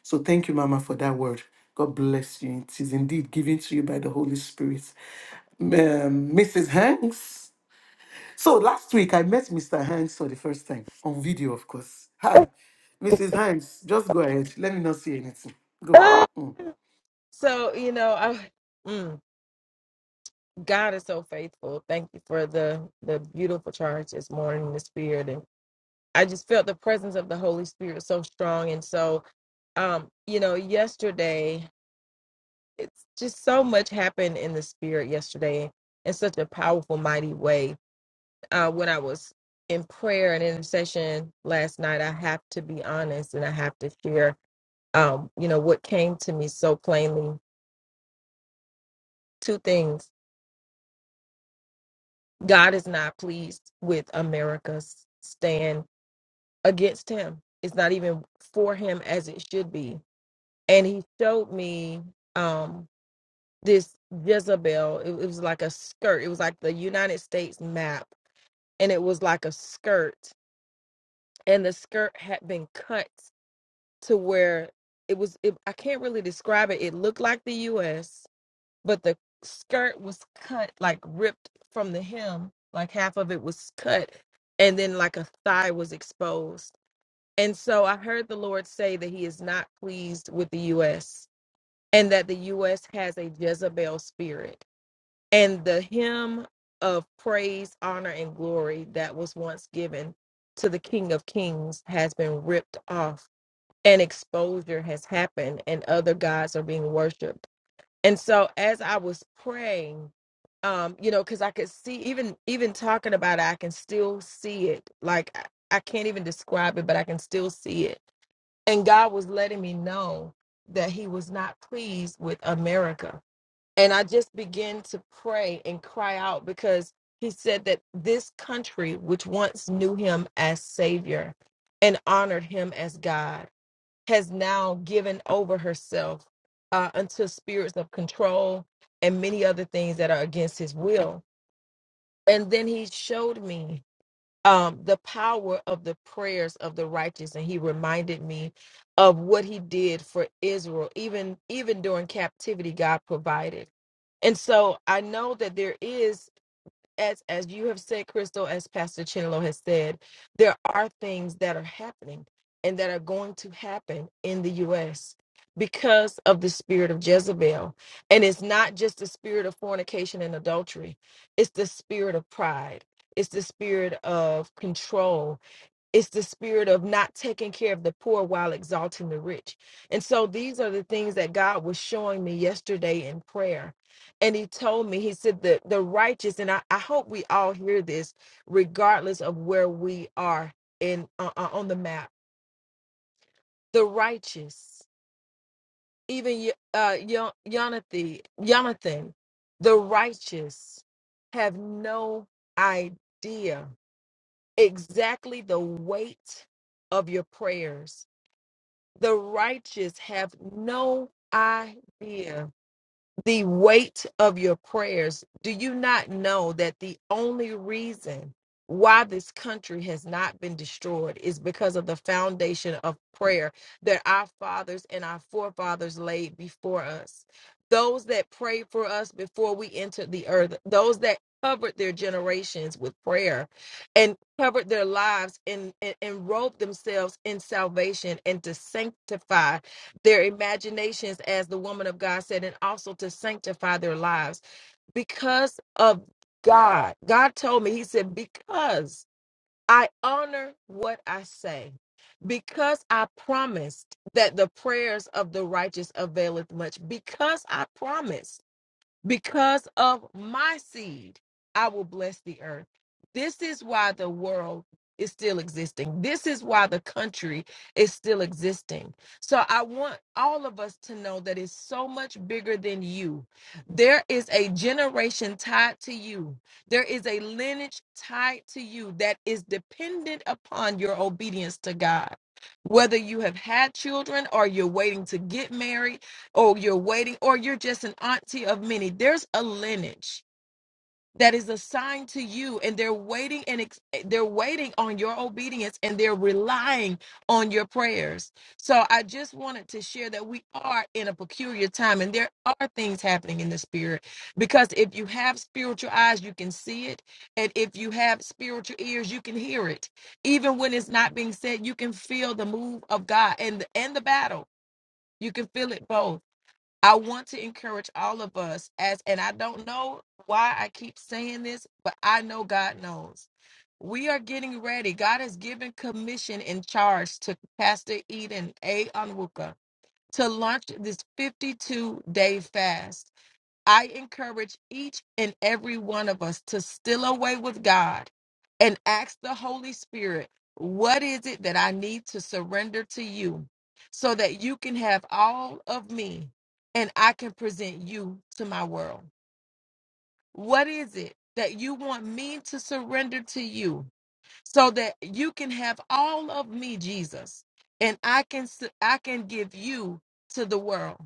S1: So thank you, Mama, for that word. God bless you. It is indeed given to you by the Holy Spirit. Um, Mrs. Hanks. So last week I met Mr. Hanks for the first time on video, of course. Hi, Mrs. Hanks. Just go ahead. Let me not see anything. Go.
S4: Ah!
S1: Mm.
S4: so you know I, mm, god is so faithful thank you for the the beautiful charge this morning in the spirit and i just felt the presence of the holy spirit so strong and so um you know yesterday it's just so much happened in the spirit yesterday in such a powerful mighty way uh when i was in prayer and intercession last night i have to be honest and i have to share um you know what came to me so plainly two things God is not pleased with America's stand against him. It's not even for him as it should be. And he showed me um this Jezebel. It, it was like a skirt. It was like the United States map, and it was like a skirt. And the skirt had been cut to where it was. It, I can't really describe it. It looked like the U.S. but the skirt was cut like ripped from the hem like half of it was cut and then like a thigh was exposed and so i heard the lord say that he is not pleased with the us and that the us has a jezebel spirit and the hymn of praise honor and glory that was once given to the king of kings has been ripped off and exposure has happened and other gods are being worshiped and so as I was praying, um, you know, because I could see even even talking about it, I can still see it. Like I I can't even describe it, but I can still see it. And God was letting me know that He was not pleased with America. And I just began to pray and cry out because He said that this country, which once knew Him as Savior and honored Him as God, has now given over herself uh, unto spirits of control and many other things that are against his will. And then he showed me um, the power of the prayers of the righteous, and he reminded me of what he did for Israel, even even during captivity, God provided. And so I know that there is as as you have said, Crystal, as Pastor Chinlo has said, there are things that are happening and that are going to happen in the U.S. because of the spirit of Jezebel, and it's not just the spirit of fornication and adultery; it's the spirit of pride, it's the spirit of control, it's the spirit of not taking care of the poor while exalting the rich. And so these are the things that God was showing me yesterday in prayer. And he told me, he said, the, the righteous, and I, I hope we all hear this, regardless of where we are in uh, uh, on the map. The righteous, even Yo- uh, Yo- Jonathan, Jonathan, the righteous have no idea exactly the weight of your prayers The righteous have no idea the weight of your prayers. Do you not know that the only reason why this country has not been destroyed is because of the foundation of prayer that our fathers and our forefathers laid before us? Those that prayed for us before we entered the earth, those that covered their generations with prayer and covered their lives and, and, and robed themselves in salvation and to sanctify their imaginations, as the woman of God said, and also to sanctify their lives because of God. God told me, He said, Because I honor what I say, because I promised that the prayers of the righteous availeth much, because I promised. Because of my seed, I will bless the earth. This is why the world is still existing. This is why the country is still existing. So I want all of us to know that it's so much bigger than you. There is a generation tied to you, there is a lineage tied to you that is dependent upon your obedience to God. Whether you have had children or you're waiting to get married, or you're waiting, or you're just an auntie of many. There's a lineage that is assigned to you, and they're waiting and ex- eh, they're waiting on your obedience, and they're relying on your prayers. So I just wanted to share that we are in a peculiar time, and there are things happening in the spirit because if you have spiritual eyes, you can see it, and if you have spiritual ears, you can hear it. Even when it's not being said, you can feel the move of God and and the battle. You can feel it both. I want to encourage all of us as, and I don't know why I keep saying this, but I know God knows. We are getting ready. God has given commission and charge to Pastor Eden A. Onwuka to launch this 52 day fast. I encourage each and every one of us to still away with God and ask the Holy Spirit, what is it that I need to surrender to you so that you can have all of me and I can present you to my world? What is it that you want me to surrender to you? so that you can have all of me jesus and i can s- i can give you to the world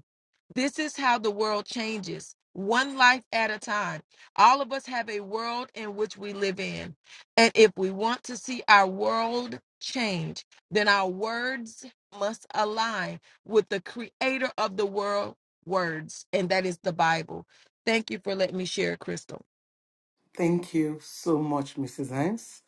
S4: this is how the world changes one life at a time all of us have a world in which we live in and if we want to see our world change then our words must align with the creator of the world words and that is the bible thank you for letting me share crystal
S1: Thank you so much, Mrs. Hines.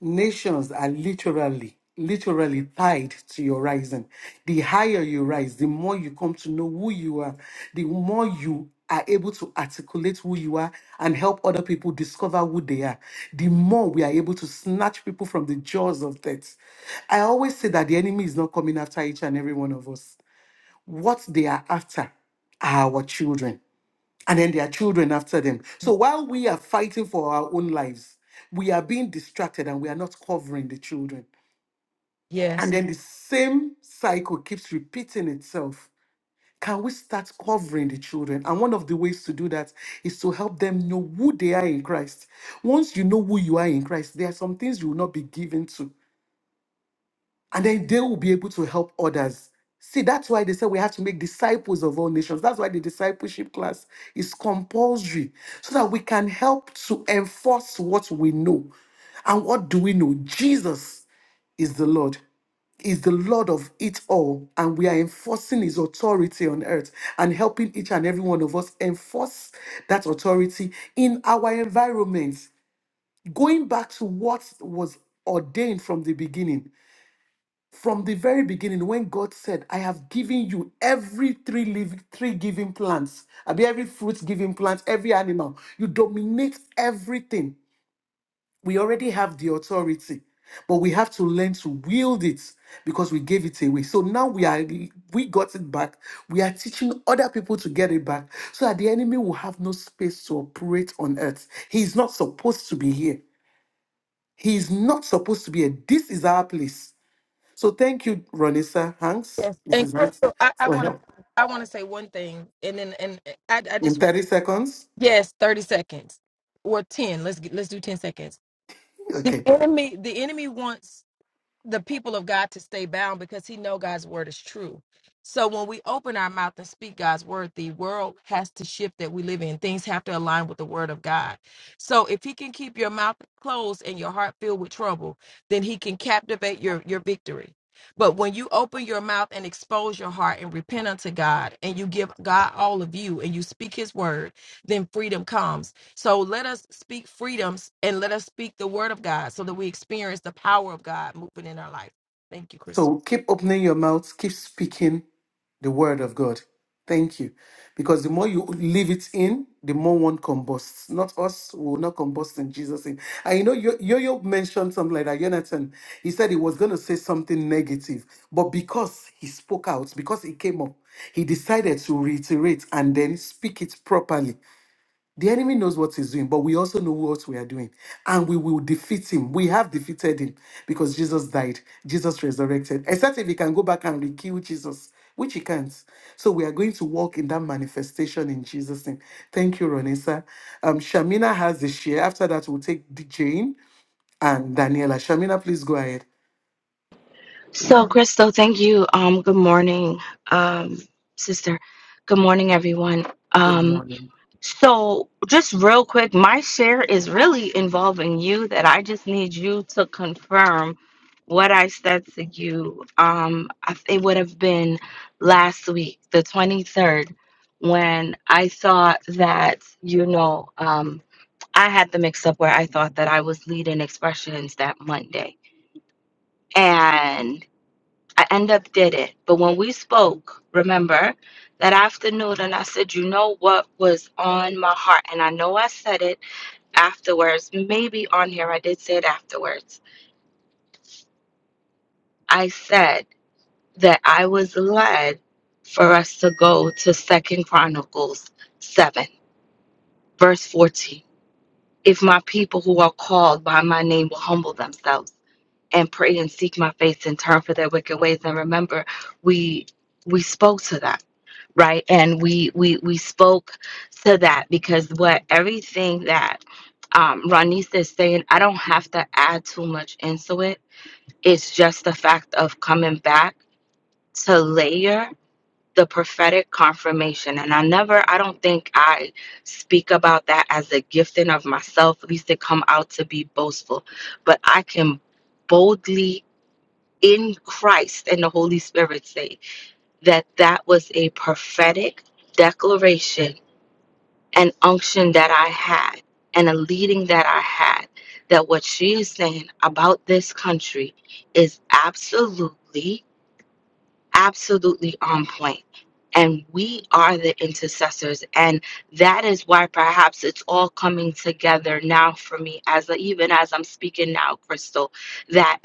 S1: Nations are literally, literally tied to your rising. The higher you rise, the more you come to know who you are, the more you are able to articulate who you are and help other people discover who they are, the more we are able to snatch people from the jaws of death. I always say that the enemy is not coming after each and every one of us. What they are after are our children and then their children after them. So while we are fighting for our own lives, we are being distracted and we are not covering the children.
S4: Yes.
S1: And then the same cycle keeps repeating itself. Can we start covering the children? And one of the ways to do that is to help them know who they are in Christ. Once you know who you are in Christ, there are some things you will not be given to and then they will be able to help others. See, that's why they said we have to make disciples of all nations. That's why the discipleship class is compulsory so that we can help to enforce what we know. And what do we know? Jesus is the Lord, is the Lord of it all. And we are enforcing his authority on earth and helping each and every one of us enforce that authority in our environments. Going back to what was ordained from the beginning from the very beginning, when God said, I have given you every three living, three giving plants, I mean, every fruit giving plant, every animal, you dominate everything. We already have the authority, but we have to learn to wield it because we gave it away. So now we are we got it back. We are teaching other people to get it back so that the enemy will have no space to operate on earth. He is not supposed to be here. He is not supposed to be here. This is our place. So thank you, Ronisa Hanks,
S4: Yes, and
S1: Mrs. Hanks,
S4: Crystal, I, I
S1: for
S4: want to
S1: help
S4: I want to say one thing, and then and I I
S1: in
S4: just want
S1: 30 seconds.
S4: yes, thirty seconds or ten. Let's get let's do ten seconds. The
S1: Okay.
S4: enemy the enemy wants the people of God to stay bound because he know God's word is true. So when we open our mouth and speak God's word, the world has to shift that we live in. Things have to align with the word of God. So if he can keep your mouth closed and your heart filled with trouble, then he can captivate your your victory. But when you open your mouth and expose your heart and repent unto God and you give God all of you and you speak his word, then freedom comes. So let us speak freedoms and let us speak the word of God so that we experience the power of God moving in our life. Thank you,
S1: So
S4: Crystal.
S1: keep opening your mouth, keep speaking the word of God. Thank you. Because the more you leave it in, the more one combusts. Not us, we will not combust in Jesus' name. And you know, Yo Yo mentioned something like that. Jonathan, he said he was going to say something negative, but because he spoke out, because he came up, he decided to reiterate and then speak it properly. The enemy knows what he's doing, but we also know what we are doing. And we will defeat him. We have defeated him because Jesus died, Jesus resurrected. Except if he can go back and re-kill Jesus, which he can't. So we are going to walk in that manifestation in Jesus' name. Thank you, Ronessa. Um, Shamina has the share. After that, we'll take Jane and Daniela. Shamina, please go ahead.
S5: So, Crystal, thank you. Um, good morning, um, sister. Good morning, everyone.
S1: Good
S5: Um,
S1: morning.
S5: so, just real quick, my share is really involving you that I just need you to confirm what I said to you. Um, I- it would have been last week, the 23rd, when I thought that, you know, um, I had the mix up where I thought that I was leading expressions that Monday. I end up did it. But when we spoke, remember that afternoon, and I said, you know what was on my heart? And I know I said it afterwards, maybe on here, I did say it afterwards. I said that I was led for us to go to Second Chronicles 7, verse 14. If my people who are called by my name will humble themselves and pray and seek my face and turn for their wicked ways. And remember, we we spoke to that right and we we we spoke to that because what everything that um Ronisa is saying I don't have to add too much into it it's just the fact of coming back to layer the prophetic confirmation and I never I don't think I speak about that as a gifting of myself at least to come out to be boastful but I can boldly in Christ and the Holy Spirit say that that was a prophetic declaration an unction that I had and a leading that I had that what she is saying about this country is absolutely, absolutely on point. And we are the intercessors. And that is why perhaps it's all coming together now for me as even as I'm speaking now, Crystal, that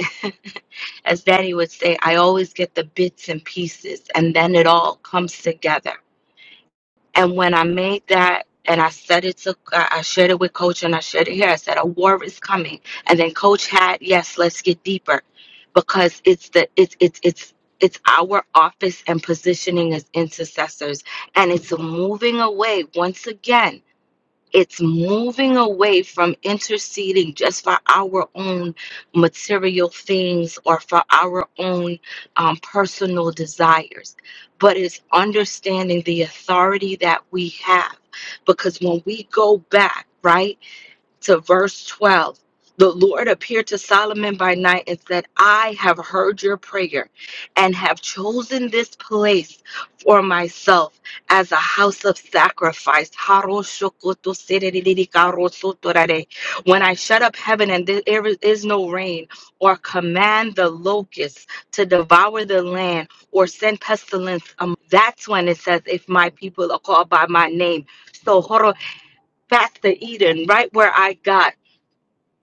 S5: as Danny would say, I always get the bits and pieces and then it all comes together and when I made that and I said it to, I I shared it with coach and I shared it here. I said, a war is coming. And then coach had, yes, let's get deeper because it's the, it's, it's, it's, it's our office and positioning as intercessors. And it's moving away once again it's moving away from interceding just for our own material things or for our own um, personal desires, but it's understanding the authority that we have. Because when we go back, right? to verse 12. The Lord appeared to Solomon by night and said, I have heard your prayer and have chosen this place for myself as a house of sacrifice. When I shut up heaven and there is no rain, or command the locusts to devour the land, or send pestilence, um, that's when it says, If my people are called by my name. So, horo, that's the Eden, right where I got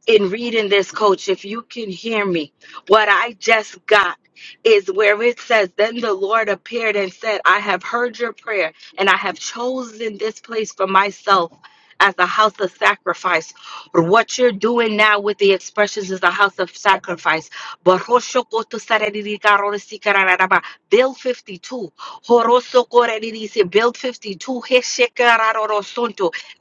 S5: in reading this, coach, if you can hear me, what I just got is where it says, Then the Lord appeared and said, I have heard your prayer, and I have chosen this place for myself as a house of sacrifice. Or What you're doing now with the expressions is a house of sacrifice. Build 52. Build 52.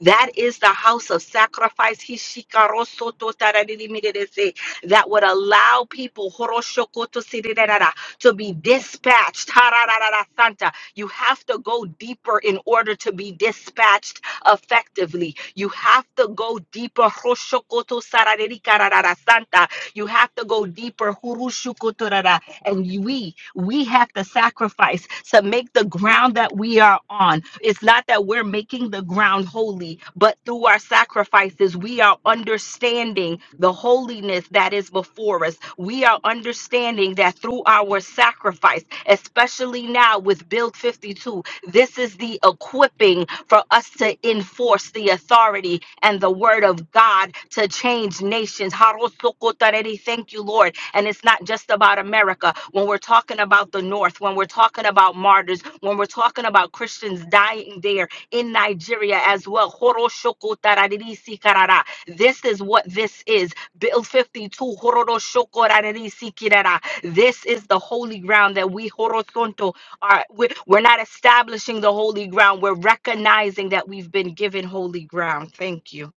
S5: That is the house of sacrifice. Hishikarosototaradirimidese, That would allow people horoshokotosididadada, to be dispatched. Harararara santa. You have to go deeper in order to be dispatched effectively. You have to go deeper. horoshokotosaradirikararara santa. You have to go deeper. Hurushukotorara and we we have to sacrifice to make the ground that we are on it's not that we're making the ground holy but through our sacrifices we are understanding the holiness that is before us we are understanding that through our sacrifice especially now with build 52 this is the equipping for us to enforce the authority and the word of God to change nations. Harosokotareri, Thank you, Lord. And it's not just about America. When we're talking about the North, when we're talking about martyrs, when we're talking about Christians dying there in Nigeria as well. Horoshokotareri, Sikarara. This is what this is. Bill 52. hororoshokorareri, Sikirara. This is the holy ground that we horizonto are we- we're not establishing the holy ground we're recognizing that we've been given holy ground thank you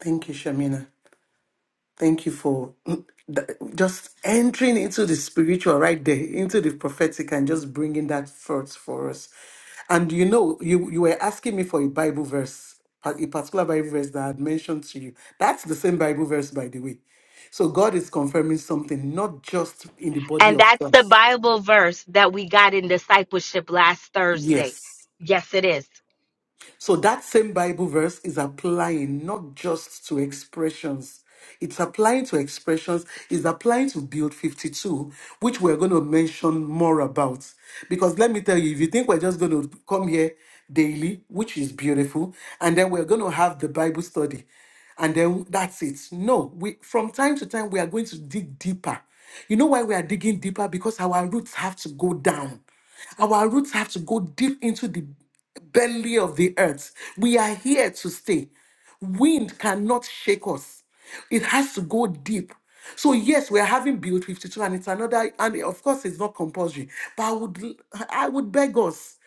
S1: Thank you, Shamina. Thank you for th- just entering into the spiritual right there, into the prophetic, and just bringing that forth for us. And you know, you you were asking me for a Bible verse, a a particular Bible verse that I had mentioned to you. That's the same Bible verse, by the way. So God is confirming something, not just in the body
S5: and
S1: of
S5: that's the
S1: Christ.
S5: bible verse that we got in discipleship last thursday
S1: Yes.
S5: yes it is
S1: So that same Bible verse is applying not just to expressions. It's applying to expressions, it's applying to Build 52, which we're going to mention more about. Because let me tell you, if you think we're just going to come here daily, which is beautiful, and then we're going to have the Bible study, and then that's it. No, we from time to time we are going to dig deeper. You know why we are digging deeper? Because our roots have to go down. Our roots have to go deep into the belly of the earth. We are here to stay. Wind cannot shake us. It has to go deep. So yes, we are having Build 52, and it's another, and of course, it's not compulsory. But I would, I would beg us.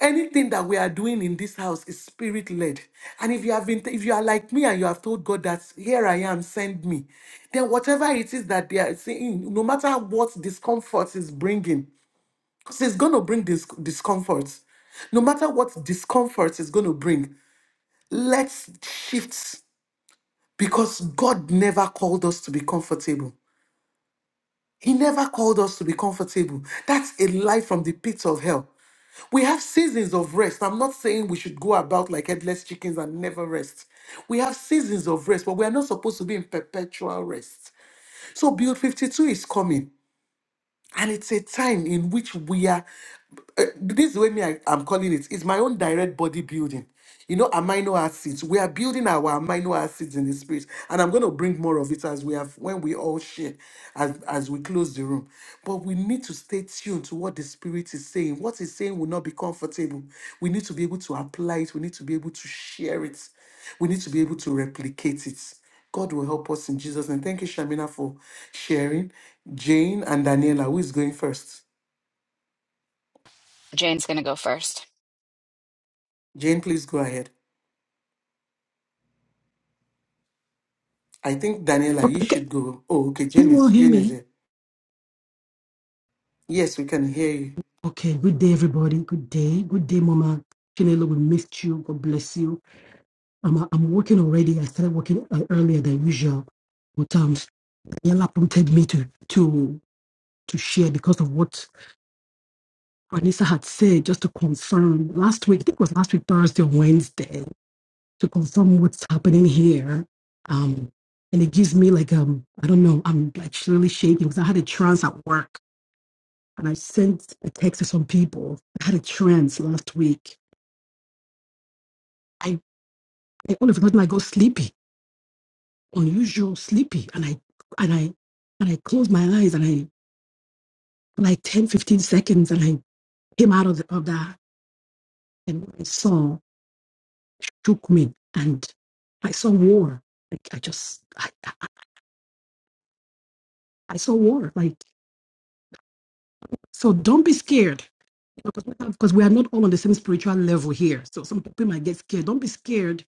S1: Anything that we are doing in this house is spirit led, and if you have been, if you are like me and you have told God that here I am, send me, then whatever it is that they are saying, no matter what discomfort is bringing, because it's going to bring dis- discomfort. No matter what discomfort is going to bring, let's shift because God never called us to be comfortable. He never called us to be comfortable. That's a lie from the pits of hell. We have seasons of rest. I'm not saying we should go about like headless chickens and never rest. We have seasons of rest, but we are not supposed to be in perpetual rest. So, Build 52 is coming. And it's a time in which we are. uh, This is the way me I, am calling it. It's my own direct body building. You know, amino acids. We are building our amino acids in the spirit, and I'm going to bring more of it as we have when we all share, as as we close the room. But we need to stay tuned to what the spirit is saying. What he's saying will not be comfortable. We need to be able to apply it. We need to be able to share it. We need to be able to replicate it. God will help us in Jesus' name. Thank you, Shamina, for sharing. Jane and Daniela, who is going first?
S6: Jane's going to go first.
S1: Jane, please go ahead. I think Daniela, you
S7: Okay,
S1: should go. Oh, okay.
S7: can
S1: Jane
S7: you all
S1: is
S7: hear
S1: Jane is
S7: me?
S1: here. Yes, we can hear you.
S7: Okay, good day, everybody. Good day. Good day, Mama. Chinelo, we missed you. God bless you. I'm, I'm working already. I started working uh, earlier than usual. But um, Daniela prompted me to, to, to share because of what Vanessa had said, just to confirm last week, I think it was last week, Thursday or Wednesday, to confirm what's happening here. Um, and it gives me like, um, I don't know, I'm like really shaking because I had a trance at work and I sent a text to some people. I had a trance last week. I, I all of a sudden I got sleepy, unusual sleepy, and I and I and I closed my eyes and I like 10, 15 seconds, and I came out of, the, of that, and what I saw shook me, and I saw war. Like I just I, I, I saw war. Like so, don't be scared. Because we are not all on the same spiritual level here. So some people might get scared. Don't be scared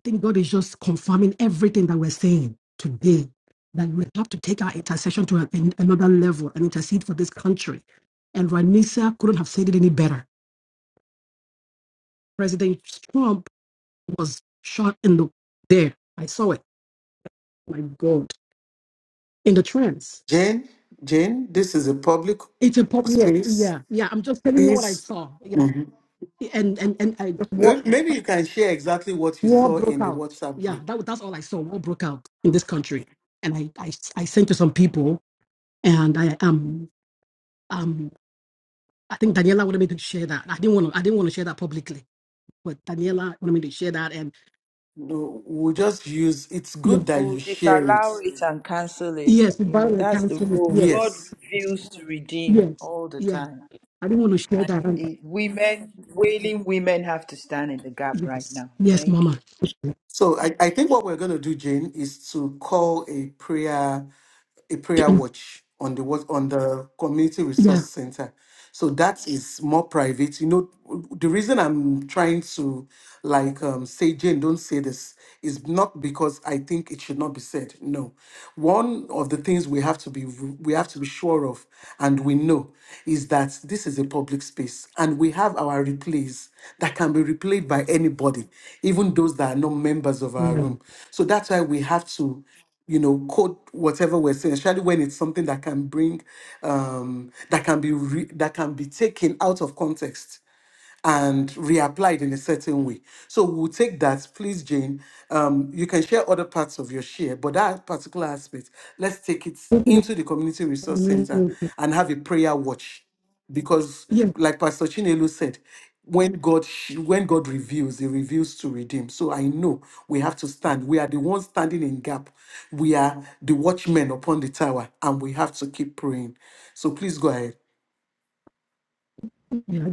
S7: I think God is just confirming everything that we're saying today. That we have to take our intercession to an, another level and intercede for this country. And Ranisa couldn't have said it any better. President Trump was shot in the there. I saw it. My God, in the trance.
S1: Jane, Jane, this is a public
S7: It's a pop. Yeah,
S1: space.
S7: yeah, yeah. I'm just telling you what I
S1: Please,
S7: saw. Yeah, and and and I, war
S1: maybe you can share exactly what you
S7: war
S1: saw
S7: broke
S1: in the
S7: out.
S1: WhatsApp
S7: Yeah,
S1: group.
S7: that was- that's all I saw. War broke out in this country, and I I, I sent to some people, and I am. I think Daniela wanted me to share that. I didn't want to. I didn't want to share that publicly, but Daniela wanted me to share that. And
S1: No, we'll just use. It's
S7: yes,
S1: good that you
S3: Who
S1: share it.
S3: disallow it and cancel it.
S7: yes, the
S3: You know,
S7: violent
S3: that's the
S7: counsel is
S3: role.
S7: yes,
S3: God
S1: Yes.
S3: reveals to redeem
S7: yes,
S3: all the
S7: yes.
S3: time.
S7: I didn't want to share
S3: And
S7: that. And
S3: it, women, wailing women have to stand in the gap right
S7: yes,
S3: now.
S7: yes,
S3: Thank you.
S7: Mama.
S1: So I, I think what we're going to do, Jane, is to call a prayer. a prayer watch on the what on the community
S7: yeah.
S1: resource center so that is more private you know the reason i'm trying to like um, say jane don't say this is not because i think it should not be said no one of the things we have to be we have to be sure of and we know is that this is a public space and we have our replays that can be replayed by anybody even those that are not members of our
S7: Mm.
S1: room so that's why we have to you know quote whatever we're saying especially when it's something that can bring um that can be re- that can be taken out of context and reapplied in a certain way. So we'll take that, please, Jane. Um, you can share other parts of your share, but that particular aspect, let's take it into the community resource center and have a prayer watch, because,
S7: Yeah,
S1: like Pastor Chinelu said, when God sh- when God reveals, He reveals to redeem. So I know we have to stand. We are the ones standing in gap. We are the watchmen upon the tower, and we have to keep praying. So please go ahead.
S7: yeah.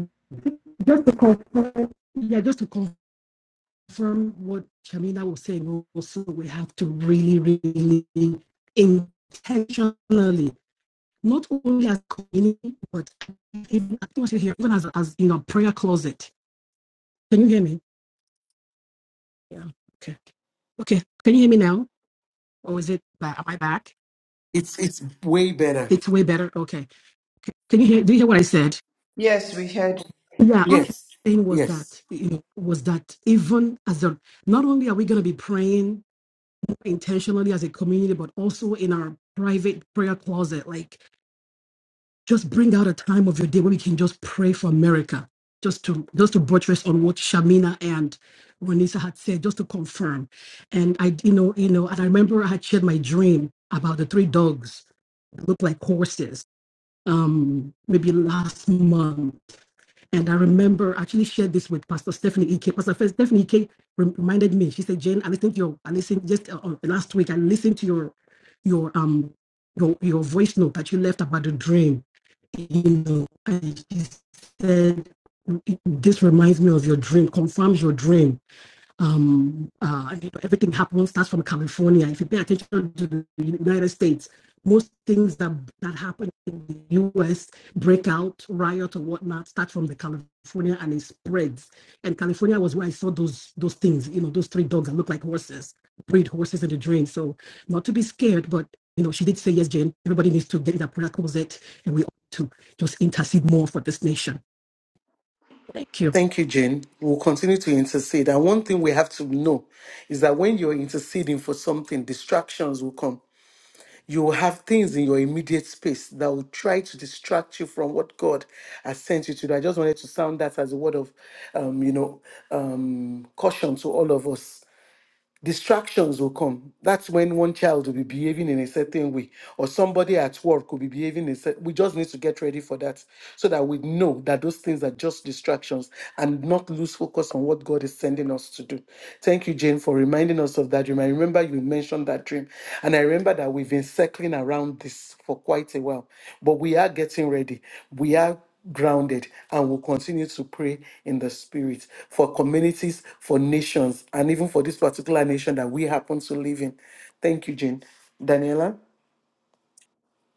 S7: Just to confirm, yeah, just to confirm what Shamina was saying. Also, we have to really, really intentionally not only as community, but even, I think I should hear, even as, as in our prayer closet. Can you hear me? Yeah. Okay. Okay. Can you hear me now? Or is it back? Am I back?
S1: It's it's way better.
S7: It's way better. Okay. C- Can you hear? Do you hear what I said?
S3: Yes, we heard.
S7: Yeah. All I'm
S1: Yes,
S7: saying was
S1: yes.
S7: that, you know, was that even as a, not only are we going to be praying intentionally as a community, but also in our private prayer closet, like just bring out a time of your day where we can just pray for America. Just to just to buttress on what Shamina and Renisa had said, just to confirm. And I, you know, you know, and I remember I had shared my dream about the three dogs that looked like horses, um, maybe last month. And I remember I actually shared this with Pastor Stephanie Ek. Pastor Stephanie Ek rem- reminded me. She said, "Jane, I listened to your, I listened just uh, uh, last week. I listened to your, your um, your your voice note that you left about the dream." you know, and she said, This reminds me of your dream, confirms your dream um, uh, everything happens starts from California. If you pay attention to the United States, most things that that happen in the U.S. breakout, riot, or whatnot start from the California and it spreads. And California was where I saw those those things. You know, those three dogs that look like horses, breed horses in the drain. So not to be scared, but you know, she did say yes, Jane. Everybody needs to get in that prayer closet, and we ought to just intercede more for this nation. Thank you,
S1: Thank you, Jane. We'll continue to intercede. And one thing we have to know is that when you're interceding for something, distractions will come. You will have things in your immediate space that will try to distract you from what God has sent you to do. I just wanted to sound that as a word of, um, you know, um, caution to all of us distractions will come. That's when one child will be behaving in a certain way, or somebody at work will be behaving in a certain We just need to get ready for that so that we know that those things are just distractions and not lose focus on what God is sending us to do. Thank you, Jane, for reminding us of that dream. I remember you mentioned that dream, and I remember that we've been circling around this for quite a while, but we are getting ready. We are grounded and will continue to pray in the spirit for communities, for nations, and even for this particular nation that we happen to live in. Thank you, Jane. Daniela?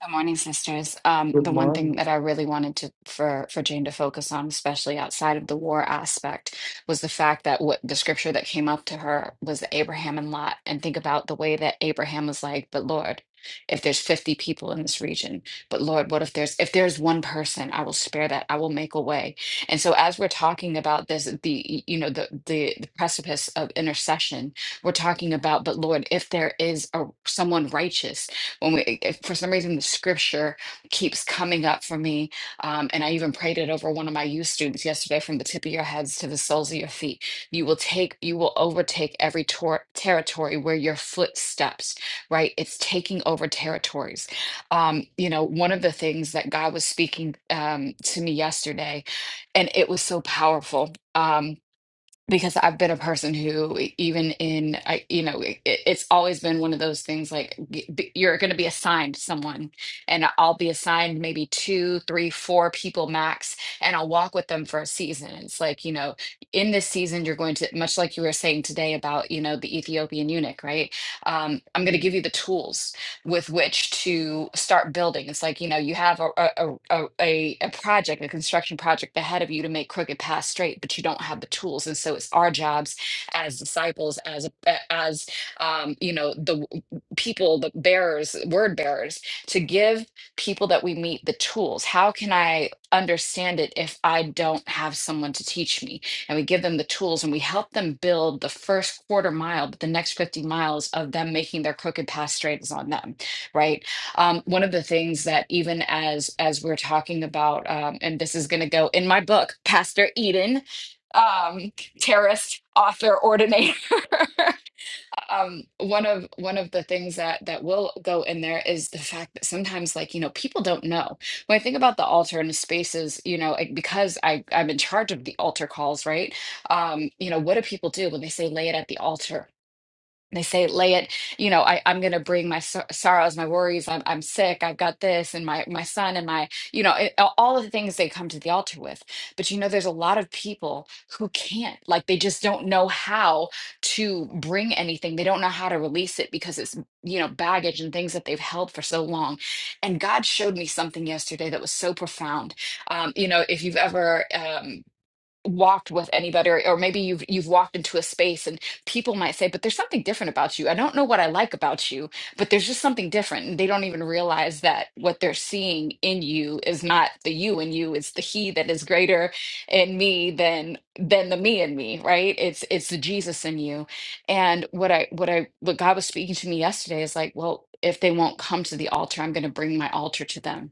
S6: Good morning, sisters. Um,
S1: Good
S6: the one thing
S1: morning.
S6: that I really wanted to for for Jane to focus on, especially outside of the war aspect, was the fact that what the scripture that came up to her was Abraham and Lot, and think about the way that Abraham was like, "But Lord, if there's 50 people in this region, but Lord, what if there's if there's one person? I will spare that. I will make a way." And so, as we're talking about this, the you know the the, the precipice of intercession, we're talking about, but Lord, if there is a someone righteous when we it- for some reason the scripture keeps coming up for me um, and i even prayed it over one of my youth students yesterday from the tip of your heads to the soles of your feet you will take you will overtake every tor- territory where your foot steps right it's taking over territories um, you know one of the things that god was speaking um, to me yesterday and it was so powerful Um, because I've been a person who, e, even in, I, you know, it, it's always been one of those things like y- b- you're going to be assigned someone, and I'll be assigned maybe two, three, four people max, and I'll walk with them for a season. It's like, you know, in this season, you're going to, much like you were saying today about, you know, the Ethiopian eunuch, right? Um, I'm going to give you the tools with which to start building. It's like, you know, you have a a a, a, a project, a construction project ahead of you to make crooked paths straight, but you don't have the tools. And so it's our jobs as disciples, as a- as um, you know, the w- people, the bearers, word bearers, to give people that we meet the tools. How can I understand it if I don't have someone to teach me? And we give them the tools and we help them build the first quarter mile, but the next 50 miles of them making their crooked path straight is on them right um, one of the things that even as as we're talking about um, and this is going to go in my book pastor eden um terrorist author ordinator um one of one of the things that that will go in there is the fact that sometimes like you know people don't know when i think about the altar and the spaces you know like, because i i'm in charge of the altar calls right um you know what do people do when they say lay it at the altar they say, lay it, you know, I, I'm going to bring my sor- sorrows, my worries. I'm, I'm sick. I've got this and my, my son and my, you know, it, all all of the things they come to the altar with. But, you know, there's a lot of people who can't, like, they just don't know how to bring anything. They don't know how to release it because it's, you know, baggage and things that they've held for so long. And God showed me something yesterday that was so profound. Um, you know, if you've ever, um, walked with anybody or, or maybe you've you've walked into a space and people might say but there's something different about you i don't know what i like about you but there's just something different and they don't even realize that what they're seeing in you is not the you in you it's the he that is greater in me than than the me in me right it's it's the jesus in you and what i what i what god was speaking to me yesterday is like well if they won't come to the altar i'm going to bring my altar to them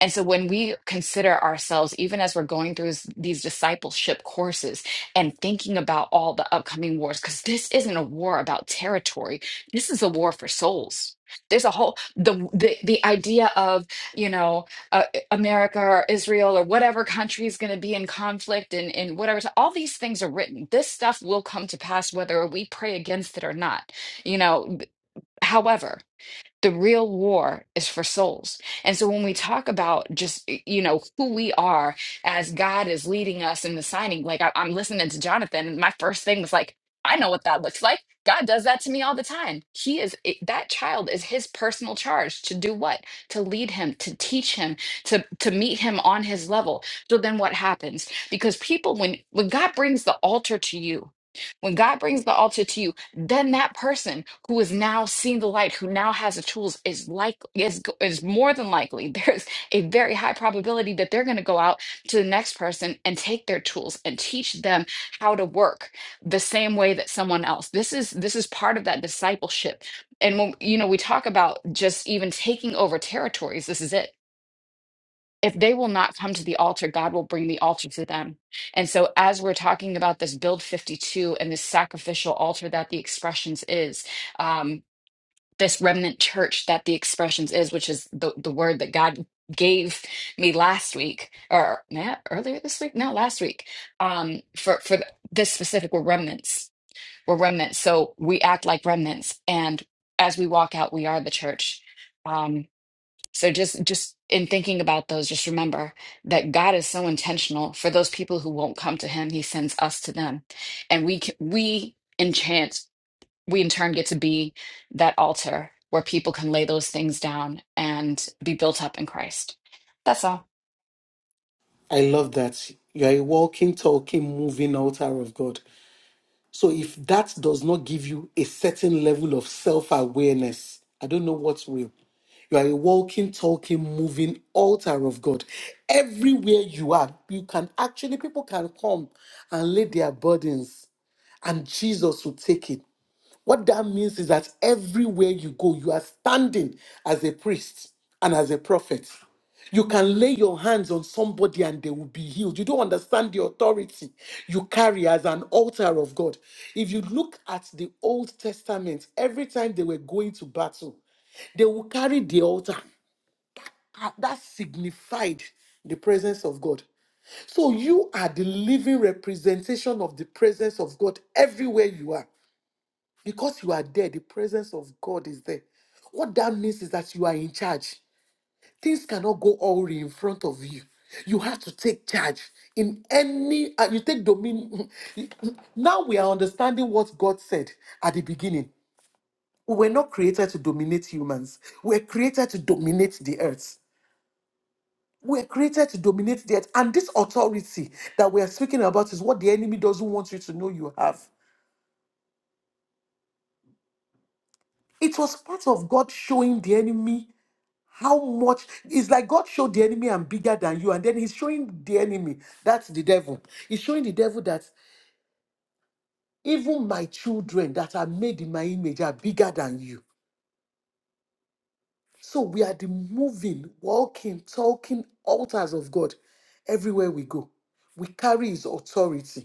S6: and so when we consider ourselves, even as we're going through s- these discipleship courses and thinking about all the upcoming wars, because this isn't a war about territory, this is a war for souls. There's a whole the the, the idea of you know uh, America or Israel or whatever country is going to be in conflict and and whatever So all these things are written. This stuff will come to pass whether we pray against it or not. You know, however. The real war is for souls. And so when we talk about just, you know, who we are as God is leading us in the signing, like I, I'm listening to Jonathan, and my first thing was like, I know what that looks like. God does that to me all the time. He is it- that child is his personal charge to do what? To lead him, to teach him, to to meet him on his level. So then what happens? Because people when when God brings the altar to you, when God brings the altar to you, then that person who is now seeing the light, who now has the tools, is like is go- is more than likely. There's a very high probability that they're going to go out to the next person and take their tools and teach them how to work the same way that someone else. This is this is part of that discipleship. And when you know we talk about just even taking over territories, this is it if they will not come to the altar, God will bring the altar to them. And so, as we're talking about this build 52 and this sacrificial altar that the expressions is, um, this remnant church that the expressions is, which is the, the word that God gave me last week or yeah, earlier this week, no, last week, um, for, for this specific, we're remnants. We're remnants. So, we act like remnants. And as we walk out, we are the church. Um, so just just in thinking about those, just remember that God is so intentional for those people who won't come to him, he sends us to them. And we can, we in chance we in turn get to be that altar where people can lay those things down and be built up in Christ. That's all.
S1: I love that. You are a walking, talking, moving altar of God. So if that does not give you a certain level of self awareness, I don't know what will. You are a walking, talking, moving altar of God. Everywhere you are, you can actually, people can come and lay their burdens and Jesus will take it. What that means is that everywhere you go, you are standing as a priest and as a prophet. You can lay your hands on somebody and they will be healed. You don't understand the authority you carry as an altar of God. If you look at the Old Testament, every time they were going to battle, they will carry the altar. Ah, That signified the presence of God. So you are the living representation of the presence of God everywhere you are. Because you are there, the presence of God is there. What that means is that you are in charge. Things cannot go all in front of you. You have to take charge in any, uh, you take dominion. Now we are understanding what God said at the beginning. We were not created to dominate humans, we were created to dominate the earth. We are created to dominate the earth. And this authority that we are speaking about is what the enemy doesn't want you to know you have. It was part of God showing the enemy How much it's like God showed the enemy I'm bigger than you, and then he's showing the enemy that's the devil. He's showing the devil that even my children that are made in my image are bigger than you. So we are the moving, walking, talking altars of God everywhere we go. We carry his authority.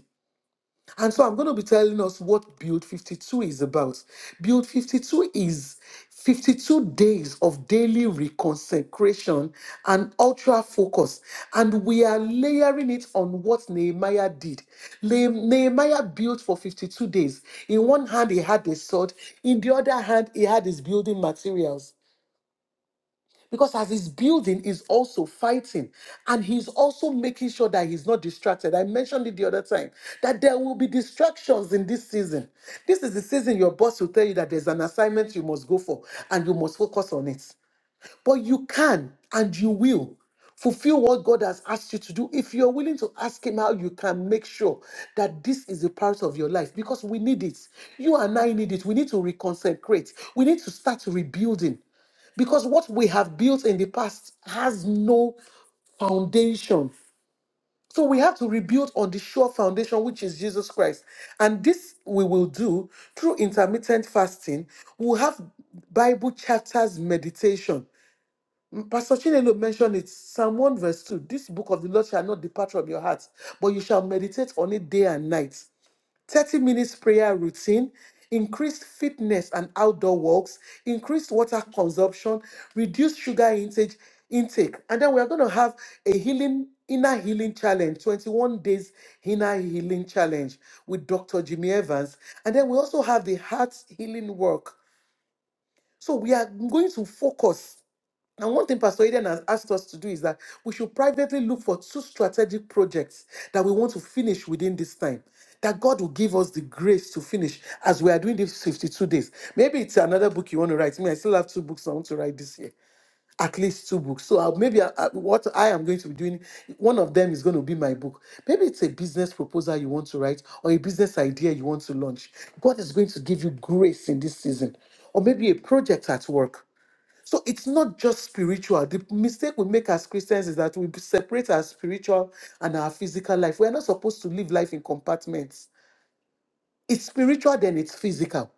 S1: And so I'm going to be telling us what Build 52 is about. Build 52 is 52 days of daily reconsecration and ultra focus. And we are layering it on what Nehemiah did. Le- Nehemiah built for 52 days. In one hand, he had a sword, in the other hand, he had his building materials. Because as he's building, he's also fighting. And he's also making sure that he's not distracted. I mentioned it the other time that there will be distractions in this season. This is the season your boss will tell you that there's an assignment you must go for and you must focus on it. But you can and you will fulfill what God has asked you to do if you're willing to ask Him how you can make sure that this is a part of your life because we need it. You and I need it. We need to reconsecrate, we need to start rebuilding because what we have built in the past has no foundation. So we have to rebuild on the sure foundation, which is Jesus Christ. And this we will do through intermittent fasting. We'll have Bible chapters meditation Pastor Chinelo mentioned it, Psalm 1 verse 2. This book of the Lord shall not depart from your heart, but you shall meditate on it day and night. 30 minutes prayer routine, increased fitness and outdoor walks, increased water consumption, reduced sugar intake, intake. And then we are going to have a healing inner healing challenge, 21 days inner healing challenge with Dr. Jimmy Evans. And then we also have the heart healing work. So we are going to focus and one thing Pastor Eden has asked us to do is that we should privately look for two strategic projects that we want to finish within this time. That God will give us the grace to finish as we are doing these 52 days. Maybe it's another book you want to write. Me, I still have two books I want to write this year, at least two books. So I'll- maybe I, I- what I am going to be doing, one of them is going to be my book. Maybe it's a business proposal you want to write or a business idea you want to launch. God is going to give you grace in this season or maybe a project at work so it's not just spiritual. The mistake we make as Christians is that we separate our spiritual and our physical life. We're not supposed to live life in compartments. It's spiritual, then it's physical,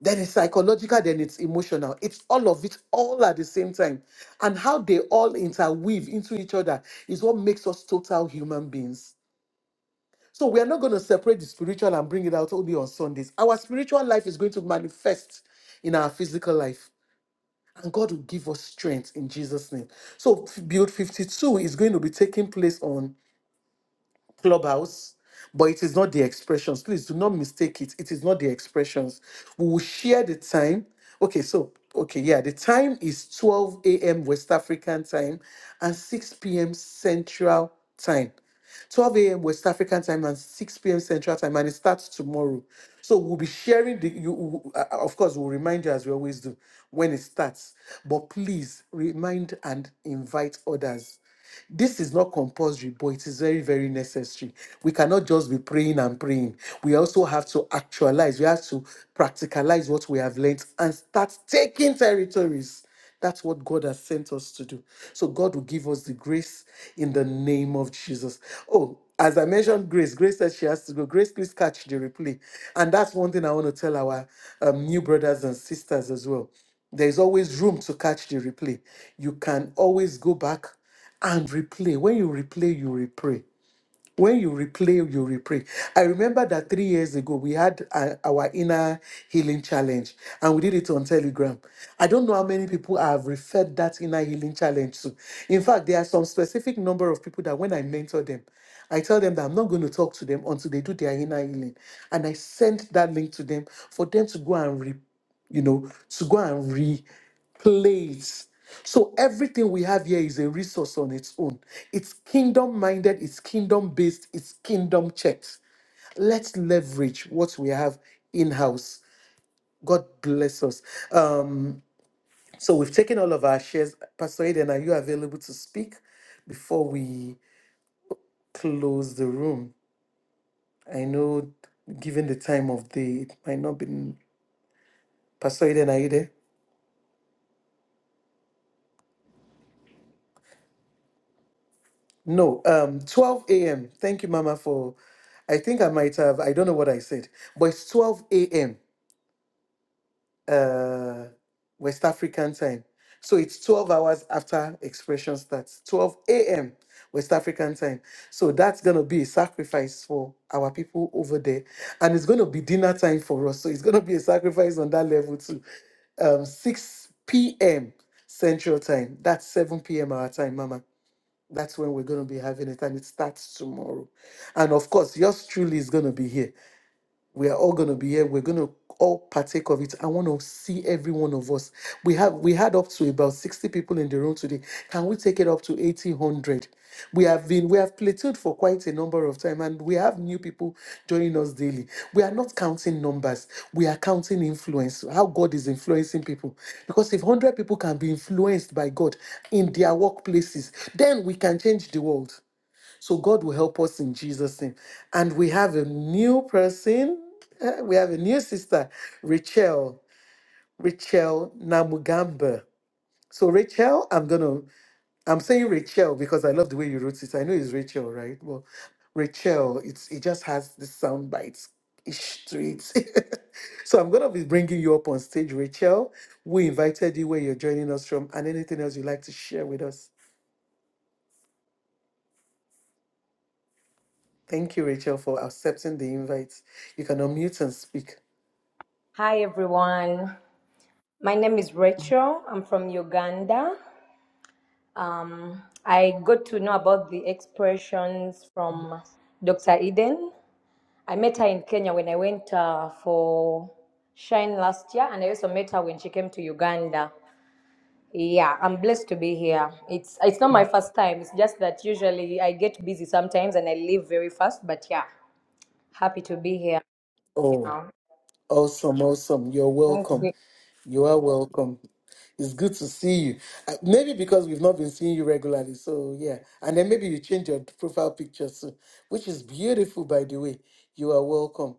S1: then it's psychological, then it's emotional. It's all of it all at the same time. And how they all interweave into each other is what makes us total human beings. So we are not going to separate the spiritual and bring it out only on Sundays. Our spiritual life is going to manifest in our physical life. and God will give us strength in Jesus' name. So, build 52 is going to be taking place on Clubhouse, but it is not the expressions. Please do not mistake it. It is not the expressions. We will share the time. Okay, so, okay, yeah, the time is 12 a.m. West African time and 6 p.m. Central time. 12 a.m. West African time and 6 p.m. Central time, and it starts tomorrow. So we'll be sharing the. You, you- uh, uh, of course, we'll remind you as we always do when it starts. But please remind and invite others. This is not compulsory, but it is very, very necessary. We cannot just be praying and praying. We also have to actualize, we have to practicalize what we have learned and start taking territories. That's what God has sent us to do. So God will give us the grace in the name of Jesus. Oh, as I mentioned, Grace. Grace said she has to go. Grace, please catch the replay. And that's one thing I want to tell our um, new brothers and sisters as well. There is always room to catch the replay. You can always go back and replay. When you replay, you replay. When you replay, you replay. I remember that three years ago we had uh, our inner healing challenge and we did it on Telegram. I don't know how many people I have referred that inner healing challenge to. In fact, there are some specific number of people that when I mentor them, I tell them that I'm not going to talk to them until they do their inner healing. And I send that link to them for them to go and replay you know, to go and replay it. So everything we have here is a resource on its own. It's kingdom minded, it's kingdom based, it's kingdom checked. Let's leverage what we have in house. God bless us. Um, so we've taken all of our shares. Pastor Eden, are you available to speak before we close the room? I know, given the time of day, it might not be. Pastor Eden, are you there? No, um, 12 a.m. Thank you, Mama, for. I think I might have. I don't know what I said, but it's 12 a.m. Uh, West African time. So it's 12 hours after expression starts. 12 a.m. West African time. So that's gonna be a sacrifice for our people over there, and it's gonna be dinner time for us. So it's gonna be a sacrifice on that level too. Um, 6 p.m. Central time. That's 7 p.m. our time, Mama. That's when we're going to be having it, and it starts tomorrow. And of course, yours truly is going to be here we are all going to be here we're going to all partake of it i want to see every one of us we have we had up to about 60 people in the room today can we take it up to 1800 we have been we have plateaued for quite a number of time and we have new people joining us daily we are not counting numbers we are counting influence how god is influencing people because if 100 people can be influenced by god in their workplaces then we can change the world so God will help us in Jesus' name. And we have a new person. eh, We have a new sister, Rachel. Rachel Namugamba. So Rachel, I'm gonna I'm saying Rachel because I love the way you wrote it. I know it's Rachel, right? Well, Rachel, it's it just has the sound bites ish to it. so I'm gonna be bringing you up on stage, Rachel. We invited you where you're joining us from, and anything else you'd like to share with us. Thank you, Rachel, for accepting the invite. You can unmute and speak.
S8: Hi, everyone. My name is Rachel. I'm from Uganda. Um, I got to know about the expressions from Dr. Eden. I met her in Kenya when I went uh, for Shine last year, and I also met her when she came to Uganda. Yeah, I'm blessed to be here. It's it's not my first time. It's just that usually I get busy sometimes and I leave very fast. But yeah, happy to be here.
S1: Oh,
S8: Yeah.
S1: awesome, awesome. You're
S8: thank
S1: welcome.
S8: you.
S1: You are welcome. It's good to see you. Uh, Maybe because we've not been seeing you regularly. So, yeah. And then maybe you change your profile picture soon, which is beautiful, by the way. You are welcome.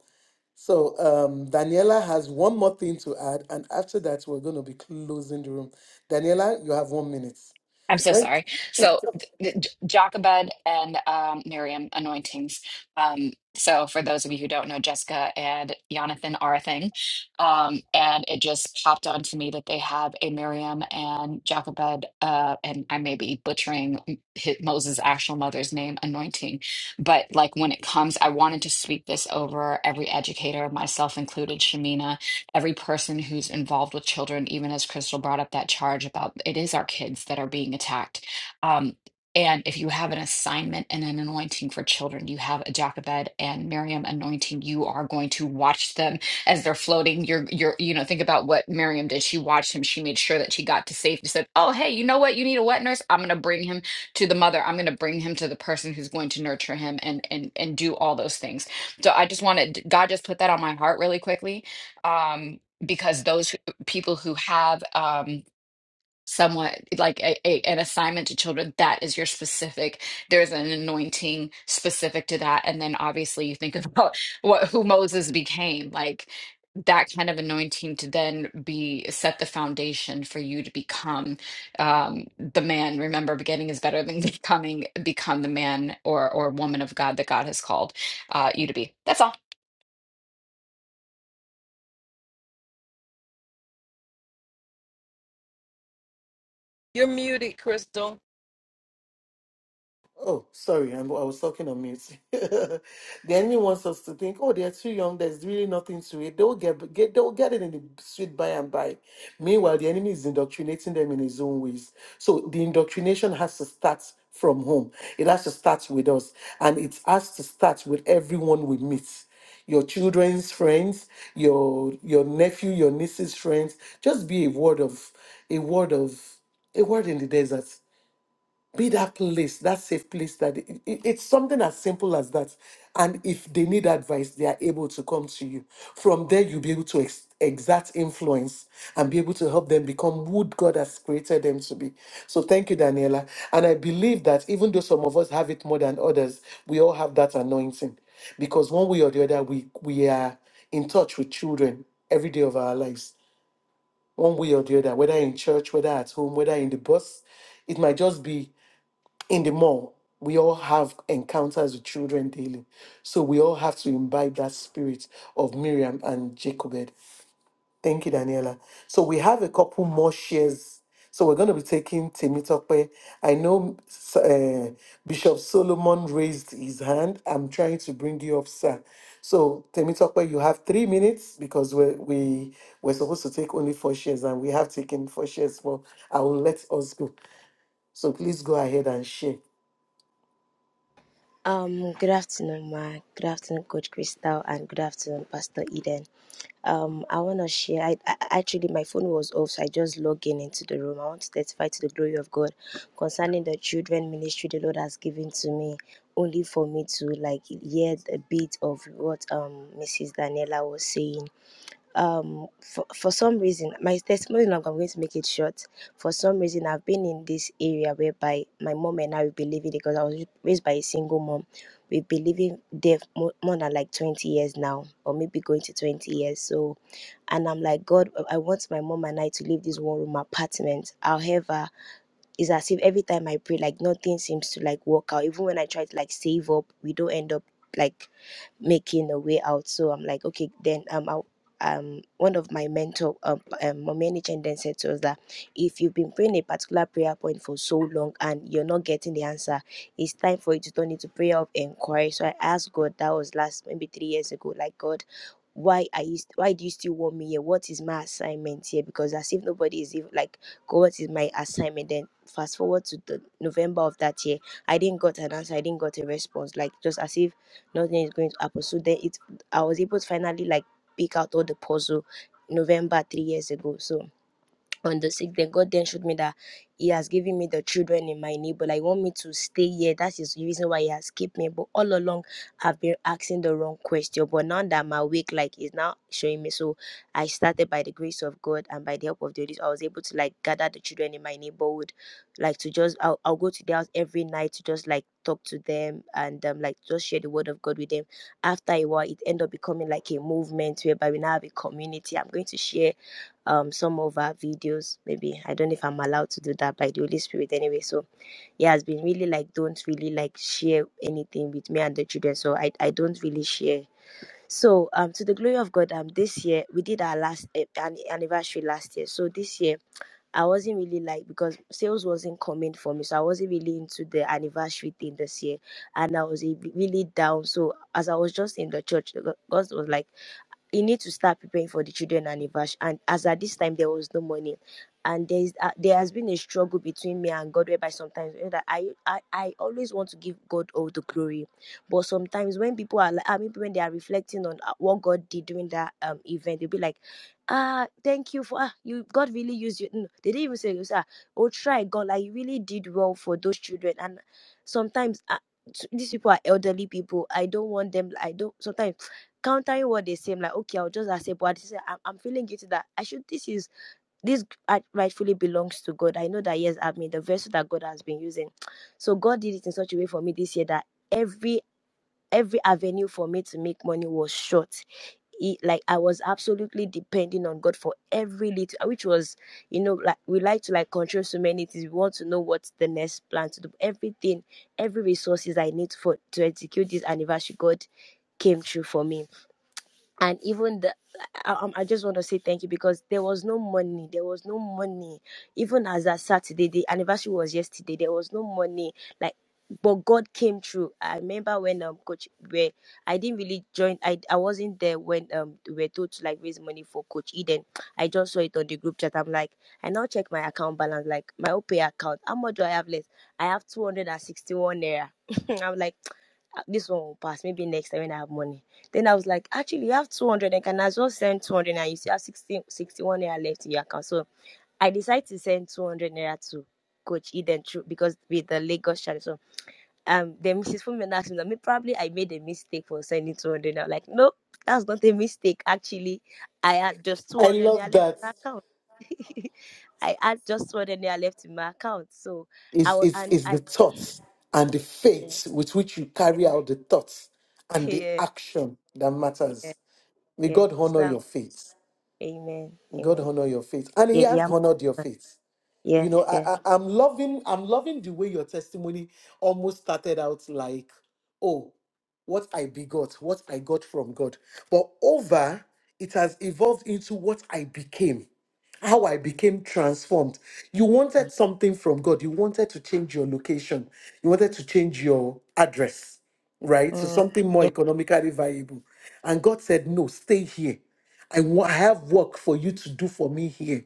S1: So, um, Daniela has one more thing to add. And after that, we're going to be closing the room. Daniela, you have one minute.
S6: I'm so sorry.
S1: Right?
S6: So, th- th- Jochebed and um, Miriam anointings. Um, so, for those of you who don't know, Jessica and Jonathan are a thing. Um, and it just popped onto me that they have a Miriam and Jochebed, uh, and I may be butchering M- hi- Moses' actual mother's name, anointing. But, like, when it comes, I wanted to speak this over every educator, myself included, Shamina every person who's involved with children, even as Crystal brought up that charge about it is our kids that are being attacked. Um, and if you have an assignment and an anointing for children, you have a Jochebed and Miriam anointing, you are going to watch them as they're floating. You're, you're, you know, think about what Miriam did. She watched him. She made sure that she got to safety. Said, "Oh, hey, you know what? You need a wet nurse. I'm going to bring him to the mother. I'm going to bring him to the person who's going to nurture him and and and do all those things." So I just wanted God just put that on my heart really quickly um, because those who, people who have um, somewhat like a, a, an assignment to children, that is your specific. There's an anointing specific to that, and then obviously you think about what who Moses became, like that kind of anointing to then be set the foundation for you to become um, the man. Remember, beginning is better than becoming. Become the man or or woman of God that God has called uh, you to be. That's all.
S4: You're muted, Crystal.
S1: Oh, sorry, I'm, I was talking on mute. the enemy wants us to think, oh, they're too young. There's really nothing to it. They'll get, get they'll get it in the sweet by and by. Meanwhile, the enemy is indoctrinating them in his own ways. So the indoctrination has to start from home. It has to start with us, and it has to start with everyone we meet your children's friends, your your nephew, your niece's friends. Just be a word of a word of a word in the desert be that place, that safe place that it- it- it's something as simple as that. And if they need advice, they are able to come to you. From there, you'll be able to ex- exert influence and be able to help them become who God has created them to be. So thank you, Daniela. And I believe that even though some of us have it more than others, we all have that anointing because one way or the other, we, we are in touch with children every day of our lives, one way or the other, whether in church, whether at home, whether in the bus. It might just be in the mall, we all have encounters with children daily. So we all have to imbibe that spirit of Miriam and Jacobed. Thank you, Daniela. So we have a couple more shares. So we're going to be taking Temitope. I know uh, Bishop Solomon raised his hand. I'm trying to bring you up, sir. So Temitope, you have three minutes because we're, we we're supposed to take only four shares and we have taken four shares. Well, I will let us go. So please go ahead and share.
S9: Um, good afternoon, Ma. Good afternoon, Coach Crystal, and good afternoon, Pastor Eden. Um, I want to share. I, I actually my phone was off, so I just logged in into the room. I want to testify to the glory of God concerning the children ministry the Lord has given to me, only for me to like hear a bit of what um Mrs. Daniela was saying um for, for some reason my testimony now i'm going to make it short for some reason i've been in this area whereby my mom and i will be living because i was raised by a single mom we've been living there more, more than like 20 years now or maybe going to 20 years so and i'm like god i want my mom and i to leave this one room apartment however it's as if every time i pray like nothing seems to like work out even when i try to like save up we don't end up like making a way out. So I'm like, okay, then um, I'll, um, one of my mentor, um, um manager, then said to us that if you've been praying a particular prayer point for so long and you're not getting the answer, it's time for you to turn into prayer of inquiry. So I asked God. That was last maybe three years ago. Like God why are you st- why do you still want me here what is my assignment here because as if nobody is even like god what is my assignment then fast forward to the november of that year i didn't got an answer i didn't got a response like just as if nothing is going to happen so then it i was able to finally like pick out all the puzzle november three years ago so on the sixth, then god then showed me that he has given me the children in my neighbor like He want me to stay here that is the reason why he has kept me but all along i've been asking the wrong question but now that my week like is now showing me so i started by the grace of god and by the help of the holy Spirit, i was able to like gather the children in my neighborhood like to just i'll, I'll go to their house every night to just like talk to them and um, like just share the word of god with them after a while it ended up becoming like a movement whereby we now have a community i'm going to share um some of our videos maybe i don't know if i'm allowed to do that by the holy spirit anyway so it has been really like don't really like share anything with me and the children so i i don't really share so um to the glory of god um this year we did our last eh, an- anniversary last year so this year i wasn't really like because sales wasn't coming for me so i wasn't really into the anniversary thing this year and i was eh, really down so as i was just in the church god was like you need to start preparing for the children anniversary and as at this time there was no money and there is uh, there has been a struggle between me and god whereby sometimes you know, that I, I i always want to give god all the glory but sometimes when people are like i mean when they are reflecting on uh, what god did during that um event they'll be like ah thank you for ah, you god really used you no, they didn't even say ah, oh try god like you really did well for those children and sometimes uh, these people are elderly people i don't want them i don't sometimes countering what they say, I'm like, okay, I'll just accept what they say. I'm, I'm feeling guilty that I should, this is, this right, rightfully belongs to God. I know that, yes, I mean, the vessel that God has been using. So God did it in such a way for me this year that every, every avenue for me to make money was short. It, like I was absolutely depending on God for every little, which was, you know, like we like to like control so many things. We want to know what's the next plan to do. Everything, every resources I need for to execute this anniversary, God came through for me and even the I, um, I just want to say thank you because there was no money there was no money even as that saturday the anniversary was yesterday there was no money like but god came through i remember when um coach where i didn't really join i i wasn't there when um we were told to like raise money for coach eden i just saw it on the group chat i'm like i now check my account balance like my opay account how much do i have left i have 261 naira i'm like "Ah, this one will pass. Maybe next time when I have money. Then I was like, actually, you have 200 and can I just send 200 and you still have 60, 61 naira left in your account. So I decided to send 200 naira to Coach Eden through because with the Lagos channel. So um, then Mrs. Fumina asked me that me probably I made a mistake for sending 200 I'm Like, no, that's not a mistake. Actually, I had just
S1: I
S9: 200
S1: love
S9: naira left
S1: that.
S9: in my account. I had just 200 naira left in my account. So I
S1: It's,
S9: wa-
S1: it's,
S9: and
S1: it's the
S9: I
S1: thoughts and the
S9: yeah,
S1: faith with which you
S9: yeah,
S1: carry out the thoughts and the action that
S9: yeah, yeah.
S1: matters. May
S9: yeah.
S1: God
S9: So.
S1: honor your faith.
S9: Amen.
S1: May God
S9: Amen.
S1: honor your faith. And He
S9: Yeah, yeah,
S1: has
S9: I'm-
S1: honored your faith.
S9: yeah,
S1: You know,
S9: yeah.
S1: I, I, I'm loving, I'm loving the way your testimony almost started out like, oh, what I begot, what I got from God. But over, it has evolved into what I became how I became transformed. You wanted something from God. You wanted to change your location. You wanted to change your address, right? So
S9: Mm,
S1: something more
S9: yeah.
S1: economically viable. And God said, No, stay here. I wa- I have work for you to do for me here.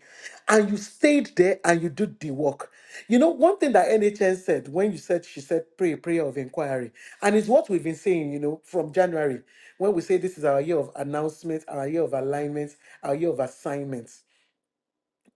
S1: And you stayed there and you did the work. You know, one thing that NHN said when you said, she said, pray, prayer of inquiry. And it's what we've been saying, you know, from January, when we say this is our year of announcements, our year of alignments, our year of assignments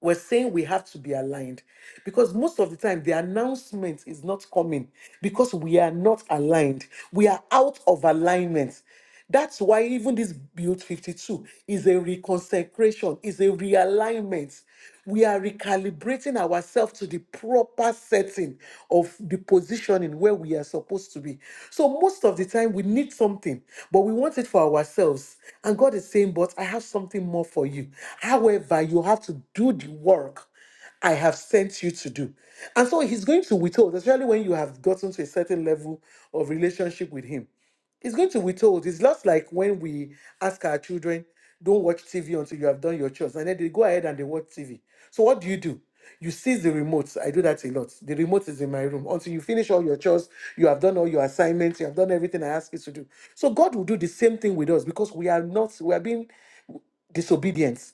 S1: we're saying we have to be aligned because most of the time the announcement is not coming because we are not aligned. We are out of alignment. That's why even this build 52 is a reconsecration, is a realignment we are recalibrating ourselves to the proper setting of the positioning where we are supposed to be. So most of the time we need something, but we want it for ourselves. And God is saying, But I have something more for you. However, you have to do the work. I have sent you to do. And so he's going to withhold, especially when you have gotten to a certain level of relationship with him. It's going to be told. It's just like when we ask our children, don't watch TV until you have done your chores. And then they go ahead and they watch TV. So what do you do? You seize the remote. I do that a lot. The remote is in my room. Until you finish all your chores, you have done all your assignments, you have done everything I ask you to do. So God will do the same thing with us because we are not, we are being disobedient.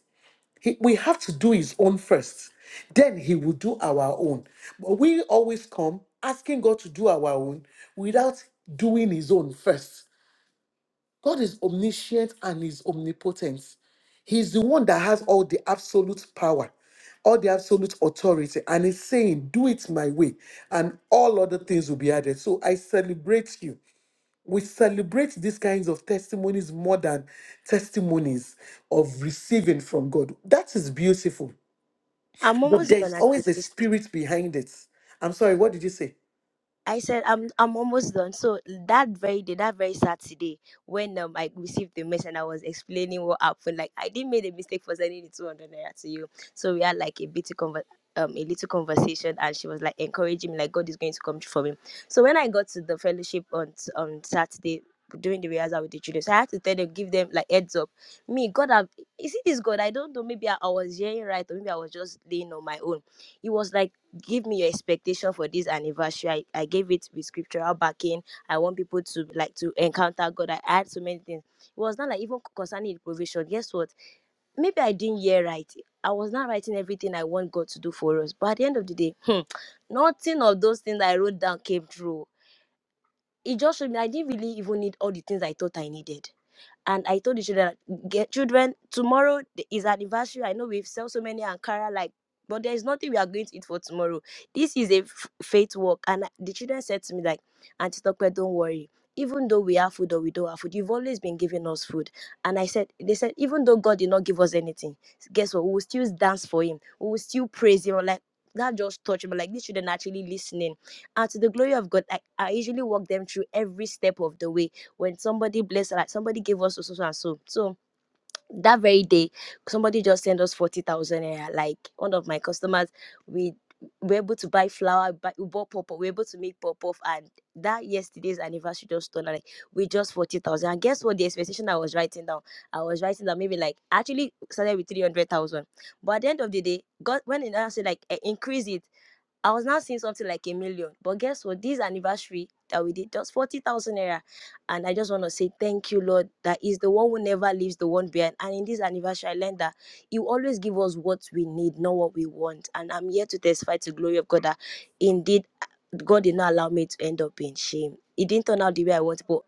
S1: He- we have to do his own first. Then he will do our own. But we always come asking God to do our own without doing his own first. God is omniscient and is omnipotent. He's the one that has all the absolute power, all the absolute authority, and is saying, Do it my way, and all other things will be added. So I celebrate you. We celebrate these kinds of testimonies more than testimonies of receiving from God. That is beautiful.
S9: I'm
S1: But
S9: almost
S1: there
S9: done
S1: is
S9: at
S1: always a
S9: the
S1: spirit behind it. I'm sorry, what did you say?
S9: I said I'm I'm almost done. So that very day, that very Saturday, when um, I received the message and I was explaining what happened, like I didn't make a mistake for sending the two hundred naira to you. So we had like a bit of conver- um a little conversation, and she was like encouraging me, like God is going to come through for me. So when I got to the fellowship on s- on Saturday doing the rehearsal with the children, so I had to tell them, give them like heads up. Me, God, have is it this God? I don't know. Maybe I, I was hearing right, or maybe I was just laying on my own. It was like give me your expectation for this anniversary. I, I gave it with scriptural backing. I want people to like to encounter God. I had so many things. It was not like even concerning the provision. Guess what? Maybe I didn't hear right. I was not writing everything I want God to do for us. But at the end of the day, hmm, nothing of those things I wrote down came true. It just showed me I didn't really even need all the things I thought I needed and I told the children, get children, tomorrow th- is anniversary. I know we've sold so many Ankara, like, but there is nothing we are going to eat for tomorrow. This is a f- faith walk. And the children said to me, like, Auntie Tokwe, don't worry. Even though we have food or we don't have food, you've always been giving us food. And I said, they said, even though God did not give us anything, guess what? We will still dance for him. We will still praise him. I'm Like that just touched me. Like these children are actually listening. And to the glory of God, I, I usually walk them through every step of the way when somebody blessed like somebody gave us so so so and so so that very day somebody just sent us 40,000 naira. like one of my customers we were able to buy flour buy, we bought pop we were able to make pop off and that yesterday's anniversary just turned out, like we just 40,000 and guess what the expectation I was writing down I was writing down maybe like actually started with 300,000 but at the end of the day God when I now said like eh, increase it I was now seeing something like a million. But guess what? This anniversary that we did, just 40,000 naira. And I just want to say thank you, Lord, that is the one who never leaves the one behind. And in this anniversary, I learned that you always give us what we need, not what we want. And I'm here to testify to the glory of God that indeed God did not allow me to end up in shame. It didn't turn out the way I wanted, but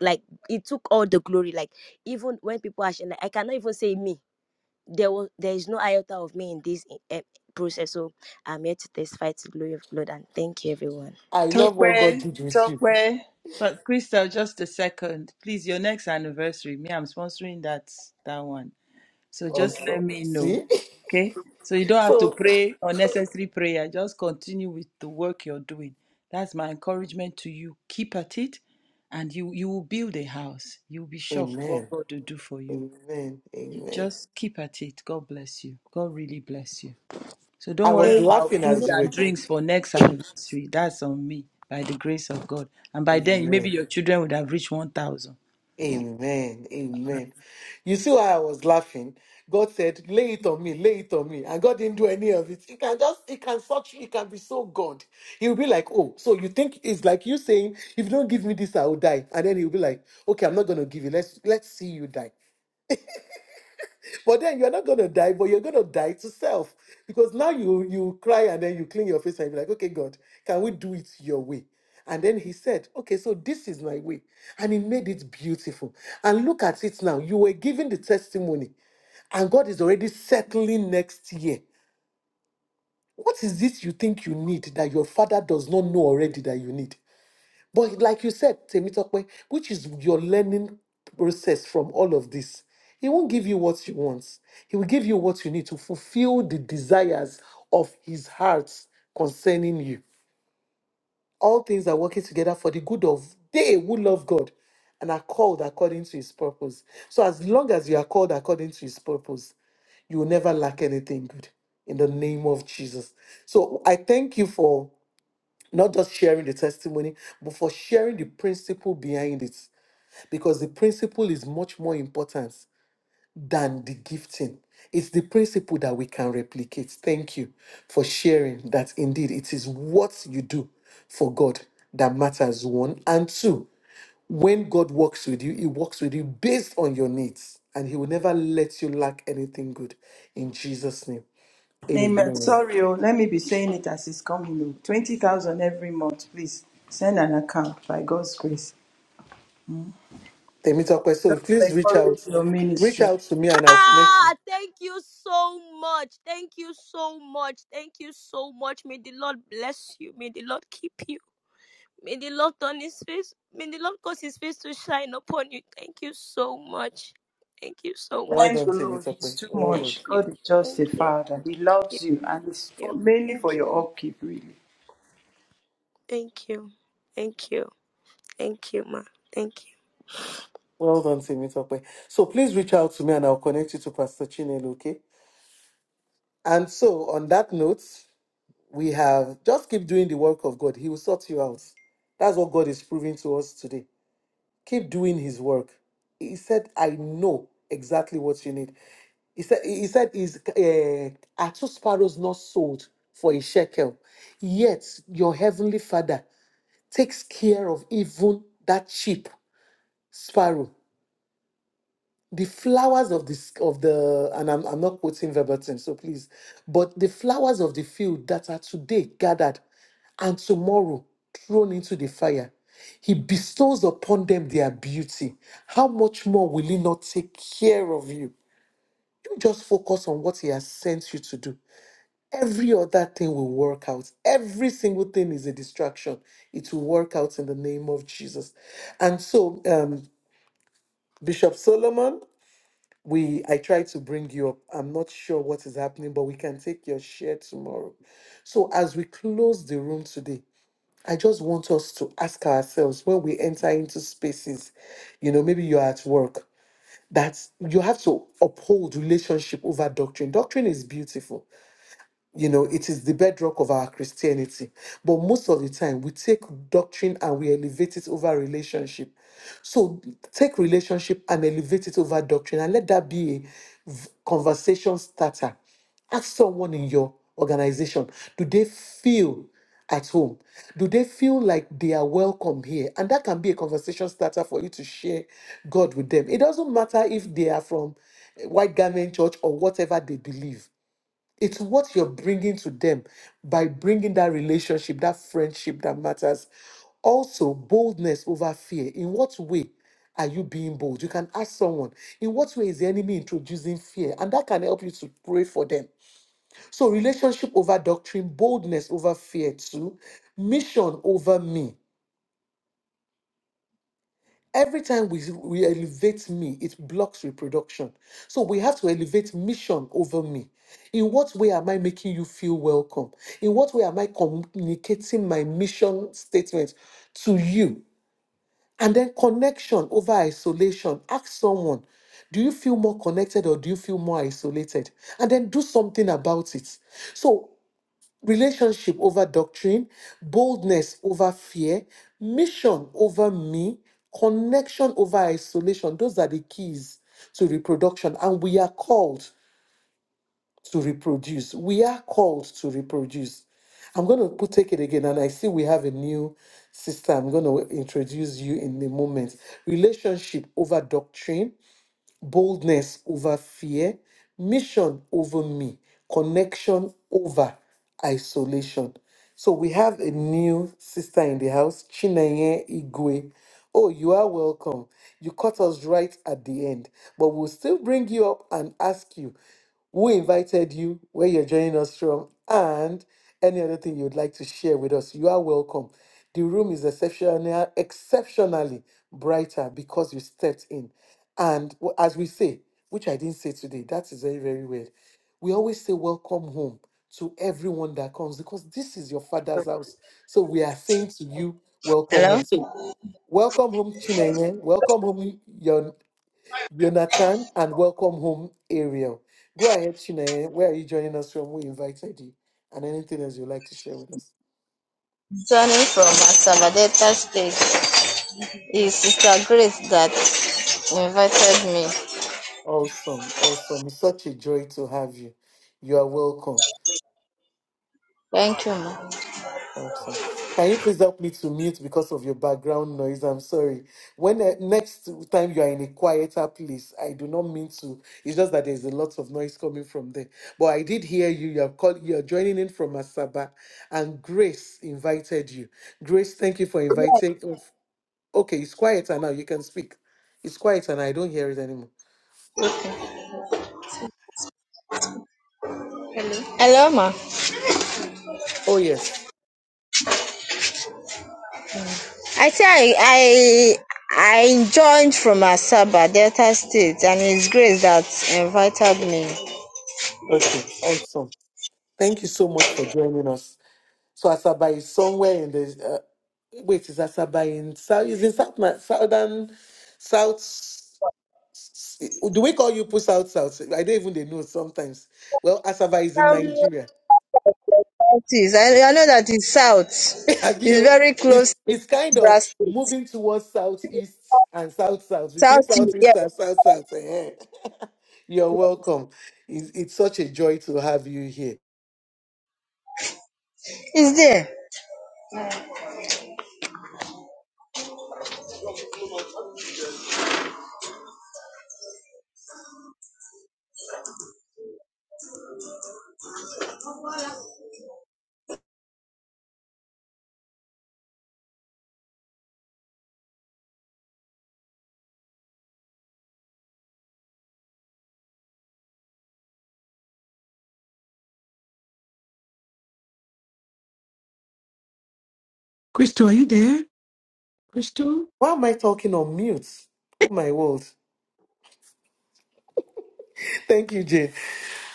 S9: like it took all the glory. Like even when people are sharing, like, I cannot even say me there was there is no iota of me in this eh, eh, process. So I'm here to testify to the glory of God and thank you, everyone.
S1: I love what God
S3: Tokwe,
S1: did with you.
S3: Tokwe. But Crystal, just a second. Please, your next anniversary. Me, I'm sponsoring that that one. So just let
S1: Also,
S3: me know.
S1: see?
S3: Okay? So you don't have to
S1: so,
S3: pray unnecessary prayer. Just continue with the work you're doing. That's my encouragement to you. Keep at it and you you will build a house. You'll be shocked
S1: amen.
S3: what God will do for you.
S1: Amen.
S3: You
S1: Amen.
S3: Just keep at it. God bless you. God really bless you. So
S1: I
S3: don't worry
S1: was
S9: Amen.
S3: about
S1: laughing
S3: food
S1: as you were.
S3: and drinks for next anniversary. That's on me by the grace of God. And by then maybe
S1: Amen.
S3: your children would have reached 1000.
S1: Amen. Amen. You see why I was laughing? God said, lay it on me, lay it on me. And God didn't do any of it. He can just, he can such you, he can be so God. He will be like, oh, so you think it's like you saying, if you don't give me this, I will die. And then he'll be like, okay, I'm not going to give you. Let's, let's see you die. But then you're not gonna die, but you're gonna die to self. Because now you you cry and then you clean your face and be like, okay, God, can we do it your way? And then he said, Okay, so this is my way. And he made it beautiful. And look at it now. You were giving the testimony, and God is already settling next year. What is this you think you need that your father does not know already that you need? But like you said, Temitope, which is your learning process from all of this, he won't give you what you want. He will give you what you need to fulfill the desires of his heart concerning you. All things are working together for the good of they who love God and are called according to his purpose. So as long as you are called according to his purpose, you will never lack anything good in the name of Jesus. So I thank you for not just sharing the testimony, but for sharing the principle behind it. Because the principle is much more important than the gifting. It's the principle that we can replicate. Thank you for sharing that indeed it is what you do for God that matters, one. And two, when God works with you, He works with you based on your needs, and He will never let you lack anything good. In Jesus' name,
S3: Amen.
S1: amen.
S3: Sorry, oh, let me be saying it as it's coming. Oh. 20,000 every month, please. Send an account by God's grace.
S1: Temita so
S3: Just
S1: please reach
S3: encourage
S1: out.
S3: your
S1: Reach
S3: ministry.
S1: out to me and I'll connect you.
S9: Ah, thank you so much. Thank you so much. Thank you so much. May the Lord bless you. May the Lord keep you. May the Lord turn his face. May the Lord cause his face to shine upon you. Thank you so much. Thank you so
S1: Well
S3: Thank
S9: much.
S1: done,
S3: the Lord. It's
S1: Temitope.
S3: too
S1: Well
S9: Thank
S1: done.
S3: much.
S9: you.
S3: God is just
S9: Thank
S3: a
S9: you.
S3: father. He loves
S9: Thank
S3: you, and it's
S9: you.
S3: for, mainly for
S9: Thank
S3: your
S9: you.
S3: upkeep, really.
S9: Thank you. Thank you. Thank you, ma. Thank you.
S1: Well done, Temitope. So please reach out to me and I'll connect you to Pastor Chinelo, okay? And so on that note, we have just keep doing the work of God. He will sort you out. That's what God is proving to us today. Keep doing his work. He said, I know exactly what you need. He said, he said is uh, are two sparrows not sold for a shekel? Yet your heavenly father takes care of even that cheap sparrow. the flowers of this of the and I'm, I'm not quoting verbatim so please but the flowers of the field that are today gathered and tomorrow thrown into the fire he bestows upon them their beauty how much more will he not take care of you you just focus on what he has sent you to do every other thing will work out every single thing is a distraction it will work out in the name of jesus and so um bishop solomon we I tried to bring you up. I'm not sure what is happening, but we can take your share tomorrow. So as we close the room today, I just want us to ask ourselves when we enter into spaces, you know, maybe you're at work, that you have to uphold relationship over doctrine. Doctrine is beautiful you know it is the bedrock of our christianity but most of the time we take doctrine and we elevate it over relationship so take relationship and elevate it over doctrine and let that be a v- conversation starter ask someone in your organization do they feel at home do they feel like they are welcome here and that can be a conversation starter for you to share god with them it doesn't matter if they are from eh, white garment church or whatever they believe it's what you're bringing to them by bringing that relationship, that friendship that matters. Also, boldness over fear. In what way are you being bold? You can ask someone, in what way is the enemy introducing fear? And that can help you to pray for them. So, relationship over doctrine, boldness over fear, too, mission over me. Every time we, we elevate me, it blocks reproduction. So we have to elevate mission over me. In what way am I making you feel welcome? In what way am I communicating my mission statement to you? And then connection over isolation. Ask someone, do you feel more connected or do you feel more isolated? And then do something about it. So relationship over doctrine, boldness over fear, mission over me, connection over isolation. Those are the keys to reproduction, and we are called to reproduce. We are called to reproduce. I'm going to put, take it again, and I see we have a new sister. I'm going to introduce you in a moment. Relationship over doctrine, boldness over fear, mission over me, connection over isolation. So we have a new sister in the house, Chinenye Igwe. Oh, you are welcome. You caught us right at the end, but we'll still bring you up and ask you who invited you, where you're joining us from, and any other thing you'd like to share with us. You are welcome. The room is exceptional, exceptionally brighter because you stepped in. And w- as we say, which I didn't say today, that is very, very weird. We always say welcome home to everyone that comes because this is your father's house. So we are saying to you, welcome
S10: Hello,
S1: home. So welcome home, Chinenye. Welcome home, Yon- Jonathan, and welcome home, Ariel. Go ahead, Chinenye. Where are you joining us from? We invited you. And anything else you'd like to share with us?
S10: Johnny from Asamadaita State. It's Sister Grace that invited me.
S1: Awesome, awesome. It's such a joy to have you. You are welcome.
S10: Thank you, ma.
S1: Awesome. Can you please help me to mute because of your background noise? I'm sorry. When uh, next time you are in a quieter place, I do not mean to. It's just that there's a lot of noise coming from there. But I did hear you. You're call, You're joining in from Asaba, and Grace invited you. Grace, thank you for inviting. Okay, it's quieter now. You can speak. It's quieter, and I don't hear it anymore.
S10: Hello, ma.
S1: Oh yes.
S10: I say I I, I joined from Asaba Delta State, and it's Grace that invited me.
S1: Okay. Awesome. Thank you so much for joining us. So Asaba is somewhere in the uh, wait, is Asaba in south? Is in south Ma- southern south? s- s- Do we call you put south south? I don't even they know sometimes. Well, Asaba is in
S10: Um, what
S1: Nigeria.
S10: it is- I, I know that it's South.
S1: Have
S10: It's
S1: you?
S10: very close
S1: It's
S10: to
S1: it's kind of
S10: Brass State.
S1: moving towards southeast and south south between
S10: South, yeah,
S1: southeast and south south. eh. You're welcome. It's, it's such a joy to have you here.
S10: it's there.
S7: Crystal. Are you there, Crystal?
S1: Why am I talking on mute? Oh my world. Thank you, Jane.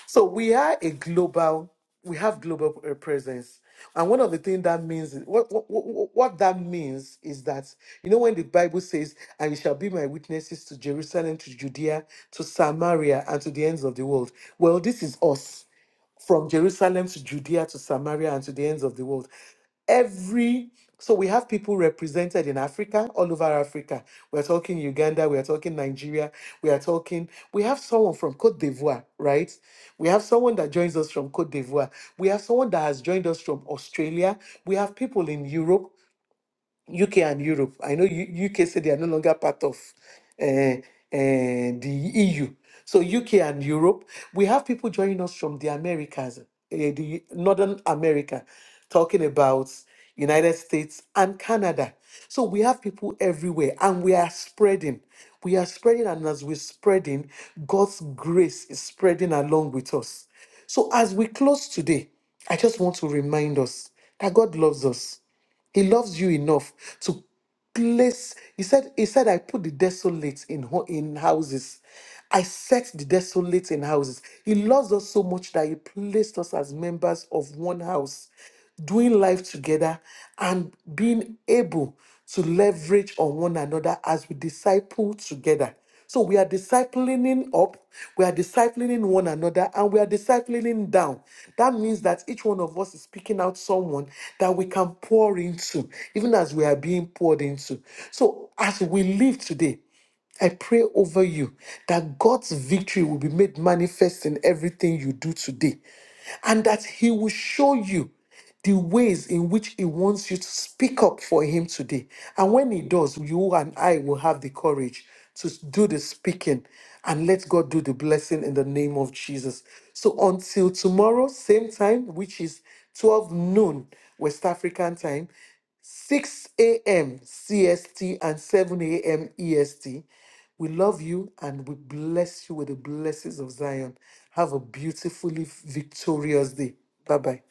S1: So we are a global, we have global uh, presence. And one of the things that means, what, what, what what that means is that, you know, when the Bible says, and you shall be my witnesses to Jerusalem, to Judea, to Samaria, and to the ends of the world. Well, this is us from Jerusalem to Judea to Samaria and to the ends of the world. Every so we have people represented in Africa, all over Africa. We're talking Uganda, we are talking Nigeria, we are talking, we have someone from Cote d'Ivoire, right? We have someone that joins us from Cote d'Ivoire. We have someone that has joined us from Australia. We have people in Europe. UK and Europe. I know U- UK said they are no longer part of uh, uh, the EU. So UK and Europe, we have people joining us from the Americas, uh, the Northern America, talking about United States and Canada. So we have people everywhere, and we are spreading. We are spreading, and as we're spreading, God's grace is spreading along with us. So as we close today, I just want to remind us that God loves us. He loves you enough to place. He said, He said, I put the desolate in ho- in houses. I set the desolate in houses. He loves us so much that he placed us as members of one house, doing life together and being able to leverage on one another as we disciple together. So we are disciplining up, we are disciplining one another, and we are disciplining down. That means that each one of us is picking out someone that we can pour into, even as we are being poured into. So as we live today, I pray over you that God's victory will be made manifest in everything you do today, and that He will show you the ways in which He wants you to speak up for Him today. And when He does, you and I will have the courage to do the speaking and let God do the blessing in the name of Jesus. So until tomorrow, same time, which is 12 noon West African time, 6 a.m. CST and 7 a.m. EST. We love you and we bless you with the blessings of Zion. Have a beautifully victorious day. Bye bye.